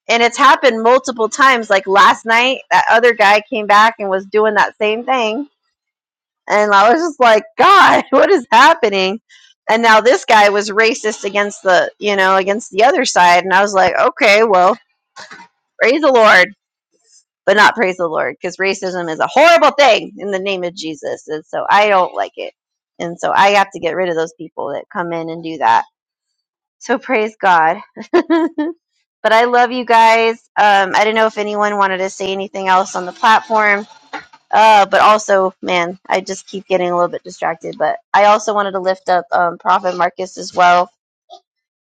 And it's happened multiple times. Like last night, that other guy came back and was doing that same thing and I was just like, God, <laughs> what is happening? And now this guy was racist against the, you know, against the other side. And I was like, okay, well, praise the Lord, but not praise the Lord because racism is a horrible thing in the name of Jesus. And so I don't like it. And so I have to get rid of those people that come in and do that. So praise God. <laughs> but I love you guys. Um, I don't know if anyone wanted to say anything else on the platform uh, but also, man, I just keep getting a little bit distracted. But I also wanted to lift up um, Prophet Marcus as well.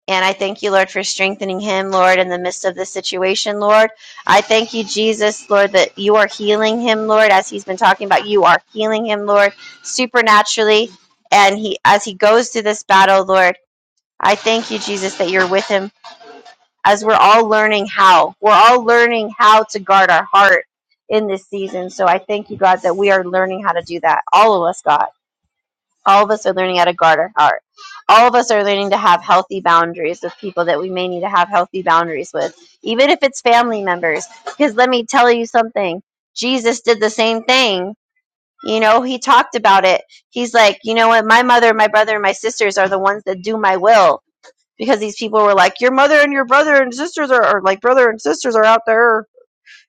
And I thank you, Lord, for strengthening him, Lord, in the midst of this situation, Lord. I thank you, Jesus, Lord, that you are healing him, Lord, as he's been talking about. You are healing him, Lord, supernaturally. And he, as he goes through this battle, Lord, I thank you, Jesus, that you're with him as we're all learning how. We're all learning how to guard our heart in this season. So I thank you, God, that we are learning how to do that. All of us, God. All of us are learning how to guard our heart. All of us are learning to have healthy boundaries with people that we may need to have healthy boundaries with, even if it's family members. Because let me tell you something Jesus did the same thing. You know, he talked about it. He's like, you know what? My mother, my brother, and my sisters are the ones that do my will because these people were like, your mother and your brother and sisters are, or like brother and sisters are out there,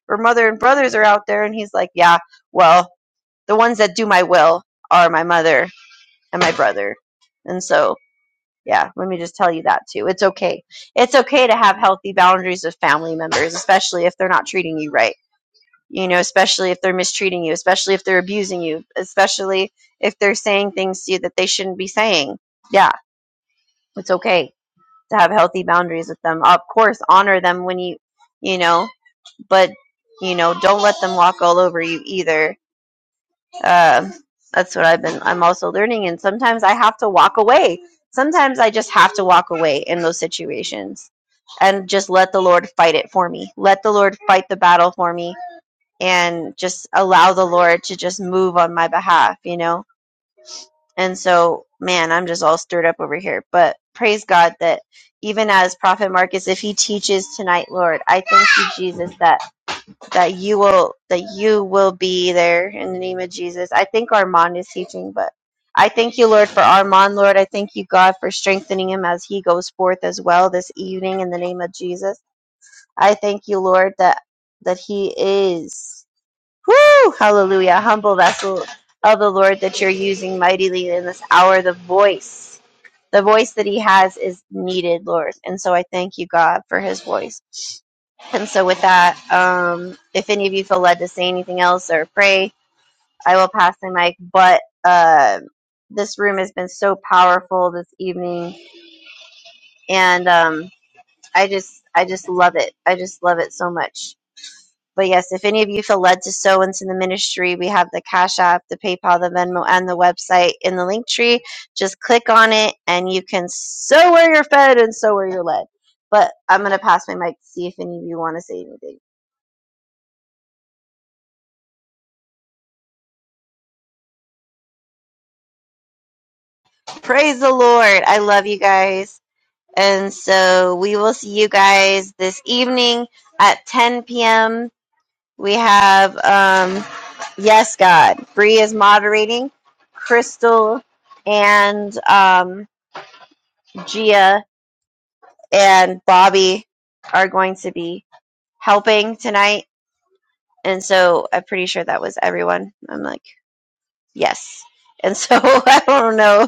or mother and brothers are out there. And he's like, yeah, well, the ones that do my will are my mother and my brother. And so, yeah, let me just tell you that too. It's okay. It's okay to have healthy boundaries with family members, especially if they're not treating you right. You know, especially if they're mistreating you, especially if they're abusing you, especially if they're saying things to you that they shouldn't be saying. Yeah, it's okay to have healthy boundaries with them. Of course, honor them when you, you know, but you know, don't let them walk all over you either. Um, that's what I've been. I'm also learning, and sometimes I have to walk away. Sometimes I just have to walk away in those situations, and just let the Lord fight it for me. Let the Lord fight the battle for me, and just allow the Lord to just move on my behalf. You know and so, man, I'm just all stirred up over here. But praise God that even as Prophet Marcus, if he teaches tonight, Lord, I thank you, Jesus, that that you will that you will be there in the name of Jesus. I think Armand is teaching, but I thank you, Lord, for Armand, Lord. I thank you, God, for strengthening him as he goes forth as well this evening in the name of Jesus. I thank you, Lord, that that he is. Woo! Hallelujah. Humble vessel of the Lord that you're using mightily in this hour. The voice, the voice that He has is needed, Lord. And so I thank you, God, for His voice. And so with that, um, if any of you feel led to say anything else or pray, I will pass the mic. But uh, this room has been so powerful this evening, and um, I just, I just love it. I just love it so much. But yes, if any of you feel led to sow into the ministry, we have the Cash App, the PayPal, the Venmo, and the website in the link tree. Just click on it and you can sow where you're fed and sow where you're led. But I'm going to pass my mic to see if any of you want to say anything. Praise the Lord. I love you guys. And so we will see you guys this evening at 10 p.m. We have, um, yes, God. Bree is moderating. Crystal and, um, Gia and Bobby are going to be helping tonight. And so I'm pretty sure that was everyone. I'm like, yes. And so <laughs> I don't know.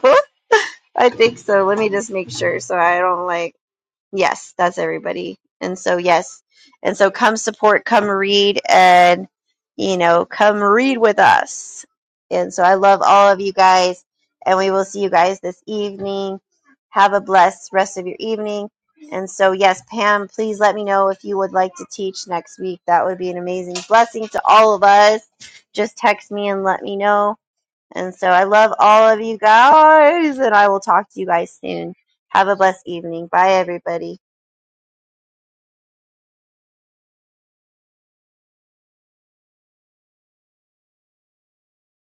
I think so. Let me just make sure so I don't like Yes, that's everybody. And so, yes. And so, come support, come read, and, you know, come read with us. And so, I love all of you guys, and we will see you guys this evening. Have a blessed rest of your evening. And so, yes, Pam, please let me know if you would like to teach next week. That would be an amazing blessing to all of us. Just text me and let me know. And so, I love all of you guys, and I will talk to you guys soon. Have a blessed evening. Bye, everybody.